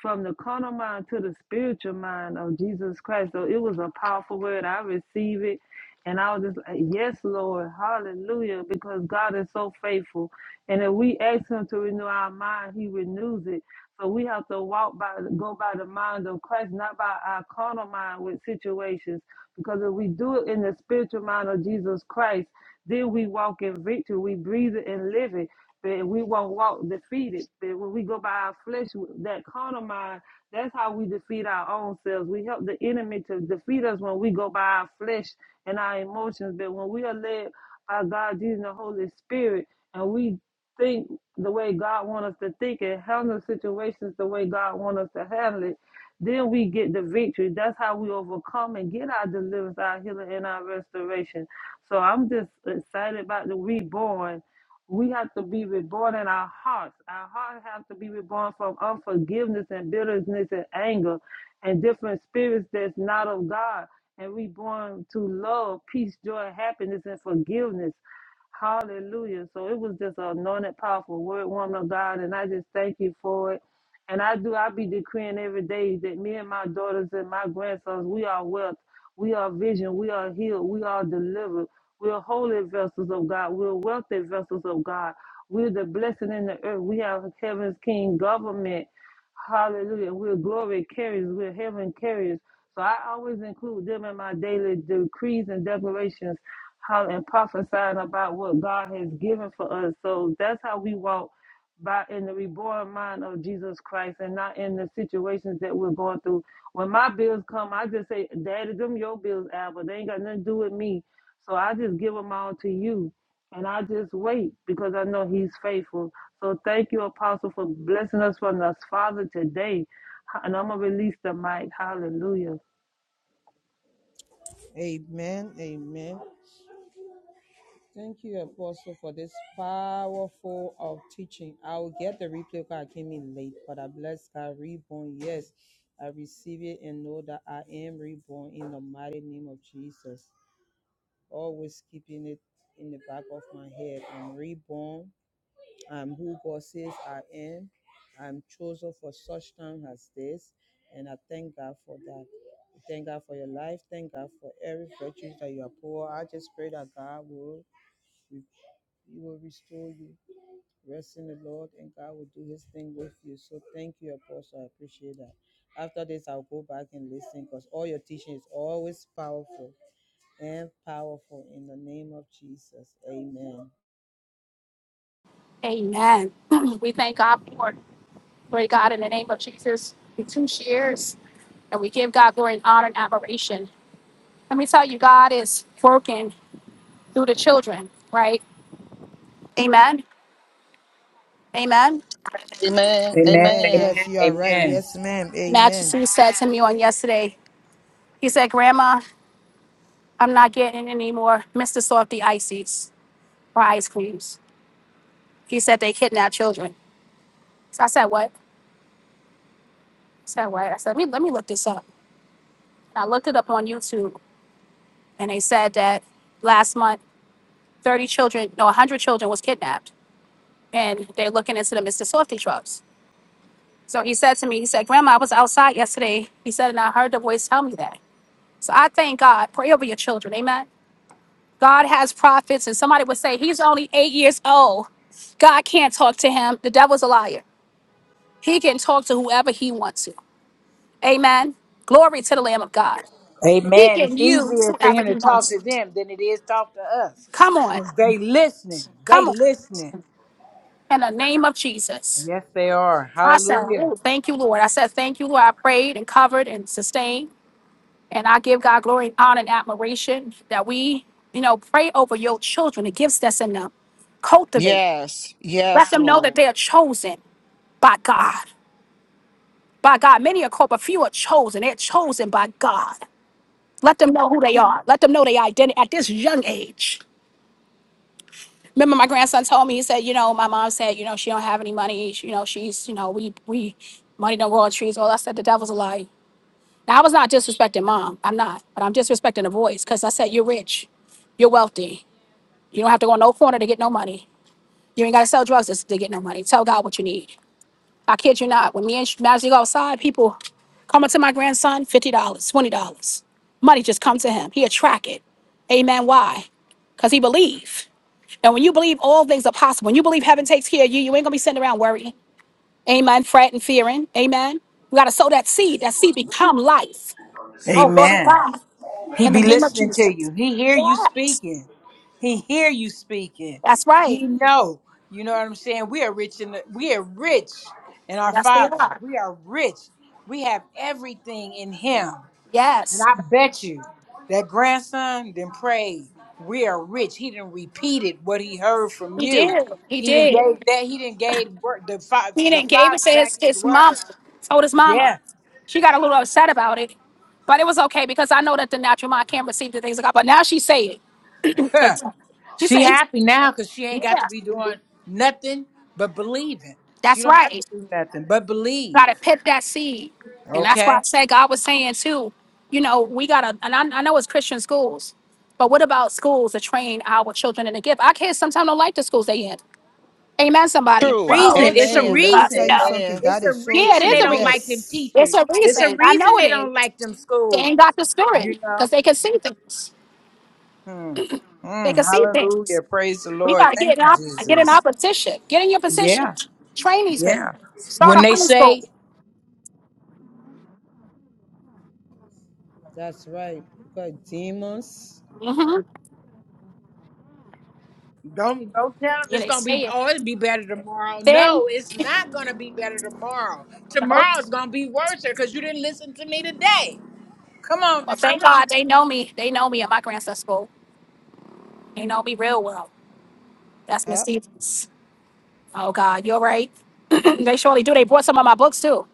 from the carnal mind to the spiritual mind of Jesus Christ. So it was a powerful word. I received it. And I was just like, yes, Lord, hallelujah, because God is so faithful. And if we ask Him to renew our mind, He renews it. So we have to walk by, go by the mind of Christ, not by our carnal mind with situations. Because if we do it in the spiritual mind of Jesus Christ, then we walk in victory. We breathe it and live it. But we won't walk defeated. But when we go by our flesh, that carnal mind, that's how we defeat our own selves. We help the enemy to defeat us when we go by our flesh and our emotions. But when we are led by God, Jesus, and the Holy Spirit, and we think the way God wants us to think and handle situations the way God wants us to handle it, then we get the victory. That's how we overcome and get our deliverance, our healing, and our restoration. So I'm just excited about the reborn. We have to be reborn in our hearts. Our hearts have to be reborn from unforgiveness and bitterness and anger and different spirits that's not of God and reborn to love, peace, joy, happiness, and forgiveness. Hallelujah. So it was just an anointed, powerful word, woman of God, and I just thank you for it. And I do, I be decreeing every day that me and my daughters and my grandsons, we are wealth, we are vision, we are healed, we are delivered. We're holy vessels of God. We're wealthy vessels of God. We're the blessing in the earth. We have heaven's king government. Hallelujah. We're glory carriers. We're heaven carriers. So I always include them in my daily decrees and declarations how, and prophesying about what God has given for us. So that's how we walk by in the reborn mind of Jesus Christ and not in the situations that we're going through. When my bills come, I just say, Daddy, them your bills, Albert. They ain't got nothing to do with me so I just give them all to you and I just wait because I know he's faithful. So thank you, Apostle, for blessing us from us, Father, today. And I'm going to release the mic. Hallelujah.
Amen. Amen. Thank you, Apostle, for this powerful of teaching. I will get the replay because I came in late, but I bless God reborn. Yes, I receive it and know that I am reborn in the mighty name of Jesus. Always keeping it in the back of my head. I'm reborn um, who God says I am. I'm chosen for such time as this, and I thank God for that. Thank God for your life. Thank God for every virtue that you are poor. I just pray that God will re- He will restore you. Rest in the Lord, and God will do His thing with you. So thank you, Apostle. I appreciate that. After this, I'll go back and listen because all your teaching is always powerful and powerful in the name of Jesus. Amen.
Amen. *clears throat* we thank God for it. Pray God in the name of Jesus, we two shares and we give God glory and honor and admiration. Let me tell you, God is working through the children, right? Amen. Amen.
Amen.
Amen.
Amen.
Amen.
Yes,
Amen.
you are right.
Amen.
Yes, ma'am.
Majesty
Amen.
said to me on yesterday, he said, Grandma, I'm not getting any more Mr. Softy ices or ice creams. He said they kidnap children. So I said, What? I said, What? I said, Let me, let me look this up. And I looked it up on YouTube and they said that last month, 30 children, no, 100 children was kidnapped. and they're looking into the Mr. Softy trucks. So he said to me, he said, Grandma, I was outside yesterday. He said, and I heard the voice tell me that. So I thank God. Pray over your children. Amen. God has prophets, and somebody would say, He's only eight years old. God can't talk to him. The devil's a liar. He can talk to whoever he wants to. Amen. Glory to the Lamb of God. He
Amen.
can
It's
use
easier for
whoever
him to
he
talk
wants
to
to.
them than it is talk to us.
Come on.
Because they listening. They
Come on.
listening.
In the name of Jesus.
Yes, they are.
I said,
Hallelujah.
"Ooh, thank you, Lord. I said, thank you, Lord. I prayed and covered and sustained. And I give God glory and honor and admiration that we, you know, pray over your children, the gifts that's in them. Cultivate.
Yes.
Let
Yes,
them know that
Lord.
they are chosen by God. By God. Many are called, but few are chosen. They're chosen by God. Let them know who they are. Let them know their identity at this young age. Remember, my grandson told me, he said, you know, my mom said, you know, she don't have any money. She- You know, she's, you know, we we money don't grow on trees. All I said the devil's a lie. Now I was not disrespecting mom. I'm not, but I'm disrespecting the voice because I said you're rich. You're wealthy You don't have to go on no corner to get no money. You ain't got to sell drugs to to get no money. Tell God what you need. I kid you not. When me and Magic go outside, people come up to my grandson, $50, dollars, $20. Money just come to him. He attract it. Amen. Why? Because he believe. And when you believe all things are possible, when you believe heaven takes care of you, you ain't going to be sitting around worrying. Amen. Fretting, fearing. Amen. You got to sow that seed. That seed become life. Oh, glory to
Amen.
God.
He
In the
be
name of
listening to you.
Jesus.
He hear you
Yes.
speaking. He hear you speaking.
That's right.
He know. You know what I'm saying? We are rich in the, we are rich in our
That's where you
Father.
are.
We are rich. We have everything in Him.
Yes.
And I bet you that grandson then prayed. We are rich. He didn't repeated what he heard from
He
you.
did. He
He didn't
did.
gave that. He didn't gave word, the fa-
He
the
then gave it
Father
to
back
his,
His
his mama.
word.
Told his mama.
Yeah.
She got a little upset about it. But it was okay because I know that the natural mind can't receive the things of God. But now she say it.
*laughs*
She
She
say,
happy now because she ain't
yeah,
got to be doing nothing but believing. She
that's
don't have to
right.
do nothing but believe.
Gotta pit that seed. And that's why I
Okay.
said God was saying too, you know, we gotta and I, I know it's Christian schools, but what about schools that train our children in the gift? Our kids sometimes don't like the schools they in. Amen, somebody.
True.
Well,
Reason.
So
It's a
true.
Amen.
Let
well,
me tell
reason.
you
no.
something.
Amen.
It's
That
a
is so
Yeah, it
reason
true.
is
they
a
don't
reason.
like them
Yes.
It's
teachers.
a
It's a
reason. I
reason
know it
they don't
is.
like them
They
schools.
ain't got the spirit
You know.
because they can see things.
Hmm.
They
Hmm.
can see things.
Hallelujah. Praise the
We
Lord.
gotta get
Thank
in
you,
op- get in our
Jesus.
position. Get in your position.
Yeah.
Train these people.
Yeah.
Start
When
a
they
high
say
school.
That's right. Because demons.
hmm
Don't don't tell them
Yeah,
it's
they
gonna be
say it.
oh it'll be better tomorrow.
Then,
No, it's not gonna be better tomorrow.
no.
Tomorrow's gonna be worse because you didn't listen to me today. Come on
well,
now.
thank God they know me. They know me at my grandson's school. They know me real well. That's Miss
Yeah.
Stevens. Oh God, you're right. *clears throat* they surely do. They brought some of my books too.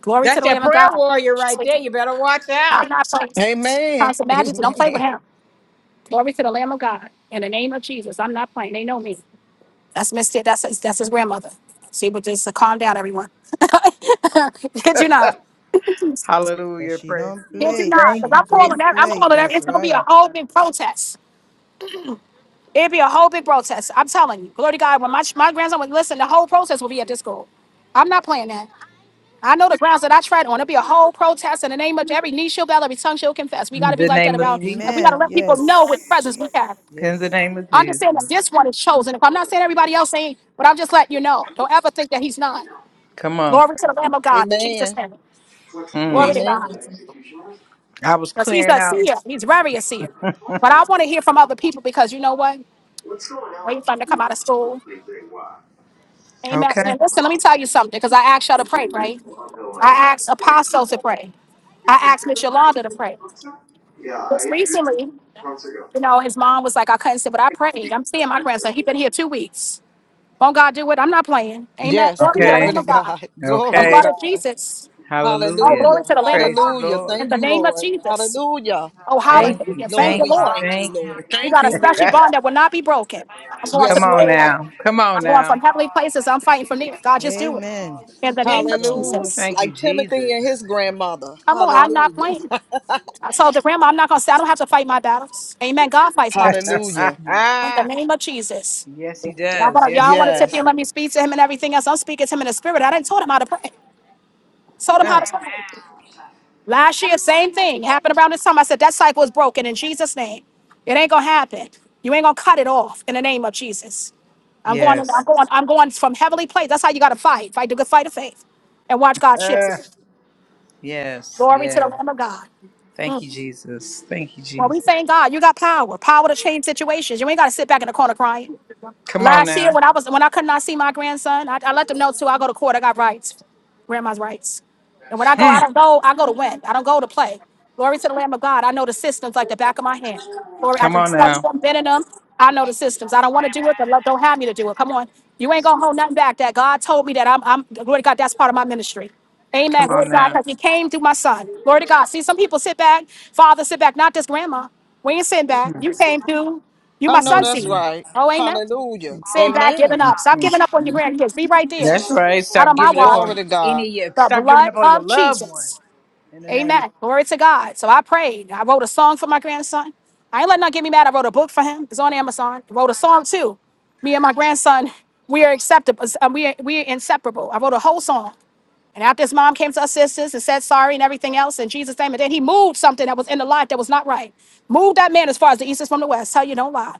Glory to
That's
the
that
Lamb of
prayer
God.
warrior right
Surely
there.
do.
You better watch
I'm
out.
not playing.
Amen.
Constant
*laughs*
Majesty, don't play with
Amen.
him. Glory to the Lamb of God. In the name of Jesus. I'm not playing. They know me. That's Mister. That's his, that's his grandmother. See, but just uh, calm down, everyone. *laughs* Kid you not.
Because
Hallelujah.
she
Praise
don't
the
Kid
Lord.
you
play.
not.
Thank
Because
She
you,
I'm calling
don't
Jesus.
that. I'm
play.
calling that.
That's
It's going to be
right.
a whole big protest. It'd be a whole big protest. I'm telling you. Glory to God. When my, my grandson would listen, the whole protest will be at this school. I'm not playing that. I know the grounds that I tread on. It'll be a whole protest in the name of every knee shall bow, every tongue shall confess. We got
In
to be
the
like that
name of
around.
Jesus.
We got to
Amen.
let people know what presence we have.
Yes.
In the
Yes.
name of
I'm just saying that
Jesus.
this one is chosen. If I'm not saying everybody else ain't, but I'm just letting you know. Don't ever think that he's not.
Come on.
Glory to the Lamb of God, in Jesus'
Amen.
name. Glory
Mm.
to God.
Amen.
I was
Because he's
clearing
a
out.
seer. He's very a seer. But I want to hear from other people because you know what? Waiting for them to come out of school. Amen.
Okay.
And listen, let me tell you something, because I asked y'all to pray, right? I asked Apostle to pray. I asked Miss Yolanda to pray.
Yeah, I
Just
introduced it
recently,
months ago.
you know, his mom was like, I couldn't sit, but I prayed. I'm seeing my grandson. He's been here two weeks. Won't God do it? I'm not playing. Amen.
Yes.
Glory to the
Glory
Okay,
Lamb
to
of God.
God. *laughs*
The
Glory to
blood
God.
okay.
of Jesus. Oh,
Hallelujah.
glory
Hallelujah.
to the Lamb of
Praise the
God.
Hallelujah.
Lord.
In
Thank
the
you,
name of
Lord.
Jesus.
Hallelujah.
Oh,
Thank
Thank
you,
you,
hallelujah. Thank
Jesus.
Lord,
you,
thank
we
you,
Lord.
thank you,
thank
Hallelujah.
you.
Lord.
We
Thank
Thank
got a
you,
you,
*laughs*
special
Lord.
Jesus.
bond that will not be broken.
Thank
I'm
you,
going to
Come
Yes,
Lord.
the
on
fifth
Thank
Lord.
you,
heaven.
now. Come
Jesus.
on
I'm going
Thank you,
from
now.
heavenly
Lord.
places.
Thank
I'm
you,
fighting from
Jesus.
there. God, just
Thank
do it.
you,
Amen.
Lord.
In the name
Yes,
of
Lord.
Ooh,
Hallelujah.
Jesus.
thank you,
Like Timothy
Jesus.
and his grandmother.
Come on, I'm not
Hallelujah.
playing. I told the grandma I'm not going to say I don't have to fight my battles. Amen. God
*laughs*
fights my
*laughs*
battles.
Hallelujah.
In the name of Jesus.
yes, he
Y'all
does.
wanna-
Yes,
y'all
he
want to sit here
Yes.
and
does.
let me speak to him and everything else. I'm speaking to him in the spirit. I didn't told him how to pray. Told him how
Uh,
to pray. Last year, same thing happened around this time. I said that cycle is broken in Jesus' name. It ain't gonna happen. You ain't gonna cut it off in the name of Jesus. I'm going. I'm
yes.
going. I'm going from heavenly place. That's how you gotta fight. Fight the good fight of faith, and watch God shift.
Uh,
it.
yes,
Glory to the
yes.
Lamb of God.
Thank you, Jesus. Thank you,
When we
Jesus.
thank God, you got power. Power to change situations. You ain't gotta sit back in the corner crying.
Come on
Last year,
now.
when I was when I could not see my grandson, I, I let them know too. I go to court. I got rights. Grandma's rights. And when I go, I
Mm.
don't go, I go to win. I don't go to play. Glory to the Lamb of God. I know the systems like the back of my hand. Glory, I
Come
just
on
study
now.
them, been in them. I know the systems. I don't want to do it. The Lord don't have me to do it. Come on. You ain't gonna hold nothing back. That God told me that I'm I'm glory to God, that's part of my ministry. Amen.
Come
Glory
on
to God,
now.
because he came through my son. Glory to God. See, some people sit back, father sit back, not this grandma. We ain't sitting back. You came through. You
I
my
know
son
that's
seed.
right.
Oh, amen.
Hallelujah.
Sitting back, giving
Amen.
up. Stop
Hmm.
giving up on your grandkids. Be right there.
That's right.
It's not
Stop
on my
giving up
watch.
Glory
on
to
any
God.
of your
The
stop giving
blood
up on your
of
loved ones.
Jesus.
In the name of
Amen. Glory to God. So I prayed. I wrote a song for my grandson. I ain't let nothing get me mad. I wrote a book for him. It's on Amazon. I wrote a song too. Me and my grandson, we are acceptable. uh, We are, we are inseparable. I wrote a whole song. And after his mom came to us sisters and said sorry and everything else in Jesus' name, and then he moved something that was in the lot that was not right. Moved that man as far as the east is from the west. Tell you don't lie.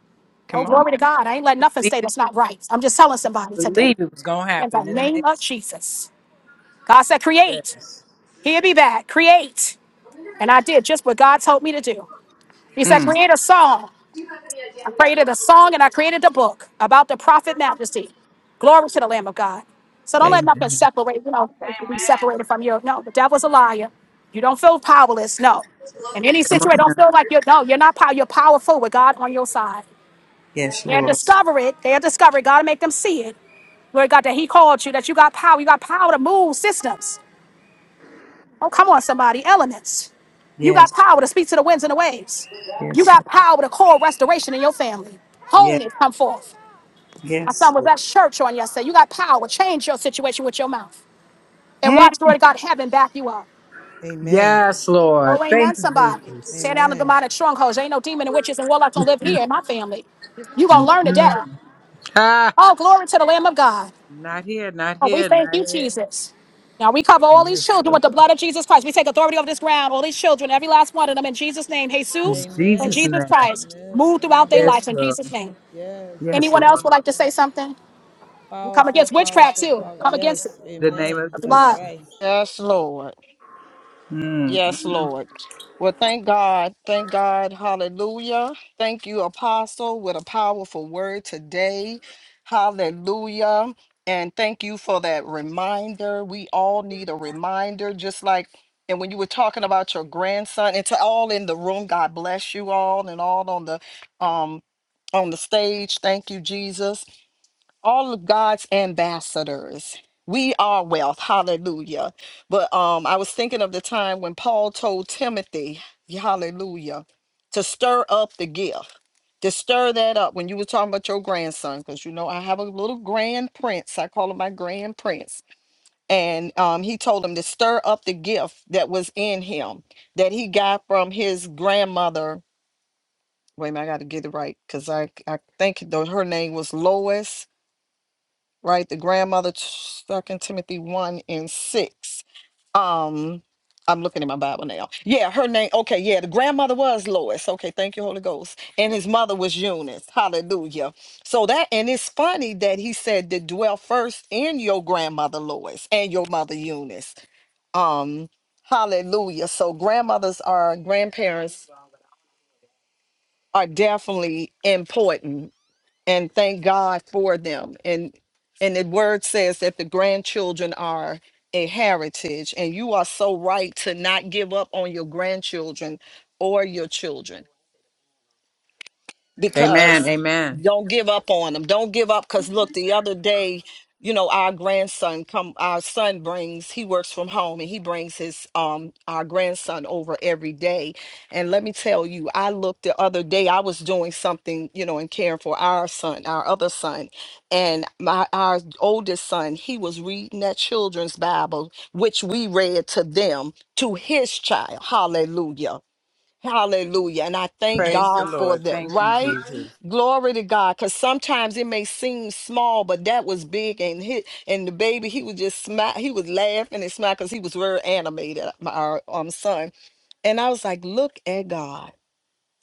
Oh,
come on
glory to
now.
God. I ain't letting nothing
Believe
stay
it,
that's not right. I'm just telling somebody today.
believe it was gonna
In the
happen. In the name
name of Jesus. God said, create. Here be back. Create. And I did just what God told me to do. He said,
mm.
create a song. I created a song and I created a book about the prophet majesty. Glory to the Lamb of God. So don't let nothing
Amen.
separate, you know, like, be separated from you. No, the devil's a liar. You don't feel powerless. No. In any
Come
situation,
on now.
don't feel like you're, no, you're not power. You're powerful with God on your side.
Yes,
They'll
Lord.
discover it. They'll discover it. God will make them see it. Lord God, that he called you, that you got power. You got power to move systems. Oh, come on, somebody. Elements. You got
Yes,
power to speak to the winds and the waves. You
yes,
got
Lord.
power to call restoration in your family.
Yes,
Wholeness come forth. My son
yes,
was
Lord.
at church on yesterday. You got power. Change your situation with your mouth. And
Mm.
watch, glory to God, heaven back you up.
Amen.
Yes,
Oh,
Lord.
amen,
Thank you,
somebody.
Jesus.
Tear down the
Amen.
demonic strongholds. There ain't no demon and witches and warlocks gonna live here in my family. You gonna learn today.
Mm. Ah,
Oh, glory to the Lamb of God.
not here, not
Oh, we
here,
thank
not
you,
here.
Jesus. Now we cover all these
Yes,
children with
Lord.
the blood of Jesus Christ. We take authority over this ground, all these children, every last one of them in Jesus' name.
In
Jesus, in
Jesus'
Amen.
Jesus
name.
Christ,
Amen.
move
Uh
throughout their
huh.
Yes,
lives in
Lord.
Jesus' name.
Yes.
Yes,
Anyone else
Lord.
would
Amen.
like to say something? You come against
Powerful,
witchcraft
powerful,
too.
power.
Come against
Yes.
it.
In the name of
Amen.
The
That's
Jesus.
blood.
right.
Yes, Lord. Yes,
Mm.
Lord. Well, thank God. Thank God. Hallelujah. Thank you, Apostle, with a powerful word today. Hallelujah. And thank you for that reminder. We all need a reminder, just like, and when you were talking about your grandson, and to all in the room, God bless you all and all on the um on the stage. Thank you, Jesus all of God's ambassadors. We are wealth. Hallelujah. But um I was thinking of the time when Paul told Timothy, hallelujah, to stir up the gift. To stir that up when you were talking about your grandson, because you know I have a little grand prince. I call him my grand prince. And um, he told him to stir up the gift that was in him that he got from his grandmother. Wait a minute, I gotta get it right because I, I think though her name was Lois right? The grandmother, Second Timothy one and six. Um, I'm looking at my Bible now. Yeah, her name. Okay, yeah, the grandmother was Lois. Okay, thank you, Holy Ghost. And his mother was Eunice. Hallelujah. So that, and it's funny that he said to dwell first in your grandmother Lois and your mother Eunice. Um, hallelujah. So grandmothers are grandparents are definitely important and thank God for them. And and the word says that the grandchildren are a heritage, and you are so right to not give up on your grandchildren or your children
Amen.
because
Amen.
don't give up on them. Don't give up because look, the other day, you know, our grandson come our son brings, he works from home and he brings his um our grandson over every day. And let me tell you, I looked the other day, I was doing something, you know, and caring for our son, our other son, and my our oldest son, he was reading that children's Bible, which we read to them, to his child. Hallelujah Hallelujah. And I thank
Praise the
God for
Lord.
that,
Thank you,
right?
Jesus.
Glory to God. Because sometimes it may seem small, but that was big. And hit and the baby, he was just smack, he was laughing and smiling because he was very animated, uh, my our um, son. And I was like, look at God.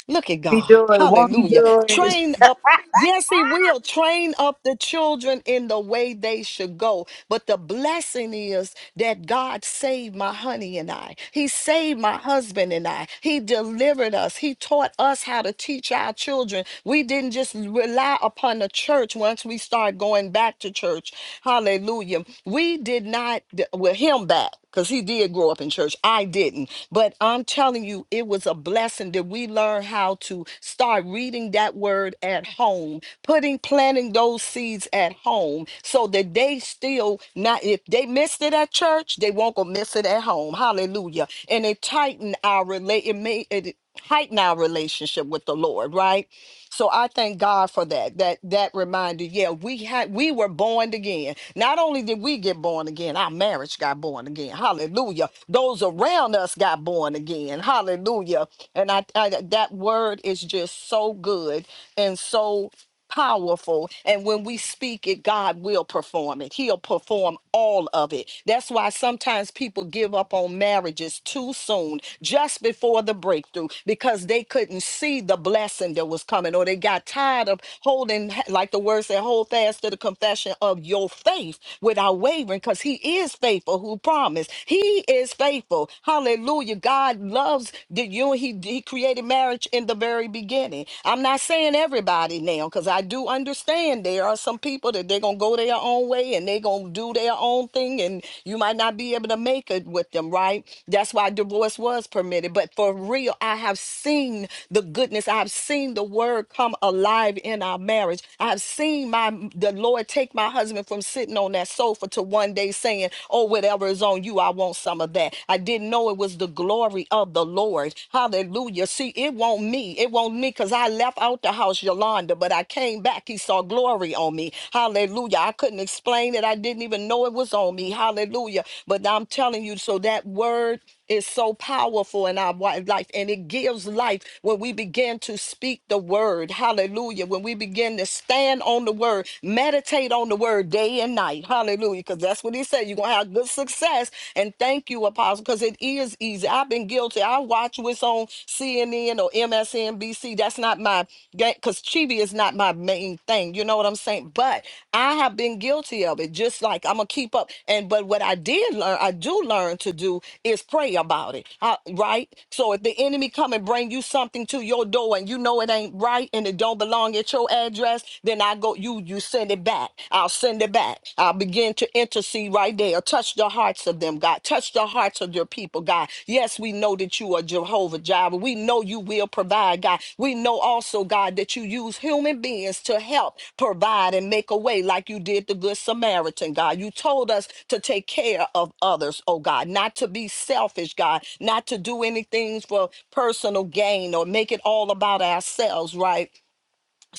Look at
We
God.
do it. Won't we
Hallelujah.
do it?
Train up. Yes, he will train up the children in the way they should go. But the blessing is that God saved my honey and I. He saved my husband and I. He delivered us. He taught us how to teach our children. We didn't just rely upon the church once we start going back to church. Hallelujah. We did not, well, him back because he did grow up in church. I didn't. But I'm telling you, it was a blessing that we learn how to start reading that word at home, putting, planting those seeds at home so that they still not, if they missed it at church, they won't go miss it at home. Hallelujah. And it tighten our relate, it made it heighten our relationship with the Lord, right? So I thank God for that. That that reminder. Yeah, we had we were born again. Not only did we get born again, our marriage got born again. Hallelujah. Those around us got born again. Hallelujah. And I, I that word is just so good and so powerful and when we speak it god will perform it he'll perform all of it that's why sometimes people give up on marriages too soon just before the breakthrough because they couldn't see the blessing that was coming or they got tired of holding like the word said hold fast to the confession of your faith without wavering because he is faithful who promised he is faithful hallelujah god loves the you he, he created marriage church in the very beginning. I'm not saying everybody now, because I do understand there are some people that they're gonna go their own way and they're gonna do their own thing, and you might not be able to make it with them, right? That's why divorce was permitted. But for real, I have seen the goodness. I have seen the word come alive in our marriage. I have seen my the Lord take my husband from sitting on that sofa to one day saying, Oh, whatever is on you, I want some of that. I didn't know it was was the glory of the Lord. Hallelujah. See, it won't me. It won't me because I left out the house, Yolanda, but I came back. He saw glory on me. Hallelujah. I couldn't explain it. I didn't even know it was on me. Hallelujah. But I'm telling you, so that word is so powerful in our wi- life and it gives life when we begin to speak the word hallelujah when we begin to stand on the word meditate on the word day and night hallelujah because that's what he said you're gonna have good success. And thank you, Apostle, because it is easy. I've been guilty. I watch what's on CNN or MSNBC. That's not my because Chibi is not my main thing. You know what I'm saying? But I have been guilty of it. Just like I'm gonna keep up. And but what I did learn, I do learn to do is pray about it. I- right? So if the enemy come and bring you something to your door and you know it ain't right and it don't belong at your address, then I go you you send it back back. I'll send it back. I'll begin to intercede right there. Touch the hearts of them, God. Touch the hearts of your people, God. Yes, we know that you are Jehovah Jireh. We know you will provide, God. We know also, God, that you use human beings to help provide and make a way like you did the Good Samaritan, God. You told us to take care of others, oh God, not to be selfish, God, not to do anything for personal gain or make it all about ourselves, right?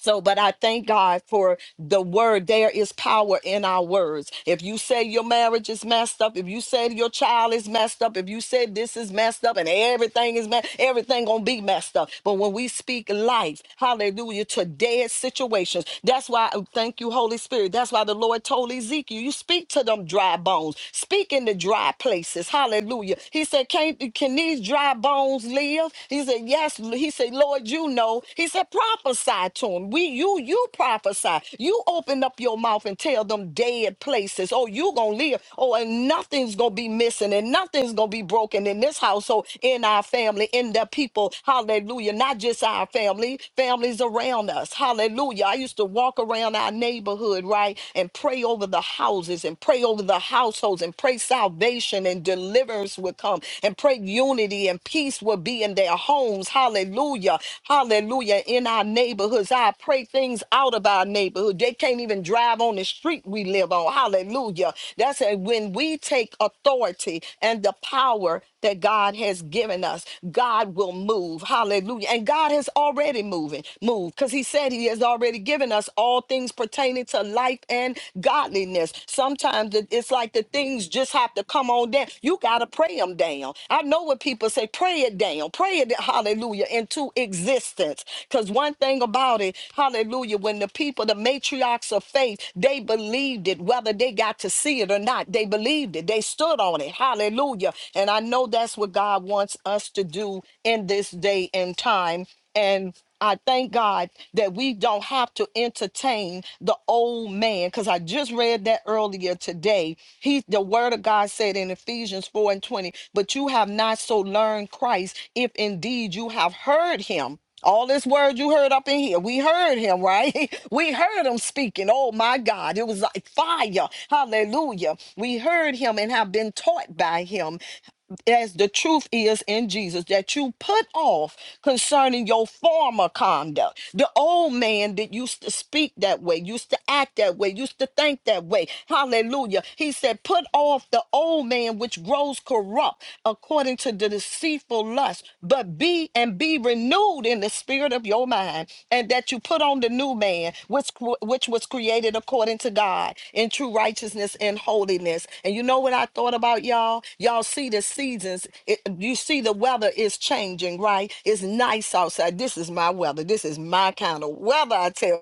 so, but I thank God for the word. There is power in our words. If you say your marriage is messed up, if you say your child is messed up, if you say this is messed up and everything is messed, everything gonna be messed up. But when we speak life, hallelujah, to dead situations, that's why oh, thank you, Holy Spirit. That's why the Lord told Ezekiel, you speak to them dry bones, speak in the dry places. Hallelujah. He said, Can, can these dry bones live? He said, Yes. He said, Lord, you know. He said, prophesy to him. We you you prophesy. You open up your mouth and tell them dead places. Oh, you gonna live. Oh, and nothing's gonna be missing and nothing's gonna be broken in this household, in our family, in the people. Hallelujah. Not just our family, families around us. Hallelujah. I used to walk around our neighborhood, right? And pray over the houses and pray over the households and pray Pray salvation and deliverance will come. And pray unity and peace will be in their homes. Hallelujah. Hallelujah. In our neighborhoods. I pray things out of our neighborhood. They can't even drive on the street we live on. Hallelujah. That's a, when we take authority and the power that God has given us. God will move. Hallelujah. And God has already moving, moved because he said he has already given us all things pertaining to life and godliness. Sometimes it- it's like the things just have to come on down. You got to pray them down. I know what people say, pray it down, pray it, hallelujah, into existence. Because one thing about it, hallelujah, when the people, the matriarchs of faith, they believed it, whether they got to see it or not, they believed it. They stood on it. Hallelujah. And I and I know that's what God wants us to do in this day and time. And I thank God that we don't have to entertain the old man because I just read that earlier today. He, the word of God said in Ephesians 4 and 20, but you have not so learned Christ if indeed you have heard him. All this word you heard up in here, we heard him, right? *laughs* We heard him speaking. Oh my God, it was like fire. Hallelujah. We heard him and have been taught by him as the truth is in Jesus, that you put off concerning your former conduct. The old man that used to speak that way, used to act that way, used to think that way. Hallelujah. He said, Put off the old man which grows corrupt according to the deceitful lust, but be and be renewed in the spirit of your mind and that you put on the new man which which was created according to God in true righteousness and holiness. And you know what I thought about y'all? Y'all see the seasons. It, you see the weather is changing, right? It's nice outside. This is my weather. This is my kind of weather. I tell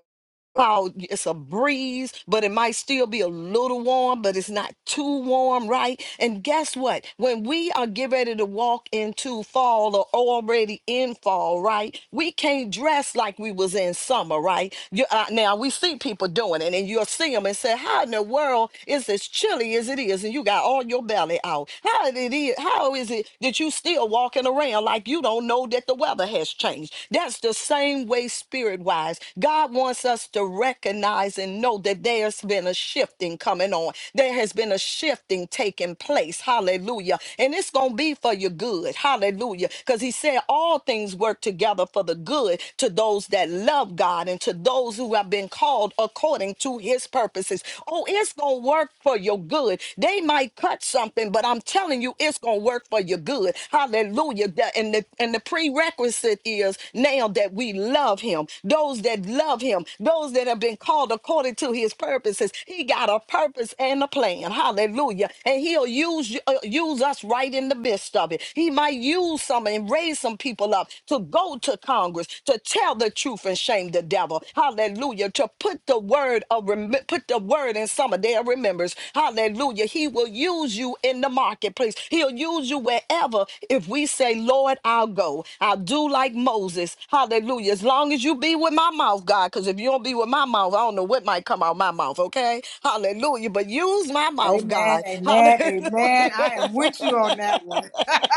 Oh, it's a breeze, but it might still be a little warm, but it's not too warm, right? And guess what? When we are getting ready to walk into fall or already in fall, right? We can't dress like we was in summer, right? You, uh, now we see people doing it, and you'll see them and say, "How in the world is as chilly as it is?" And you got all your belly out. How did it? How is it that you still walking? walking around like you don't know that the weather has changed. That's the same way, spirit wise. God wants us to recognize and know that there's been a shifting coming on. There has been a shifting taking place. Hallelujah. And it's going to be for your good. Hallelujah. Because he said all things work together for the good to those that love God and to those who have been called according to his purposes. Oh, it's going to work for your good. They might cut something, but I'm telling you, it's going to work for your good. Hallelujah. The- And the, and the prerequisite is now that we love him. Those that love him, those that have been called according to his purposes, he got a purpose and a plan. Hallelujah. And he'll use, you- uh, use us right in the midst of it. He might use some and raise some people up to go to Congress to tell the truth and shame the devil. Hallelujah. To put the word of rem- put the word in some of their remembrance. Hallelujah. He will use you in the marketplace. He'll use you wherever. If we say, Lord, I'll go. I'll do like Moses. Hallelujah. As long as you be with my mouth, God. Because if you don't be with my mouth, I don't know what might come out my mouth. Okay. Hallelujah. But use my
*laughs*
mouth,
Amen.
God.
Amen.
Hallelujah.
Amen. I am with you on that one.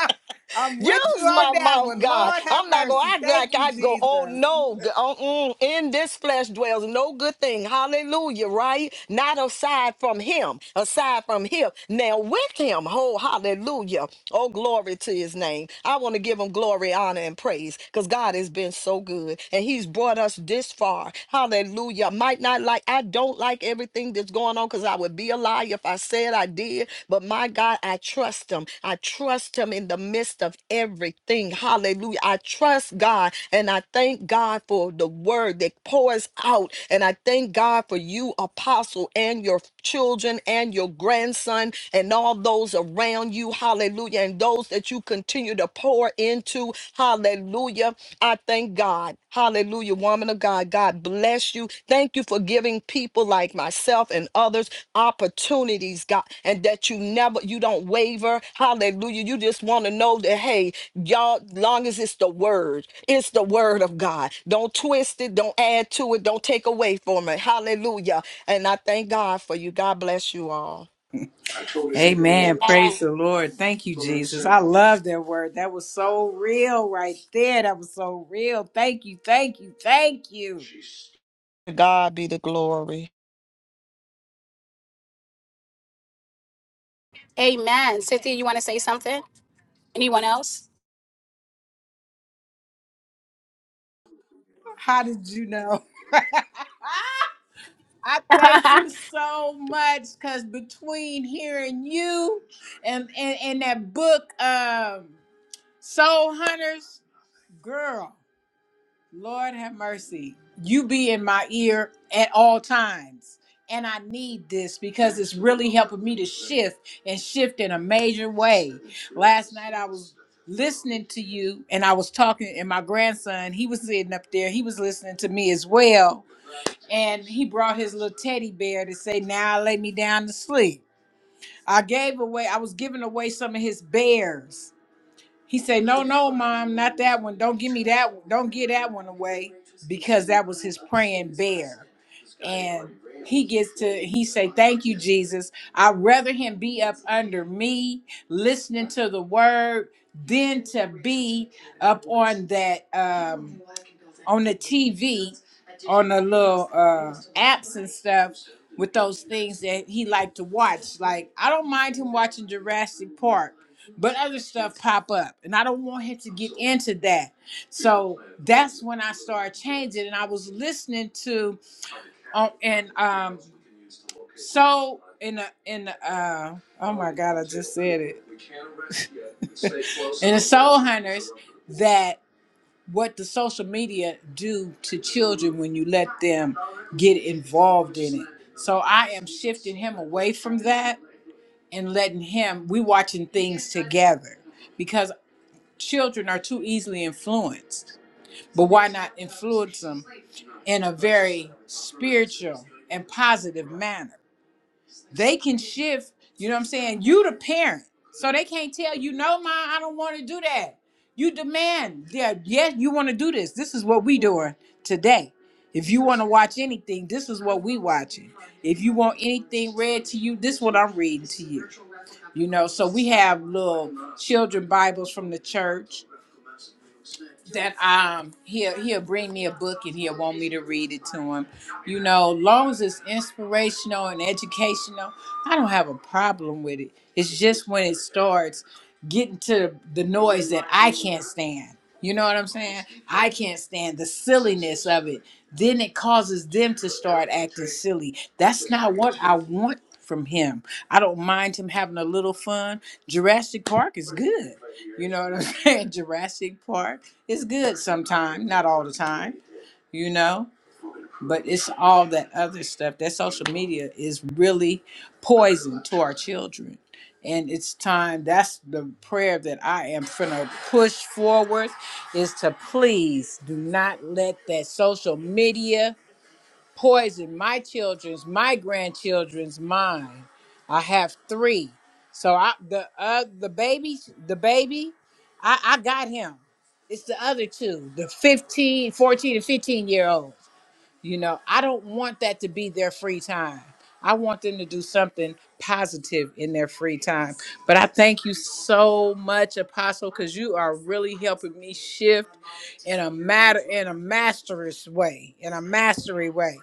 *laughs* I'm with you
Use
on
my
that
mouth,
one.
God.
Lord have
I'm not going
mercy.
to act
Thank
like
you,
I go, oh
Jesus.
no, g- uh, mm, in this flesh dwells no good thing. Hallelujah, right? Not aside from him, aside from him. Now with him, oh, hallelujah. Oh, glory to his name. I want to give him glory, honor, and praise because God has been so good and he's brought us this far. Hallelujah. Might not like, I don't like everything thing that's going on because I would be a liar if I said I did. But my God, I trust him. I trust him in the midst of everything. Hallelujah. I trust God and I thank God for the word that pours out. And I thank God for you, apostle, and your children and your grandson and all those around you. Hallelujah. And those that you continue to pour into. Hallelujah. I thank God. Hallelujah, woman of God. God bless you. Thank you for giving people like myself and others opportunities, God, and that you never, you don't waver. Hallelujah. You just want to know that, hey, y'all, long as it's the word, it's the word of God. Don't twist it, don't add to it, don't take away from it. Hallelujah. And I thank God for you. God bless you all.
Amen. Praise
Amen.
the Lord. Thank you, Jesus. I love that word. That was so real right there. That was so real. Thank you. Thank you. Thank you.
To God be the glory.
Amen. Cynthia, you want to say something? Anyone else?
How did you know? *laughs* I
*laughs*
thank you so much because between hearing you and, and, and that book, um, Soul Hunters, girl, Lord have mercy. You be in my ear at all times. And I need this because it's really helping me to shift and shift in a major way. Last night I was listening to you and I was talking, and my grandson, he was sitting up there, he was listening to me as well and he brought his little teddy bear to say, "Now lay me down to sleep." I gave away, I was giving away some of his bears. He said, "No, no, mom, not that one. Don't give me that. one. Don't give that one away because that was his praying bear." And he gets to he say, "Thank you, Jesus. I'd rather him be up under me, listening to the word, than to be up on that." Um, on the TV, on the little uh, apps and stuff with those things that he liked to watch. Like I don't mind him watching Jurassic Park, but other stuff pop up, and I don't want him to get into that. So that's when I started changing, and I was listening to um, and um so in the in the uh oh my god I just said it *laughs* in the Soul Hunters that what the social media do to children when you let them get involved in it. So I am shifting him away from that and letting him we watching things together because children are too easily influenced. But why not influence them in a very spiritual and positive manner? they can shift. You know what I'm saying? You the parent, so they can't tell you, no, ma, I don't want to do that. You demand, yeah, yes, you want to do this. This is what we doing today. If you want to watch anything, this is what we watching. If you want anything read to you, this is what I'm reading to you. You know, so we have little children Bibles from the church that um he'll he'll bring me a book and he'll want me to read it to him. You know, long as it's inspirational and educational, I don't have a problem with it. It's just when it starts getting to the noise that I can't stand. You know what I'm saying? I can't stand the silliness of it then it causes them to start acting silly. That's not what I want from him. I don't mind him having a little fun. Jurassic Park is good. You know what I'm *laughs* saying? Jurassic Park is good sometime, not all the time, you know? but it's all that other stuff that social media is really poison to our children and it's time that's the prayer that i am gonna push forward is to please do not let that social media poison my children's my grandchildren's mind i have three so i the uh the baby the baby i i got him it's the other two the 15, 14, and 15 year old you know, I don't want that to be their free time. I want them to do something positive in their free time. But I thank you so much, Apostle, because you are really helping me shift in a matter in a masterous way, in a mastery way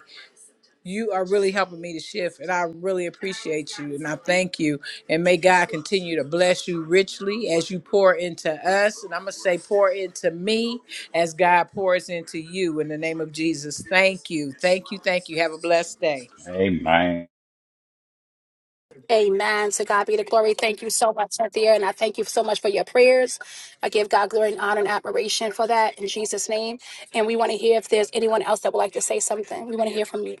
you are really helping me to shift and i really appreciate you and i thank you and may god continue to bless you richly as you pour into us and i'm going to say pour into me as god pours into you in the name of jesus thank you thank you thank you have a blessed day
Amen.
Amen. To God be the glory. Thank you so much, Cynthia. And I thank you so much for your prayers. I give God glory and honor and admiration for that in Jesus' name. And we want to hear if there's anyone else that would like to say something. We want to hear from you.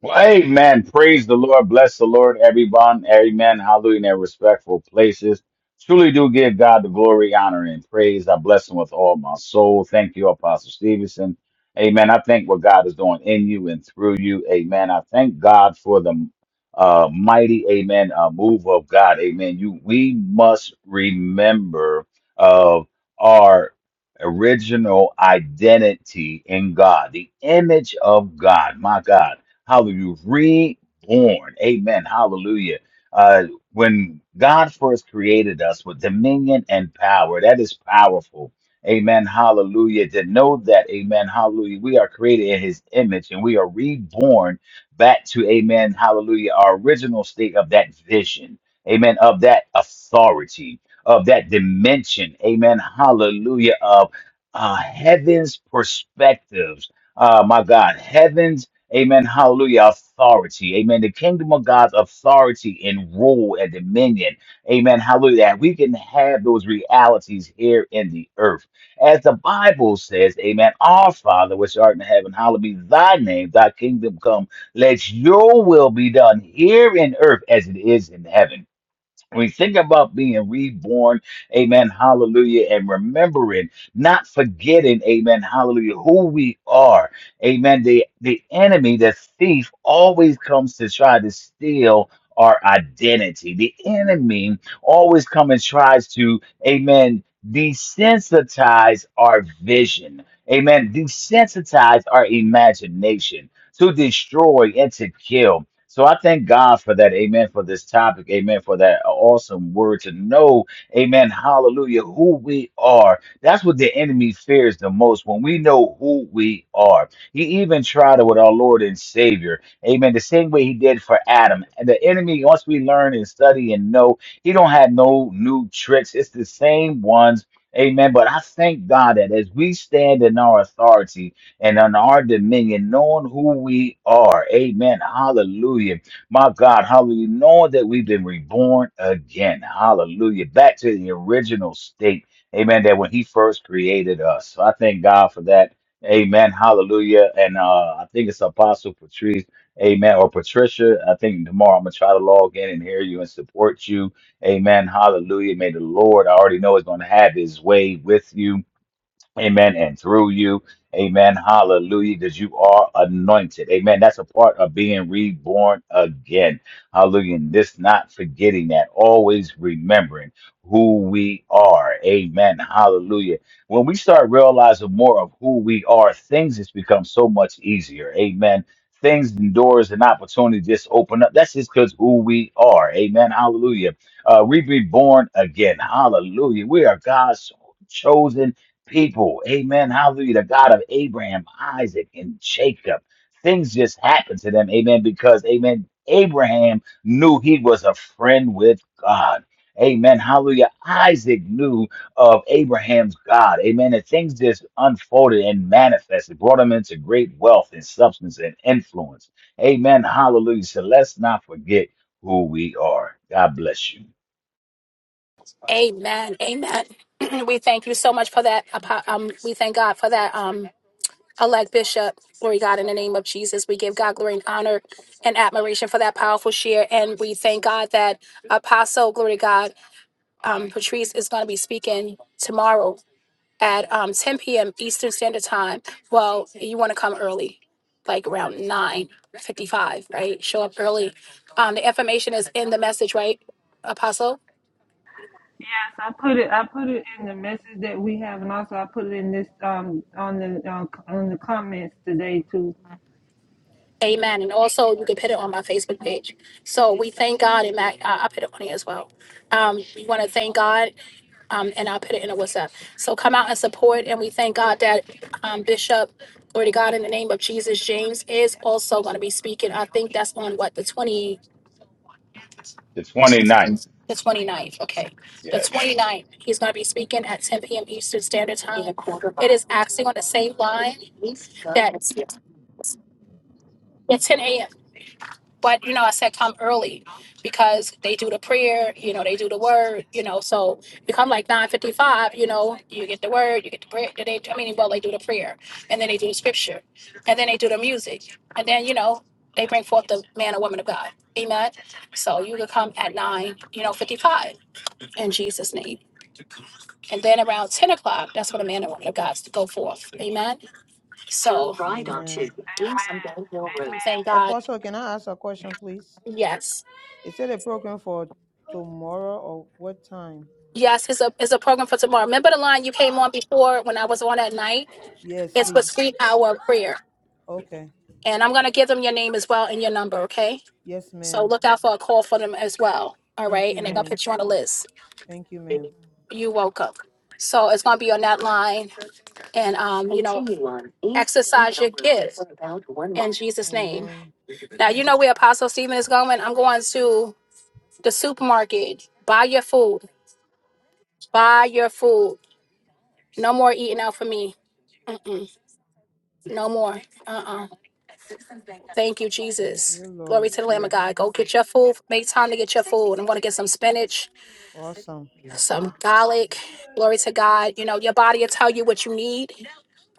Well, amen. Praise the Lord. Bless the Lord, everyone. Amen. Hallelujah. In their respectful places. Truly do give God the glory, honor, and praise. I bless him with all my soul. Thank you, Apostle Stevenson. Amen. I thank what God is doing in you and through you. Amen. I thank God for the uh, mighty, amen, uh, move of God. Amen. You, we must remember of our original identity in God, the image of God. My God. Hallelujah. Reborn. Amen. Hallelujah. Uh, when God first created us with dominion and power, that is powerful. Amen. Hallelujah. To know that, amen. Hallelujah. We are created in his image and we are reborn back to, amen. Hallelujah. Our original state of that vision. Amen. Of that authority, of that dimension. Amen. Hallelujah. Of uh, heaven's perspectives. Uh, my God, heaven's Amen. Hallelujah. Authority. Amen. The kingdom of God's authority and rule and dominion. Amen. Hallelujah. That we can have those realities here in the earth. As the Bible says, Amen. Our Father, which art in heaven, hallowed be thy name, thy kingdom come. Let your will be done here in earth as it is in heaven. We think about being reborn, amen, hallelujah, and remembering, not forgetting, amen, hallelujah, who we are, amen. The, the enemy, the thief, always comes to try to steal our identity. The enemy always comes and tries to, amen, desensitize our vision, amen, desensitize our imagination, to destroy and to kill. So I thank God for that. Amen. For this topic. Amen. For that awesome word to know. Amen. Hallelujah. Who we are. That's what the enemy fears the most when we know who we are. He even tried it with our Lord and Savior. Amen. The same way he did for Adam. And the enemy, once we learn and study and know, he don't have no new tricks. It's the same ones. Amen. But I thank God that as we stand in our authority, and on our dominion, knowing who we are. Amen. Hallelujah. My God, hallelujah. Knowing that we've been reborn again. Hallelujah. Back to the original state. Amen. That when he first created us. So I thank God for that. Amen. Hallelujah. And uh, I think it's Apostle Patrice. Amen. Or Patricia. I think tomorrow I'm going to try to log in and hear you and support you. Amen. Hallelujah. May the Lord, I already know, is going to have his way with you. Amen. And through you, amen. Hallelujah. Because you are anointed. Amen. That's a part of being reborn again. Hallelujah. And this not forgetting that, always remembering who we are. Amen. Hallelujah. When we start realizing more of who we are, things just become so much easier. Amen. Things and doors and opportunities just open up. That's just because who we are. Amen. Hallelujah. Uh, we reborn again. Hallelujah. We are God's chosen people. Amen. Hallelujah. The God of Abraham, Isaac, and Jacob. Things just happened to them. Amen. Because, amen, Abraham knew he was a friend with God. Amen. Hallelujah. Isaac knew of Abraham's God. Amen. And things just unfolded and manifested, brought him into great wealth and substance and influence. Amen. Hallelujah. So let's not forget who we are. God bless you.
Amen. Amen. *clears throat* we thank you so much for that. Apo- Um, we thank God for that. Um, elect bishop. Glory God in the name of Jesus. We give God glory and honor and admiration for that powerful share. And we thank God that Apostle, glory God, um, Patrice is going to be speaking tomorrow at um, 10 p.m. Eastern Standard Time. Well, you want to come early, like around 9:55, right? Show up early. Um, the information is in the message, right, Apostle?
Yes, I put it. I put it in the message that we have, and also I put it in this um on the um, on the comments today too.
Amen. And also, you can put it on my Facebook page. So we thank God, and Matt, I- I'll put it on here as well. Um, we want to thank God, um, and I'll put it in a WhatsApp. So come out and support, and we thank God that um, Bishop, glory to God, in the name of Jesus, James is also going to be speaking. I think that's on what the 20.
The twenty ninth,
The twenty ninth. okay. The
Yes.
twenty ninth. he's going to be speaking at 10 p.m. Eastern Standard Time. It is actually on the same line that at 10 a.m. But, you know, I said come early because they do the prayer, you know, they do the word, you know. So you come like 9.55, you know, you get the word, you get the prayer. They, I mean, well, they do the prayer and then they do the scripture and then they do the music. And then, you know, they bring forth the man or woman of God. Amen. So you can come at 9, you know, 55 in Jesus' name. And then around 10 o'clock, that's when the man and woman of God to go forth. Amen. So right on to
Amen.
um, we thank God.
Apostle, can I ask a question, please?
Yes.
Is it a program for tomorrow or what time?
Yes, it's a it's a program for tomorrow. Remember the line you came on before when I was on at night?
Yes,
It's for
please.
sweet hour prayer.
Okay.
And I'm gonna give them your name as well and your number, okay?
Yes,
So
ma'am.
look out for a call for them as well. All
Thank
right.
you,
And they're gonna
ma'am.
put you on the list.
Thank you, ma'am.
You woke up. So it's gonna be on that line and um, you know, Continue on East exercise your Sunday Hill Road gift for about one in mile. Jesus' name.
Amen.
Now you know where Apostle Stephen is going. I'm going to the supermarket. Buy your food. Buy your food. No more eating out for me. No more. Uh-uh. Thank you,
Thank
Jesus.
you,
Glory
Lord.
to the Lamb of
Yes.
God. Go get your food. Make time to get your food. I'm gonna get some spinach,
Awesome.
some garlic. Glory to God. You know, your body will tell you what you need.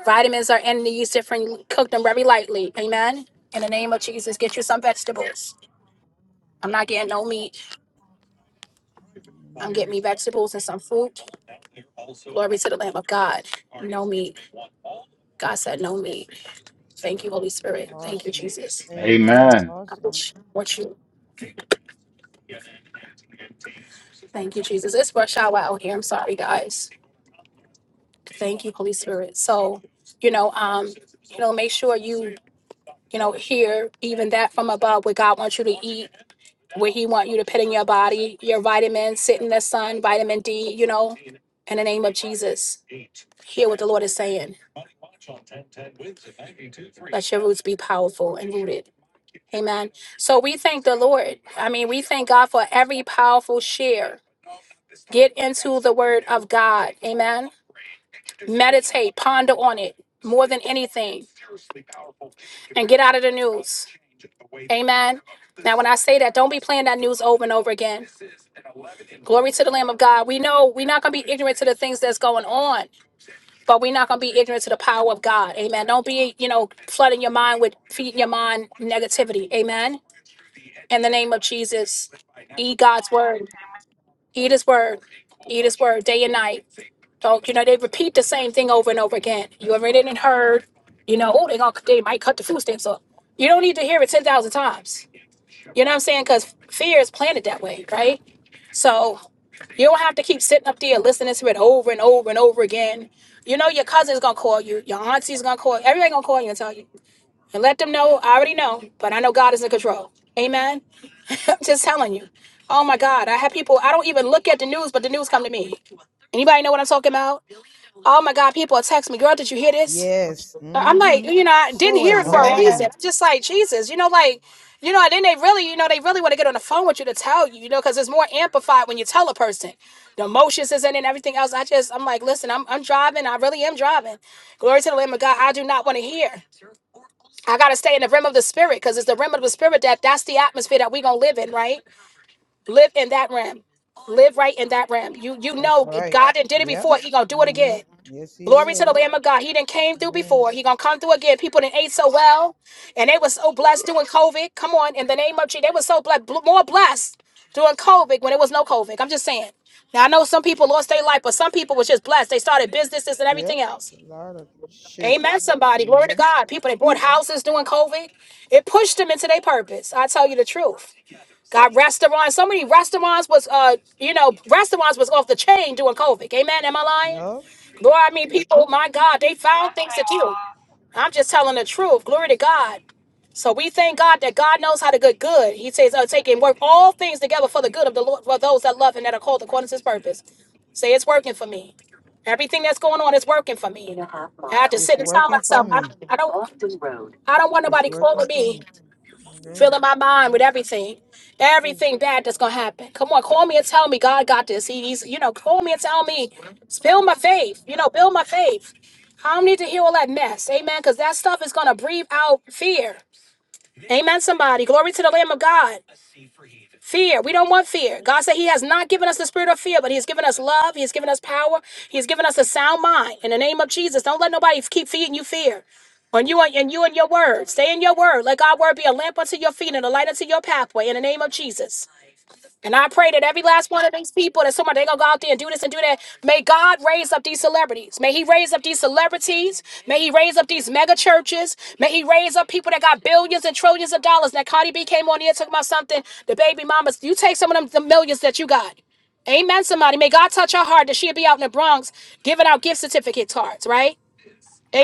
Vitamins are in these different cook them very lightly. Amen. In the name of Jesus, get you some vegetables. I'm not getting no meat. I'm getting
Amen.
me vegetables and some fruit. Glory to the Lamb of God. No meat. God said, No me. Thank you, Holy Spirit. Thank you,
Awesome.
Jesus.
Amen.
Amen.
I
Awesome.
wish what you thank you, Jesus. It's rush hour out here. I'm sorry, guys. Thank you, Holy Spirit. So, you know, um, you know, make sure you, you know, hear even that from above what God wants you to eat, what He want you to put in your body, your vitamins, sit in the sun, vitamin D, you know, in the name of Jesus. Hear what the Lord is saying. Let your roots be powerful and rooted. Amen. So we thank the Lord. I mean, we thank God for every powerful share Get into the word of God. Amen. Meditate, ponder on it more than anything, and get out of the news. Amen. Now, when I say that, don't be playing that news over and over again. Glory to the Lamb of God. We know we're not going to be ignorant to the things that's going on, but we're not going to be ignorant to the power of God. Amen. Don't be, you know, flooding your mind with feeding your mind negativity. Amen. In the name of Jesus, eat God's word, eat his word, eat his word day and night. So, you know, they repeat the same thing over and over again. You already didn't heard, you know, oh, they gonna they might cut the food stamps up. You don't need to hear it ten thousand times. You know what I'm saying? Because fear is planted that way, right? So you don't have to keep sitting up there listening to it over and over and over again. You know your cousin's gonna call you, your auntie's gonna call you, everybody gonna call you and tell you. And let them know, I already know, but I know God is in control. Amen. *laughs* I'm just telling you. Oh my God, I have people I don't even look at the news, but the news come to me. Anybody know what I'm talking about? Oh my God, people text me, girl, did you hear this?
Yes.
Uh, I'm like,
Mm-hmm.
you know, I didn't
So
hear it for a reason.
annoying.
Amen.
I'm just like, Jesus, you know, like, you know, and then they really, you know, they really want to get on the phone with you to tell you, you know, because it's more amplified when you tell a person. The emotions is in it and everything else. I just, I'm like, listen, I'm, I'm driving. I really am driving. Glory to the Lamb of God. I do not want to hear. I got to stay in the realm of the spirit because it's the realm of the spirit that that's the atmosphere that we going to live in, right? Live in that realm. Live right in that realm. You you
That's
know
right.
God didn't did it
Yep.
before. He going to do it
Mm-hmm.
again.
Yes, he
Glory to the
will.
Lamb of God. He didn't came through
Amen.
before. He gonna come through again. People didn't ate so well, and they were so blessed doing COVID. Come on, in the name of Jesus, they were so blessed, more blessed during COVID when there was no COVID. I'm just saying. Now I know some people lost their life, but some people was just blessed. They started businesses and
Yep.
everything
It's
else.
a lot of
Amen.
shift.
Somebody, glory to
Mm-hmm.
God. People they bought houses during COVID. It pushed them into their purpose. I tell you the truth. Got restaurants. So many restaurants was, uh, you know, restaurants was off the chain during COVID. Amen. Am I lying?
No,
Lord, I mean, people, my God, they found things to do. I'm just telling the truth. Glory to God. So we thank God that God knows how to good good. He says, uh, take and work all things together for the good of the Lord, for those that love and that are called according to his purpose. Say, it's working for me. Everything that's going on is working for me. I have to
it's
sit and tell
working for
myself, I,
me.
I don't I don't want
It's
nobody calling
working for
me
me. Amen.
filling my mind
Yeah.
with everything,
Ooh.
everything bad that's gonna happen. Come on, call me and tell me God got this. He, he's, you know, call me and tell me, build my faith. You know, build my faith. I don't need to hear all that mess, amen. Because that stuff is gonna breathe out fear, amen. Somebody, glory to the Lamb of God. Fear. We don't want fear. God said He has not given us the spirit of fear, but He has given us love. He has given us power. He has given us a sound mind. In the name of Jesus, don't let nobody keep feeding you fear. On you and and you and your word. Stay in your word. Let God's word be a lamp unto your feet and a light unto your pathway. In the name of Jesus. And I pray that every last one of these people that somebody they gonna go out there and do this and do that. May God raise up these celebrities. May He raise up these celebrities. May He raise up these mega churches. May He raise up people that got billions and trillions of dollars. That Cardi B came on here talking about something. The baby mamas, you take some of them the millions that you got. Amen. Somebody, may God touch her heart that she'll be out in the Bronx giving out gift certificate cards, right?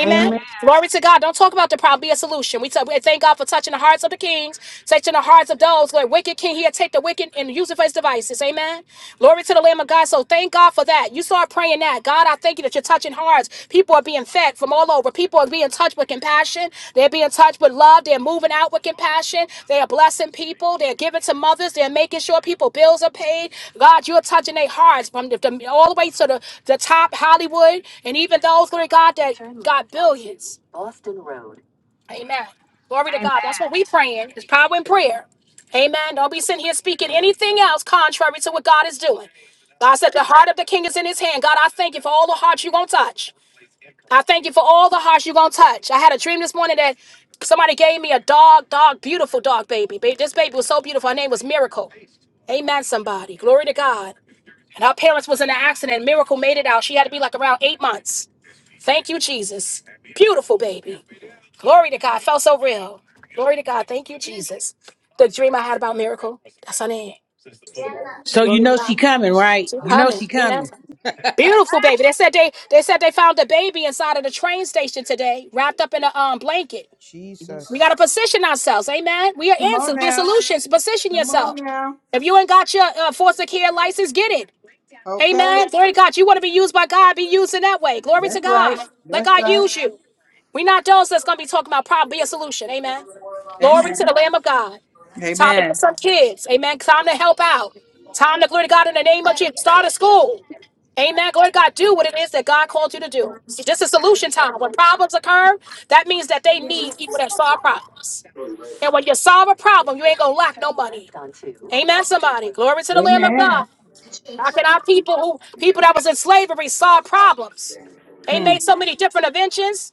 Amen.
Glory to God. Don't talk about the problem. Be a solution. We, t- we thank God for touching the hearts of the kings, touching the hearts of those who are wicked king. He'll take the wicked and use it for his devices. Amen. Glory to the Lamb of God. So thank God for that. You start praying that. God, I thank you that you're touching hearts. People are being fed from all over. People are being touched with compassion. They're being touched with love. They're moving out with compassion. They are blessing people. They're giving to mothers. They're making sure people bills are paid. God, you're touching their hearts from the, the- all the way to the, the top Hollywood and even those, glory God, that got billions. Boston Road. Amen. Glory to God. That's what we praying. It's power in prayer. Amen. Don't be sitting here speaking anything else contrary to what God is doing. God said the heart of the king is in his hand. God, I thank you for all the hearts you're going to touch. I thank you for all the hearts you're going to touch. I had a dream this morning that somebody gave me a dog, dog, beautiful dog baby. Ba- This baby was so beautiful. Her name was Miracle. Amen, somebody. Glory to God. And her parents was in an accident. Miracle made it out. She had to be like around eight months. Thank you, Jesus. Beautiful baby. Glory to God. Felt so real. Glory to God. Thank you, Jesus. The dream I had about Miracle. That's her name.
so you
Glory to
know she
God.
coming right you know
Amen.
she coming
Beautiful baby. They said they they said they found the baby inside of the train station today, wrapped up in a um blanket. We got
Jesus.
to position ourselves. Amen. We are
come on
answers. We're
now
solutions. Position
come
yourself.
on now
If you ain't got your uh, foster care license, get it.
okay
Amen. Glory to God. You want to be used by God, be used in that way. Glory to
that's
God.
right
Let
that's
God
right
use you. We're not those that's going to be talking about problem. Be a solution. Amen. Glory
amen
to the Lamb of God. Time to get
amen
some kids. Amen. Time to help out. Time to glory to God in the name of Jesus. Start a school. Amen. Glory to God. Do what it is that God called you to do. It's just a solution time. When problems occur, that means that they need people that solve problems. And when you solve a problem, you ain't gonna lack no money. Amen, somebody. Glory to the Lamb of God.
amen
How can our people who people that was in slavery solve problems? They
Hmm.
made so many different inventions.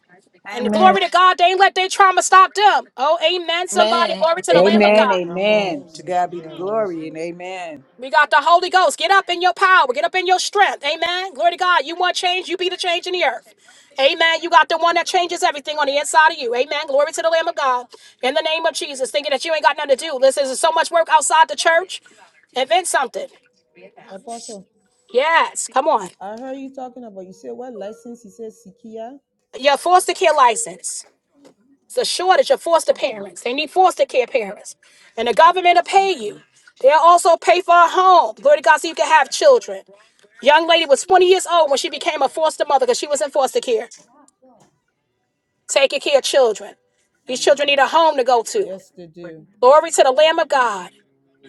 And
Amen.
glory to God, they ain't let their trauma stop them. Oh, amen, somebody.
Amen.
Glory to the Lamb of
Amen.
Amen.
God.
Come on.
Amen. To God be the
Sikia
glory and
lesson.
amen.
We got the Holy Ghost. Get up in your power. Get up in your strength. Amen. Glory to God. You want change, you be the change in the earth. Amen. You got the one that changes everything on the inside of you. Amen. Glory to the Lamb of God. In the name of Jesus. Thinking that you ain't got nothing to do. Listen, there's so much work outside the church. Invent something.
Apostle.
Yes. Come on.
I heard you talking about. You said what license? You said Sikia.
Your foster care license. It's a shortage of foster
Okay.
parents. They need foster care parents. And the government will pay you.
Okay.
They'll also pay for a home. Glory to God, so you can have children. Young lady was 20 years old when she became a foster mother because she was in foster care, taking care of children. These
My
children
God.
need a home to go to.
Yes, they do.
Glory to the Lamb of God.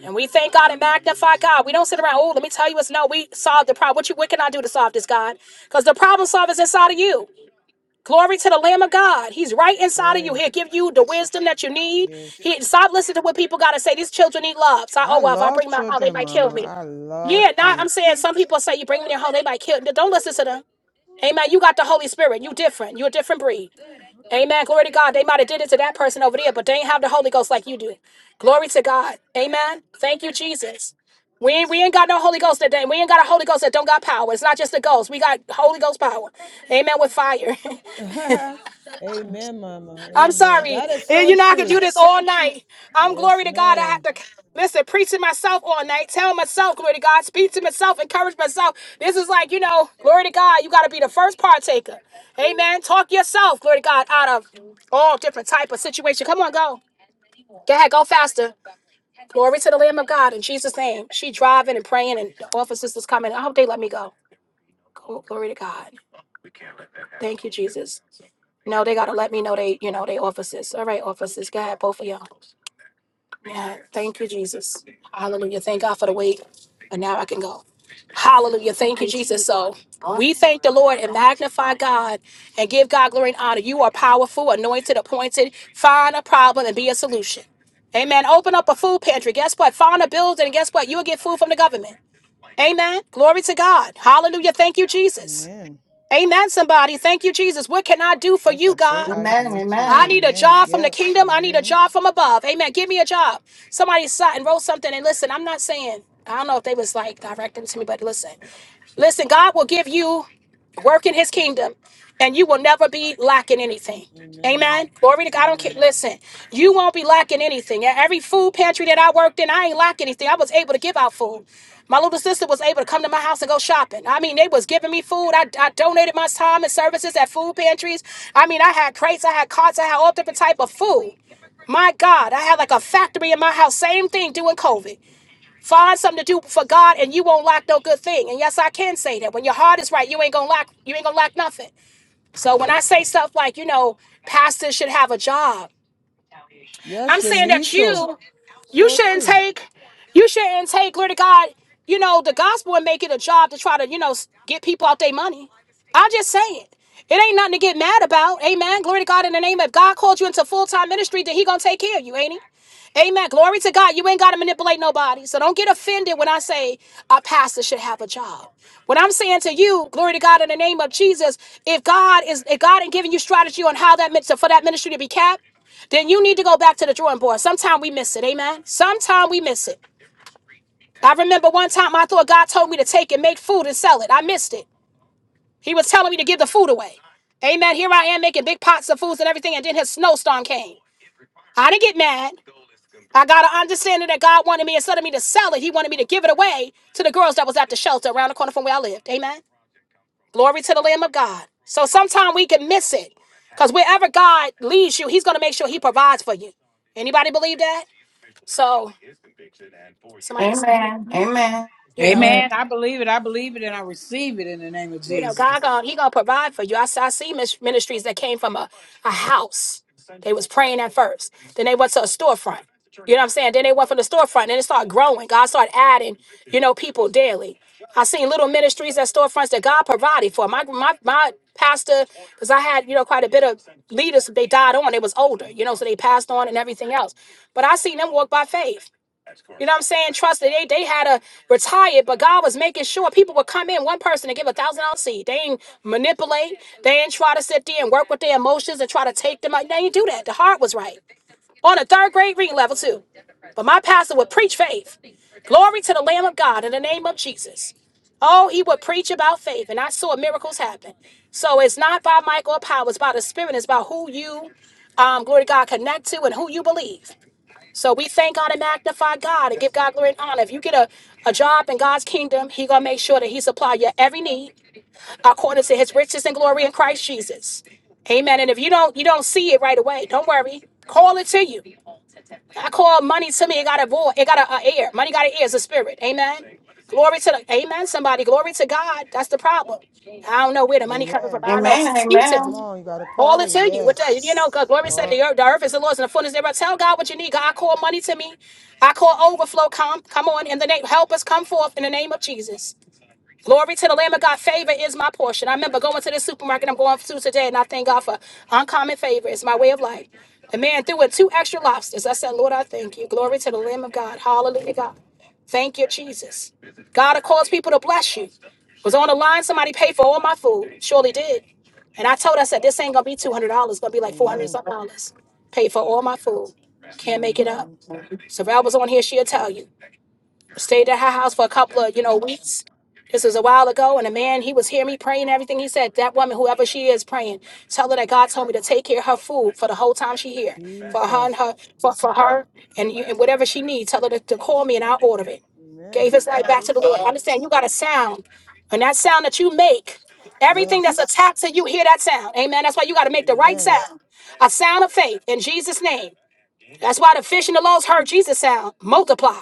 And we thank God and magnify God. We don't sit around, oh, let me tell you what's no, we solved the problem. What you what can I do to solve this, God? Because the problem solver is inside of you. Glory to the Lamb of God. He's right
That's
inside of you.
right.
He'll give you the wisdom that you need.
Yes.
He stop listening to what people gotta say. These children need love. So oh
I
well, if I
love
bring my home, they
children,
might kill
Mama.
me.
I love
Yeah, not I'm
kids.
saying some people say you bring me their home, they might kill. Don't listen to them. Amen. You got the Holy Spirit. You different. You a different breed. Amen. Glory to God. They might have did it to that person over there, but they ain't have the Holy Ghost like you do. Glory to God. Amen. Thank you, Jesus. We ain't, we ain't got no Holy Ghost that day. We ain't got a Holy Ghost that don't got power. It's not just the ghost. We got Holy Ghost power. Amen. With fire. *laughs*
*laughs* Amen, Mama.
I'm
Amen.
sorry.
That is
And you
so
know, I could do
true.
this all night. I'm
Yes,
glory to God. I have
ma'am.
to listen, preach to myself all night, tell myself, glory to God, speak to myself, encourage myself. This is like, you know, glory to God, you got to be the first partaker. Amen. Talk yourself, glory to God, out of all different type of situation. Come on, go. Go ahead, go faster. Glory to the Lamb of God in Jesus' name. She driving and praying, and the officers was coming. I hope they let me go. Gl- Glory to God. Thank you, Jesus. No, they gotta let me know they, you know, they officers. All right, officers. Go ahead, both of y'all. Yeah, thank you, Jesus. Hallelujah. Thank God for the wait. And now I can go. Hallelujah. Thank you, Jesus. So we thank the Lord and magnify God and give God glory and honor. You are powerful, anointed, appointed. Find a problem and be a solution. Amen. Open up a food pantry. Guess what? Find a building. And guess what? You'll get food from the government. Amen. Glory to God. Hallelujah. Thank you, Jesus.
Amen.
Amen, somebody. Thank you, Jesus. What can I do for
That's
you,
a great
God?
Amen.
idea too.
I
Amen.
need a
Amen.
job from the
Yep.
kingdom. I need a
Mm-hmm.
job from above. Amen. Give me a job. Somebody sat and wrote something. And listen, I'm not saying, I don't know if they was like directing to me, but listen, listen, God will give you work in his kingdom and you will never be lacking anything amen
Amen.
glory to god i don't care
Amen.
listen you won't be lacking anything at every food pantry that i worked in i ain't lacking anything i was able to give out food my little sister was able to come to my house and go shopping i mean they was giving me food i, I donated my time and services at food pantries i mean i had crates i had carts i had all different type of food my God, I had like a factory in my house. Same thing doing COVID. Find something to do for God and you won't lack no good thing. And yes, I can say that. When your heart is right, you ain't gonna lack you ain't gonna lack nothing. So when I say stuff like, you know, pastors should have a job, I'm
Yes, they
saying
need
that
to.
you you
So
shouldn't
true.
take you shouldn't take glory to god you know the gospel and make it a job to try to you know s- get people out their money i just say it it ain't nothing to get mad about amen glory to god in the name of god called you into full-time ministry then he gonna take care of you ain't he Amen. Glory to God. You ain't got to manipulate nobody. So don't get offended when I say a pastor should have a job. What I'm saying to you, glory to God in the name of Jesus, if God is if God ain't giving you strategy on how that min- so for that ministry to be capped, then you need to go back to the drawing board. Sometimes we miss it, amen. Sometimes we miss it. I remember one time I thought God told me to take and make food and sell it. I missed it. He was telling me to give the food away. Amen. Here I am making big pots of foods and everything, and then his snowstorm came. I didn't get mad. I got an understanding that God wanted me instead of me to sell it, he wanted me to give it away to the girls that was at the shelter around the corner from where I lived. Amen. Glory to the Lamb of God. So sometimes we can miss it. Because wherever God leads you, he's going to make sure he provides for you. Anybody believe that? So Somebody, s-
Amen. Amen. Amen.
you know,
Amen.
Amen. I believe it. I believe it and I receive it in the name of
you know,
Jesus.
God gonna He gonna provide for you. I, s- I see mis- ministries that came from a, a house. They was praying at first. Then they went to a storefront. You know what I'm saying? Then they went from the storefront. and it started growing. God started adding, you know, people daily. I seen little ministries at storefronts that God provided for. My my my pastor, because I had, you know, quite a bit of leaders, they died on. They was older, you know, so they passed on and everything else. But I seen them walk by faith. You know what I'm saying? Trust that they they had to retire, but God was making sure people would come in one person and give a thousand dollar seed. They ain't manipulate. They ain't try to sit there and work with their emotions and try to take them out. They ain't do that. The heart was right. On a third grade reading level too. But my pastor would preach faith. Glory to the Lamb of God in the name of Jesus. Oh, he would preach about faith, and I saw miracles happen. So it's not by might or power, it's by the spirit, it's about who you um, glory to God, connect to and who you believe. So we thank God and magnify God and give God glory and honor. If you get a, a job in God's kingdom, He gonna make sure that He supply your every need according to His riches and glory in Christ Jesus. Amen. And if you don't you don't see it right away, don't worry. Call it to you. I call money to me. It got a void. It got a, a ear. Money got an ear. It's a spirit. Amen. Glory to the Amen. Somebody. Glory to God. That's the problem. I don't know where the money coming from.
Amen.
I don't know.
Amen.
It's
Come
beautiful.
on, you got to
All
party.
into you. What that, you know,
Yes.
God, glory said
God.
the earth, the earth is the Lord's and the fullness thereof. Tell God what you need. God, I call money to me. I call overflow. Come, come on in the name. Help us come forth in the name of Jesus. Glory to the Lamb of God. Favor is my portion. I remember going to the supermarket I'm going to today, and I thank God for uncommon favor. It's my way of life. The man threw in two extra lobsters. I said, Lord, I thank you. Glory to the Lamb of God. Hallelujah, God. Thank you, Jesus. God will cause people to bless you. Was on the line, somebody paid for all my food. Surely did. And I told her, I said, this ain't gonna be two hundred dollars, gonna be like four hundred
Amen.
something dollars. Paid for all my food. Can't
Mm,
make it up.
thank you.
So if I was on here, she'll tell you stayed at her house for a couple of you know weeks this was a while ago and a man he was hearing me praying and everything he said that woman whoever she is praying tell her that god told me to take care of her food for the whole time she here for her and
Jesus.
her for, for her and, you, and whatever she needs tell her to, to call me and i'll order it gave
Amen.
his life
God
back to the
is
lord
good.
understand you got a sound and that sound that you make everything that's
Yes.
attached to you hear that sound amen that's why you got to make the right
Amen.
sound a sound of faith in jesus name that's why the fish and the loaves heard Jesus sound. Multiply.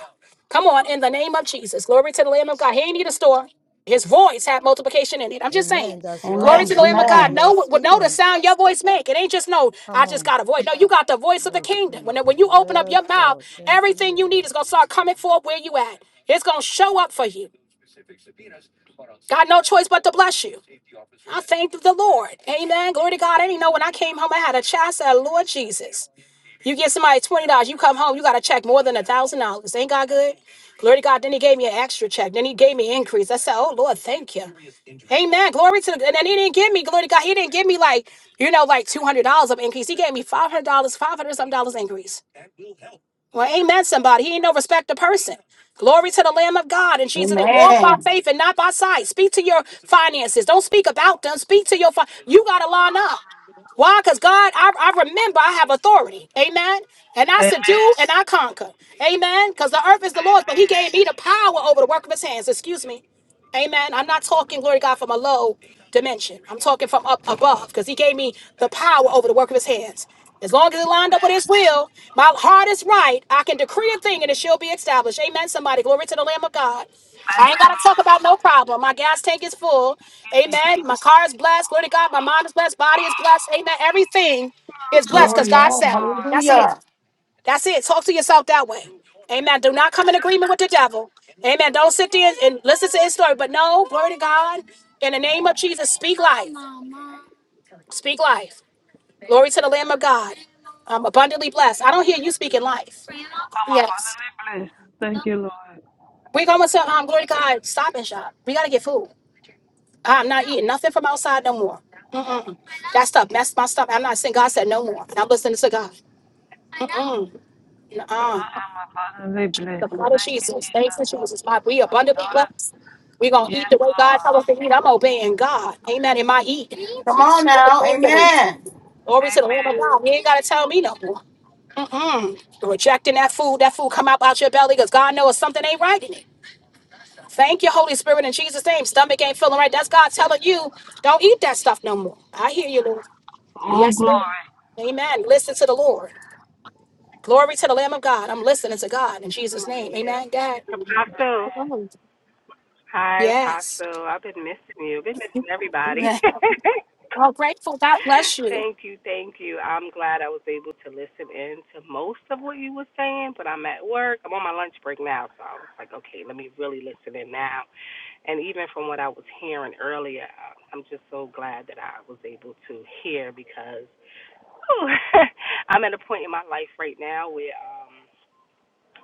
Come on, in the name of Jesus. Glory to the Lamb of God. He ain't need a store. His voice had multiplication in it. I'm just saying.
Amen. That's
Glory
right.
Amen.
to the Lamb of
Amen.
God.
You
Amen.
are
Know what know the
speaking.
sound your voice make. It ain't just no, I
Come
just
on.
got a voice. No, you got the voice of the
Yes,
kingdom.
King.
When, when you open up
Yes,
your mouth,
Lord. Thank you,
everything you
Lord.
need is gonna start coming forth where you at. It's gonna show up for you. Got no choice but to bless you. I thank the Lord. Amen. Glory to God. I didn't know when I came home, I had a child. I said, Lord Jesus. You get somebody twenty dollars, you come home, you got a check more than a thousand dollars. Ain't God good? Glory to God. Then he gave me an extra check. Then he gave me increase. I said, Oh Lord, thank you. Amen. Glory to the and then he didn't give me, glory to God. He didn't give me like, you know, like two hundred dollars of increase. He gave me five hundred dollars, five hundred some dollars increase. Well, amen. somebody? He ain't no respecter person. Glory to the Lamb of God and Jesus. They walk by
Amen.
faith and not by sight. Speak to your finances. Don't speak about them. Speak to your. Fi- you got to line up. Why? Because God, I, I remember I have authority. Amen. And I
Amen.
subdue and I conquer. Amen. Because the earth is the Lord's, but He gave me the power over the work of His hands. Excuse me. Amen. I'm not talking, glory to God, from a low dimension. I'm talking from up above because he gave me the power over the work of his hands. As long as it lined up with his will, my heart is right. I can decree a thing and it shall be established. Amen. Somebody, glory to the Lamb of God. I
Thank
ain't
you,
got to talk
Lord.
about no problem. My gas tank is full.
Thank you, Jesus.
Amen. My car is blessed. Glory to God. My mind is blessed. Body is blessed. Amen. Everything is
Oh,
blessed because
glory.
God
Yes,
Amen.
said it.
Lord.
That's it.
Hallelujah.
That's it. Talk to yourself that way. Amen. Do not
Thank you,
come in agreement with
Jesus.
the devil. Amen. Don't sit there and listen to his story. But no, glory to God. In the name of Jesus, speak life. Speak life. Glory to the Lamb of God. I'm abundantly blessed. I don't hear you speaking life.
I'm
Yes.
abundantly blessed. Thank you, Lord.
We're going to, um, glory to God, stop and shop. We got to get food. I'm not eating nothing from outside no more. Mm-mm. That stuff messed my stuff. I'm not saying God said no more. And I'm listening to God. Mm-mm. Nuh-uh.
I am abundantly blessed.
The blood of
Thank you,
Jesus. Thanks to
Jesus.
Jesus. My, we
My
abundantly
daughter.
blessed. We're going to eat
Yes,
the way God
Lord.
tell us to eat. I'm obeying God. Amen. In my eat.
Come on
Lord,
now.
Thank you, Lord.
Amen.
Glory to the Lamb of
Amen.
God. He ain't got to tell me no more. Mm-mm. You're rejecting that food. That food come out, out your belly because God knows something ain't right in it. Thank you, Holy Spirit, in Jesus' name. Stomach ain't feeling right. That's God telling you, don't eat that stuff no more. I hear you, Lord.
Oh,
Yes, Lord.
glory.
Amen. Listen to the Lord. Glory to the Lamb of God. I'm listening to God in Jesus' name.
Yeah.
Amen. God.
Apostle.
Amen.
Hi,
Yes.
Apostle. I've been missing you. Been missing everybody.
*laughs* Well, grateful. God bless
*laughs*
you.
thank you, thank you. I'm glad I was able to listen in to most of what you were saying, but I'm at work. I'm on my lunch break now, so I was like, okay, let me really listen in now. And even from what I was hearing earlier, uh, I'm just so glad that I was able to hear because whew, *laughs* I'm at a point in my life right now where um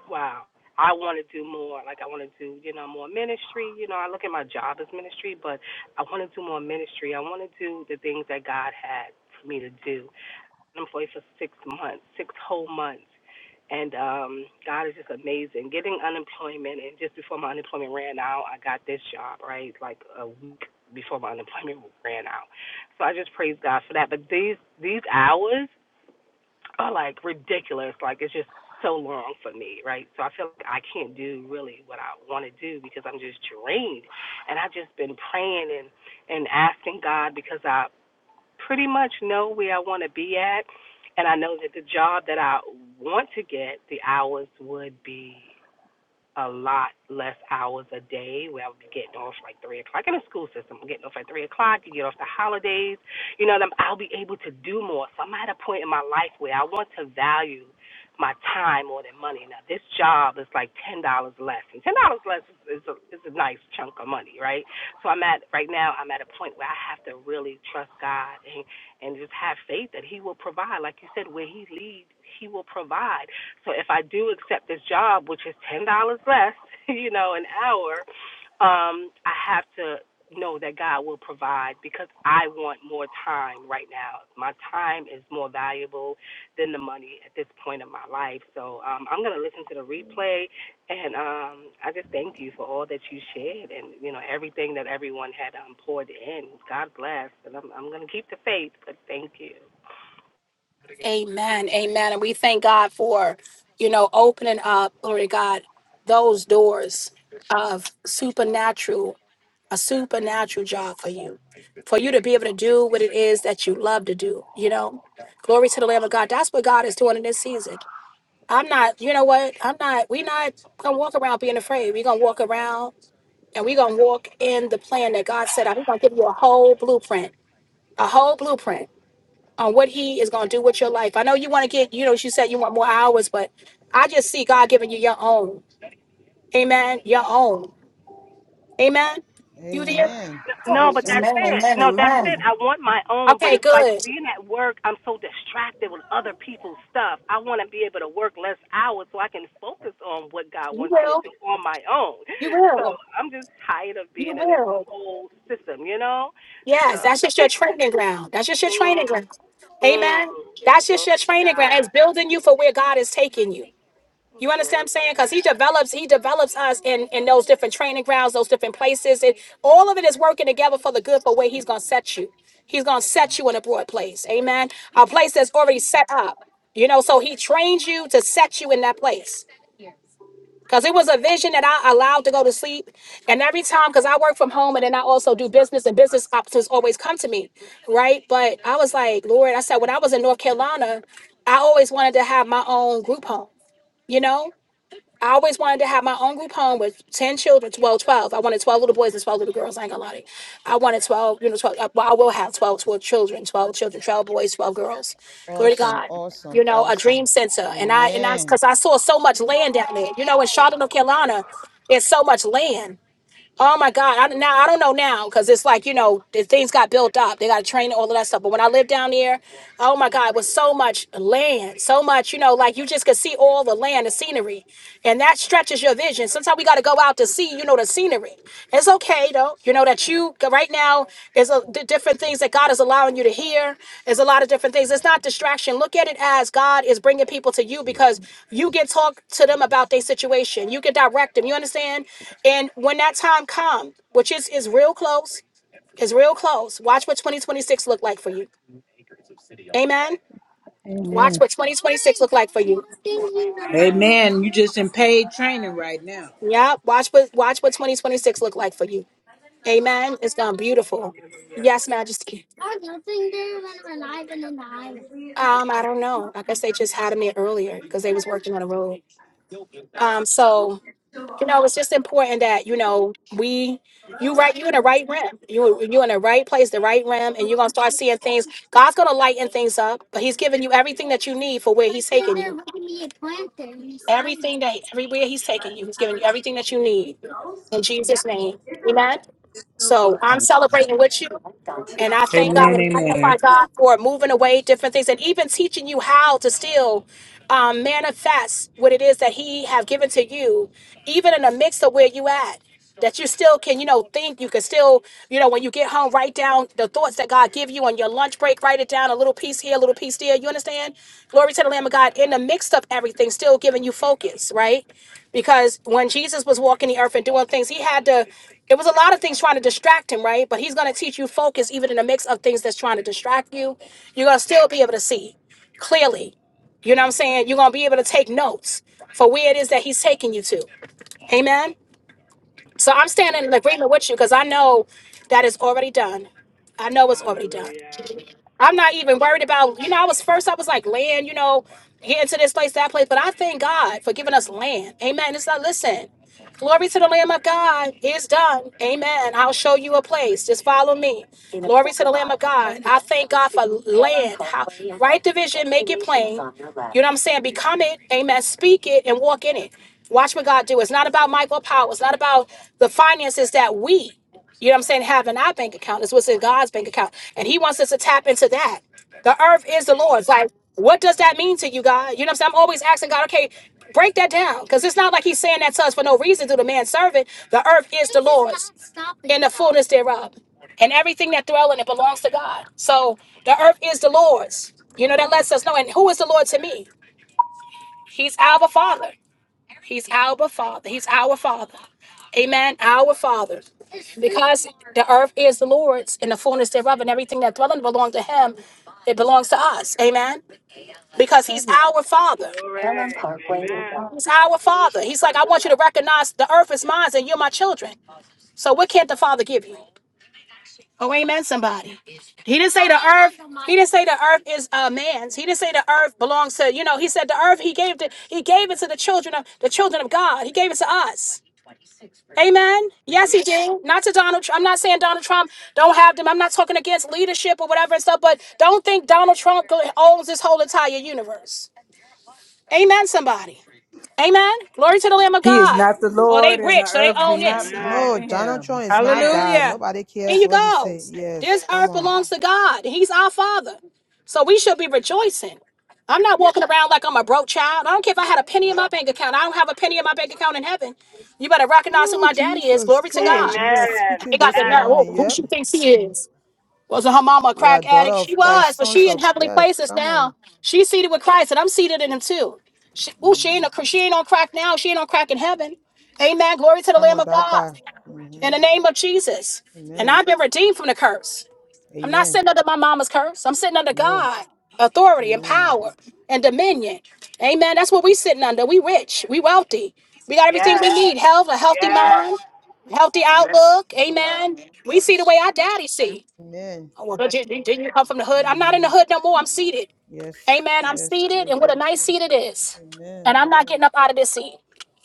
Wow. I want to do more. Like I want to do, you know, more ministry. You know, I look at my job as ministry, but I want to do more ministry. I want to do the things that God had for me to do. I'm employed for six months, six whole months. And um, God is just amazing. Getting unemployment, and just before my unemployment ran out, I got this job, right? Like a week before my unemployment ran out. So I just praise God for that. But these these hours are like ridiculous. Like it's just so long for me, right? So I feel like I can't do really what I want to do because I'm just drained. And I've just been praying and and asking God because I pretty much know where I want to be at, and I know that the job that I want to get, the hours would be a lot less hours a day where I would be getting off like three o'clock in the school system. I'm getting off at three o'clock, you get off the holidays, you know, i will be able to do more. So I'm at a point in my life where I want to value my time more than money. Now this job is like ten dollars less, and ten dollars less is, is a is a nice chunk of money, right? So I'm at right now. I'm at a point where I have to really trust God and and just have faith that He will provide. Like you said, where He leads, He will provide. So if I do accept this job, which is ten dollars less, *laughs* you know, an hour, um, I have to know that God will provide because I want more time right now. My time is more valuable than the money at this point in my life. So um, I'm gonna listen to the replay, and um, I just thank you for all that you shared and you know everything that everyone had um, poured in. God bless, and I'm I'm gonna keep the faith. But thank you.
Amen. Amen. And we thank God for, you know, opening up, glory to God, those doors of supernatural, a supernatural job for you, for you to be able to do what it is that you love to do, you know? Glory to the Lamb of God. That's what God is doing in this season. I'm not, you know what? I'm not, we're not gonna walk around being afraid. We're gonna walk around and we're gonna walk in the plan that God said. I'm gonna give you a whole blueprint, a whole blueprint on what he is going to do with your life. I know you want to get, you know, you said you want more hours, but I just see God giving you your own. Amen. Your own. Amen. You there?
Amen.
No, but
Awesome.
that's
Amen.
it.
Amen.
No, that's it.
Amen.
I want my own, but
Okay,
it's like
good.
being at work, I'm so distracted with other people's stuff. I want to be able to work less hours so I can focus on what God
You
wants me to
will.
do on my own.
You
*laughs* So
will.
I'm just tired of
You
being in this
will.
whole system, you know? So,
Yes, that's just your
*laughs*
training ground. That's just your training
mm,
ground.
mm,
Amen. That's just your
glory to
training ground. It's
God.
building you for where God is taking you. You understand what I'm
Glory to
saying? Because he
God.
develops, he develops us in in those different training grounds, those different places, and all of it is working together for the good for where he's gonna set you. He's gonna set you in a broad place. Amen. A place that's already set up. You know, so he trains you to set you in that place. Because it was a vision that I allowed to go to sleep. And every time, because I work from home and then I also do business, and business opportunities always come to me. Right. But I was like, Lord, I said, when I was in North Carolina, I always wanted to have my own group home, you know? I always wanted to have my own group home with 10 children, well, 12. I wanted 12 little boys and 12 little girls. I ain't gonna lie to you. I wanted 12, you know, 12. uh, Well, I will have 12, 12 children, 12 children, 12 boys, 12 girls. Glory to
Awesome.
God. You
Awesome.
know, a
Awesome.
dream center. And I, and I,
Amen.
because I saw so much land down there. You know, in Charlotte, North Carolina, there's so much land Oh my God! I, now I don't know now because it's like you know the things got built up. They got to train all of that stuff. But when I lived down there, oh my God, it was so much land, so much you know, like you just could see all the land, the scenery, and that stretches your vision. Sometimes we got to go out to see, you know, the scenery. It's okay though, you know that you right now is a, the different things that God is allowing you to hear. Is a lot of different things. It's not distraction. Look at it as God is bringing people to you because you can talk to them about their situation. You can direct them. You understand? And when that time comes, which is is real close, is real close. Watch what 2026 look like for you. Amen. Watch
Amen.
what 2026 look like for you.
Amen.
Amen. You just in paid training right now.
Yeah. Watch what watch what 2026 look like for you. Amen. It's gone beautiful.
Hallelujah.
Yes, Majesty. Um, I don't know. Like I guess they just had me earlier because they was working on a road. Um, so you know, it's just important that you know we you right you in the right realm. You you in the right place, the right realm, and you're gonna start seeing things. God's gonna lighten things up, but He's giving you everything that you need for where He's taking you. Everything that everywhere He's taking you, He's giving you everything that you need in Jesus' name. Amen. So I'm celebrating with you. And I thank God
Amen.
and magnify
Amen.
God for moving away different things and even teaching you how to still um, manifest what it is that He have given to you, even in the midst of where you at. That you still can, you know, think you can still, you know, when you get home, write down the thoughts that God give you on your lunch break. Write it down, a little piece here, a little piece there. You understand? Glory to the Lamb of God. In the midst of everything, still giving you focus, right? because when Jesus was walking the earth and doing things, he had to. It was a lot of things trying to distract him, right? But he's going to teach you focus even in the mix of things that's trying to distract you. You're going to still be able to see clearly. You know what I'm saying? You're going to be able to take notes for where it is that he's taking you to. Amen. So I'm standing in agreement with you because I know that is already done. I know it's already done.
Hallelujah.
I'm not even worried about, you know, I was first, I was like, land, you know, get into this place, that place. But I thank God for giving us land. Amen. It's like, listen. Glory to the Lamb of God. It's done. Amen. I'll show you a place. Just follow me. Glory to the Lamb of God. I thank God for land. How, right division, make it plain. You know what I'm saying? Become it. Amen. Speak it and walk in it. Watch what God do. It's not about Michael Powell. It's not about the finances that we, you know what I'm saying, have in our bank account. It's what's in God's bank account. And He wants us to tap into that. The earth is the Lord's. Like, what does that mean to you, God? You know what I'm saying? I'm always asking God, okay, break that down. Because it's not like he's saying that to us for no reason through the man's servant. The earth is the Lord's and the fullness thereof. And everything that dwell in it belongs to God. So the earth is the Lord's. You know, that lets us know. And who is the Lord to me? He's our Father. He's our Father. He's our Father. Amen. Our Father. Because the earth is the Lord's and the fullness thereof, and everything that dwelleth belong to Him, it belongs to us. Amen. Because He's our Father.
Glory. Amen.
He's our Father. He's like, I want you to recognize the earth is mine and you're my children. So what can't the Father give you? Oh, amen, somebody. He didn't say the earth. He didn't say the earth is uh, man's. He didn't say the earth belongs to, you know, he said the earth he gave to he gave it to the children of the children of God. He gave it to us. Amen. Yes, he did. Not to Donald Trump. I'm not saying Donald Trump don't have them. I'm not talking against leadership or whatever and stuff, but don't think Donald Trump go- owns this whole entire universe. Amen, somebody. Amen. Glory to the Lamb of
He is
God.
not the
Or they
Lord and the
rich, so they
earth do
own
not
this.
belong to
No,
Amen.
Donald
him.
Trump is not
Amen.
God.
Hallelujah.
Nobody
There
cares
you
what he
go.
said.
This
Yes. Come
earth
on.
belongs to God. He's our Father. So we should be rejoicing. I'm not walking around like I'm a broke child. I don't care if I had a penny in my bank account. I don't have a penny in my bank account in heaven. You better recognize who
Oh,
my daddy is.
Jesus,
Glory to
come
God.
on. You are
Amen.
They
speaking
got the
this
Yes.
nerve. Oh,
morning.
who
Yep.
she thinks he is? Wasn't her mama a
We are
crack
daughter
addict?
of
She was,
Christ,
but
sons
she in
of,
heavenly
yes,
places
come
now.
on.
She's seated with Christ, and I'm seated in him too. She, ooh, she ain't
Mhm.
a, she ain't on crack now. She ain't on crack in heaven. Amen. Glory to the
Come
Lamb
on,
of
that
God
part.
in
hmm
the name of Jesus. And
Amen.
I've been redeemed from the curse. I'm not
Amen.
sitting under my mama's curse. I'm sitting under
No.
God, authority and
Amen.
power and dominion. Amen. That's what we sitting under. We rich. We wealthy. We got everything
Yes.
we need. Health, a healthy
Yes.
mind, healthy outlook. Amen. We see the way our daddy see.
Amen.
Oh, well, did you, did you come from the hood? I'm not in the
hmm
hood no more. I'm seated.
Yes,
Amen. I'm
yes,
seated,
yes,
and what a
yes,
nice
yes.
seat it is. And
Amen.
I'm not
Yes.
getting up out of this seat.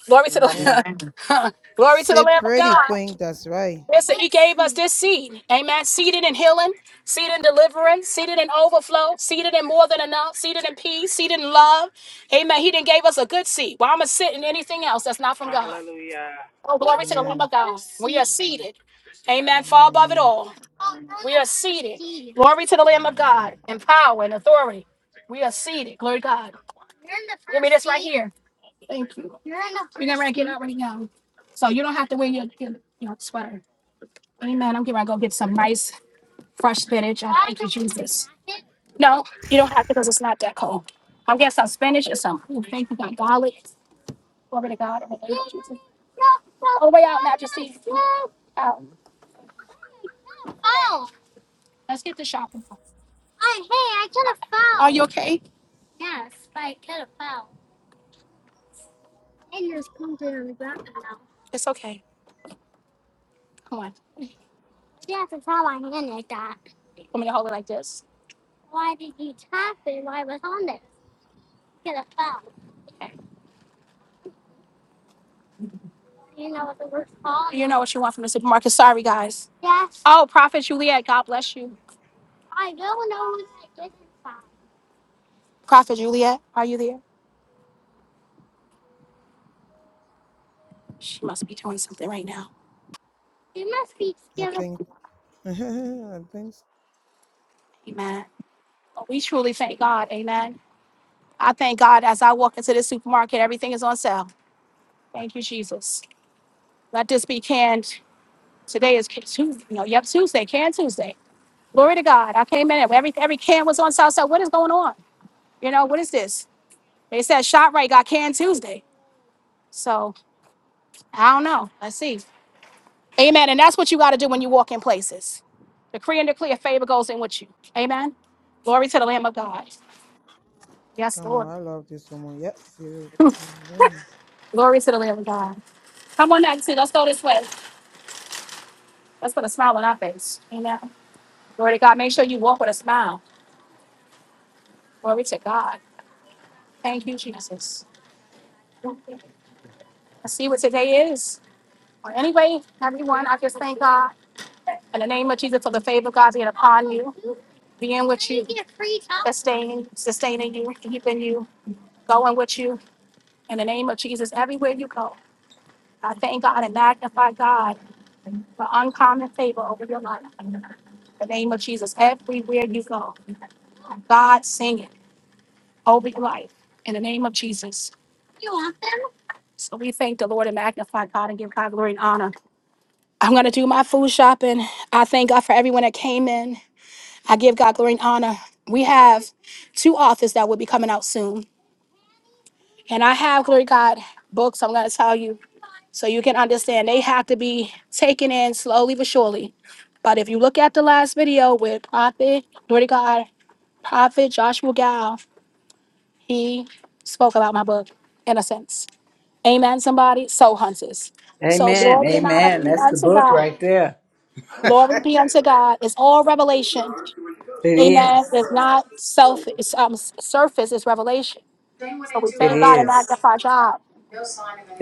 Glory to the
Amen.
*laughs* Glory to the
Sit
Lamb of
pretty,
God.
Queen. That's right.
Listen, he gave us this seed. Amen. Seated in healing, seated in deliverance, seated in overflow, seated in more than enough, seated in peace, seated in love. Amen. He didn't gave us a good seed. Why am I sitting anything else that's not from God?
Hallelujah.
Oh, glory to the Lamb of
Amen.
God. We are seated. Amen. Far above it
Amen.
all. We are seated. Glory to the Lamb of
Mm.
God in power and authority. We are seated. Glory to God. Give me this right here. Thank you. We're gonna get out right now. So you don't have to wear your, your, your sweater. Amen. I'm gonna go get some nice fresh spinach. I thank you, Jesus. No, you don't have to because it's not that cold. I'll get some spinach and some ooh, thank you, God. Garlic. Glory to God. In the name of Jesus. Oh, way out, Majesty. Out. Let's get the shopping. Are you okay? It's okay. Come on. Want me to hold it like this? You know what the word fall You're not in the supermarket. Sorry, guys. Yes, Oh, bless you. I don't know what I did inside. Prophet Juliet, are you there? She must be doing something right now. You must be
I
scared
think, *laughs* I think,
Amen. Oh, We truly thank God. Amen. I thank God as I walk into the supermarket, everything is on sale. Thank you, Jesus. Let this be canned. Today is Tuesday. No, yep, Tuesday, Can Tuesday. Glory to God. I came in and every, every can was on sale. So what is going on? You know, what is this? They said ShopRite got canned Tuesday. So. I don't know. Let's see. Amen. And that's what you got to do when you walk in places. Decree and declare favor goes in with you. Amen. Glory to the Lamb of God. Yes,
come
Lord.
on, I love this woman. Yep, feel it. Amen.
Glory to the Lamb of God. Come on, Nancy. Let's go this way. Let's put a smile on our face. Amen. Glory to God. Make sure you walk with a smile. Glory to God. Thank you, Jesus. I see what today is. Well, anyway, everyone, I just thank God in the name of Jesus for the favor of God being upon you, being with you, sustaining, sustaining you, keeping you, going with you. In the name of Jesus, everywhere you go, I thank God and magnify God for uncommon favor over your life. In the name of Jesus, everywhere you go, God sing it over your life. In the name of Jesus. You are them. So we thank the Lord and magnify God and give God glory and honor. I'm going to do my food shopping. I thank God for everyone that came in. I give God glory and honor. We have two authors that will be coming out soon. And I have, glory to God, books I'm going to tell you. So you can understand they have to be taken in slowly but surely. But if you look at the last video with Prophet, glory to God, Prophet Joshua Gal, he spoke about my book, in a sense. Amen, somebody. Soul hunters. So
Amen.
glory and honor
Amen.
be
That's the
unto
book
God.
right there.
Glory be unto God. It's all revelation.
It
Amen.
is.
It's not self, it's um s- surface, it's revelation. So we
It
thank God and
is.
magnify God.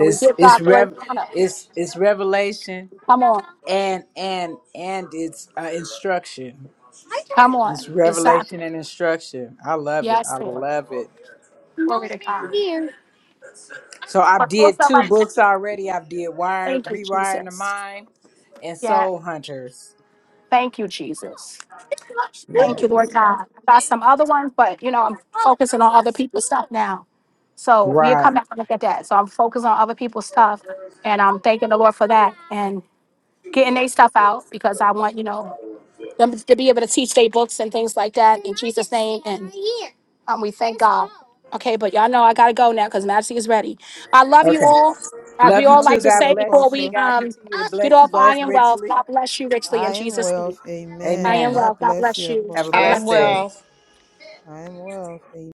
And we give God
it's
great
rev
honor.
it's it's revelation
Come on.
and and and it's uh, instruction.
Come on.
It's revelation
Exactly.
and instruction. I love it.
Yes,
I
Lord.
love it.
Glory to God.
So I
For those
did
of
two
us-
books already. I did Wire
Thank you,
Rewiring the
Jesus.
Mind and
Yeah.
Soul Hunters.
Thank you, Jesus. Thank you, Lord
Yes.
God. I got some other ones, but you know, I'm focusing on other people's stuff now. So we'll come
Right.
back and look at that. So I'm focused on other people's stuff and I'm thanking the Lord for that and getting their stuff out because I want, you know, them to be able to teach their books and things like that in Jesus' name. And um, we thank God. Okay, but y'all know I gotta go now because Majesty is ready. I love you
Okay.
all. As we
Love you
all
Love
too.
like
you
to
too,
God
say
bless you.
before
May
we
Apostle.
God
um
continue to
get
bless you
off, I
both
am well.
richly.
God bless you richly
I
in
am
Jesus'
well.
name. I
Amen.
am
Amen.
well.
God
God
bless
bless
you,
you.
Have a
God
Apostle.
I'm
blessed
bless
day.
you.
Yes,
well.
I am well. Amen.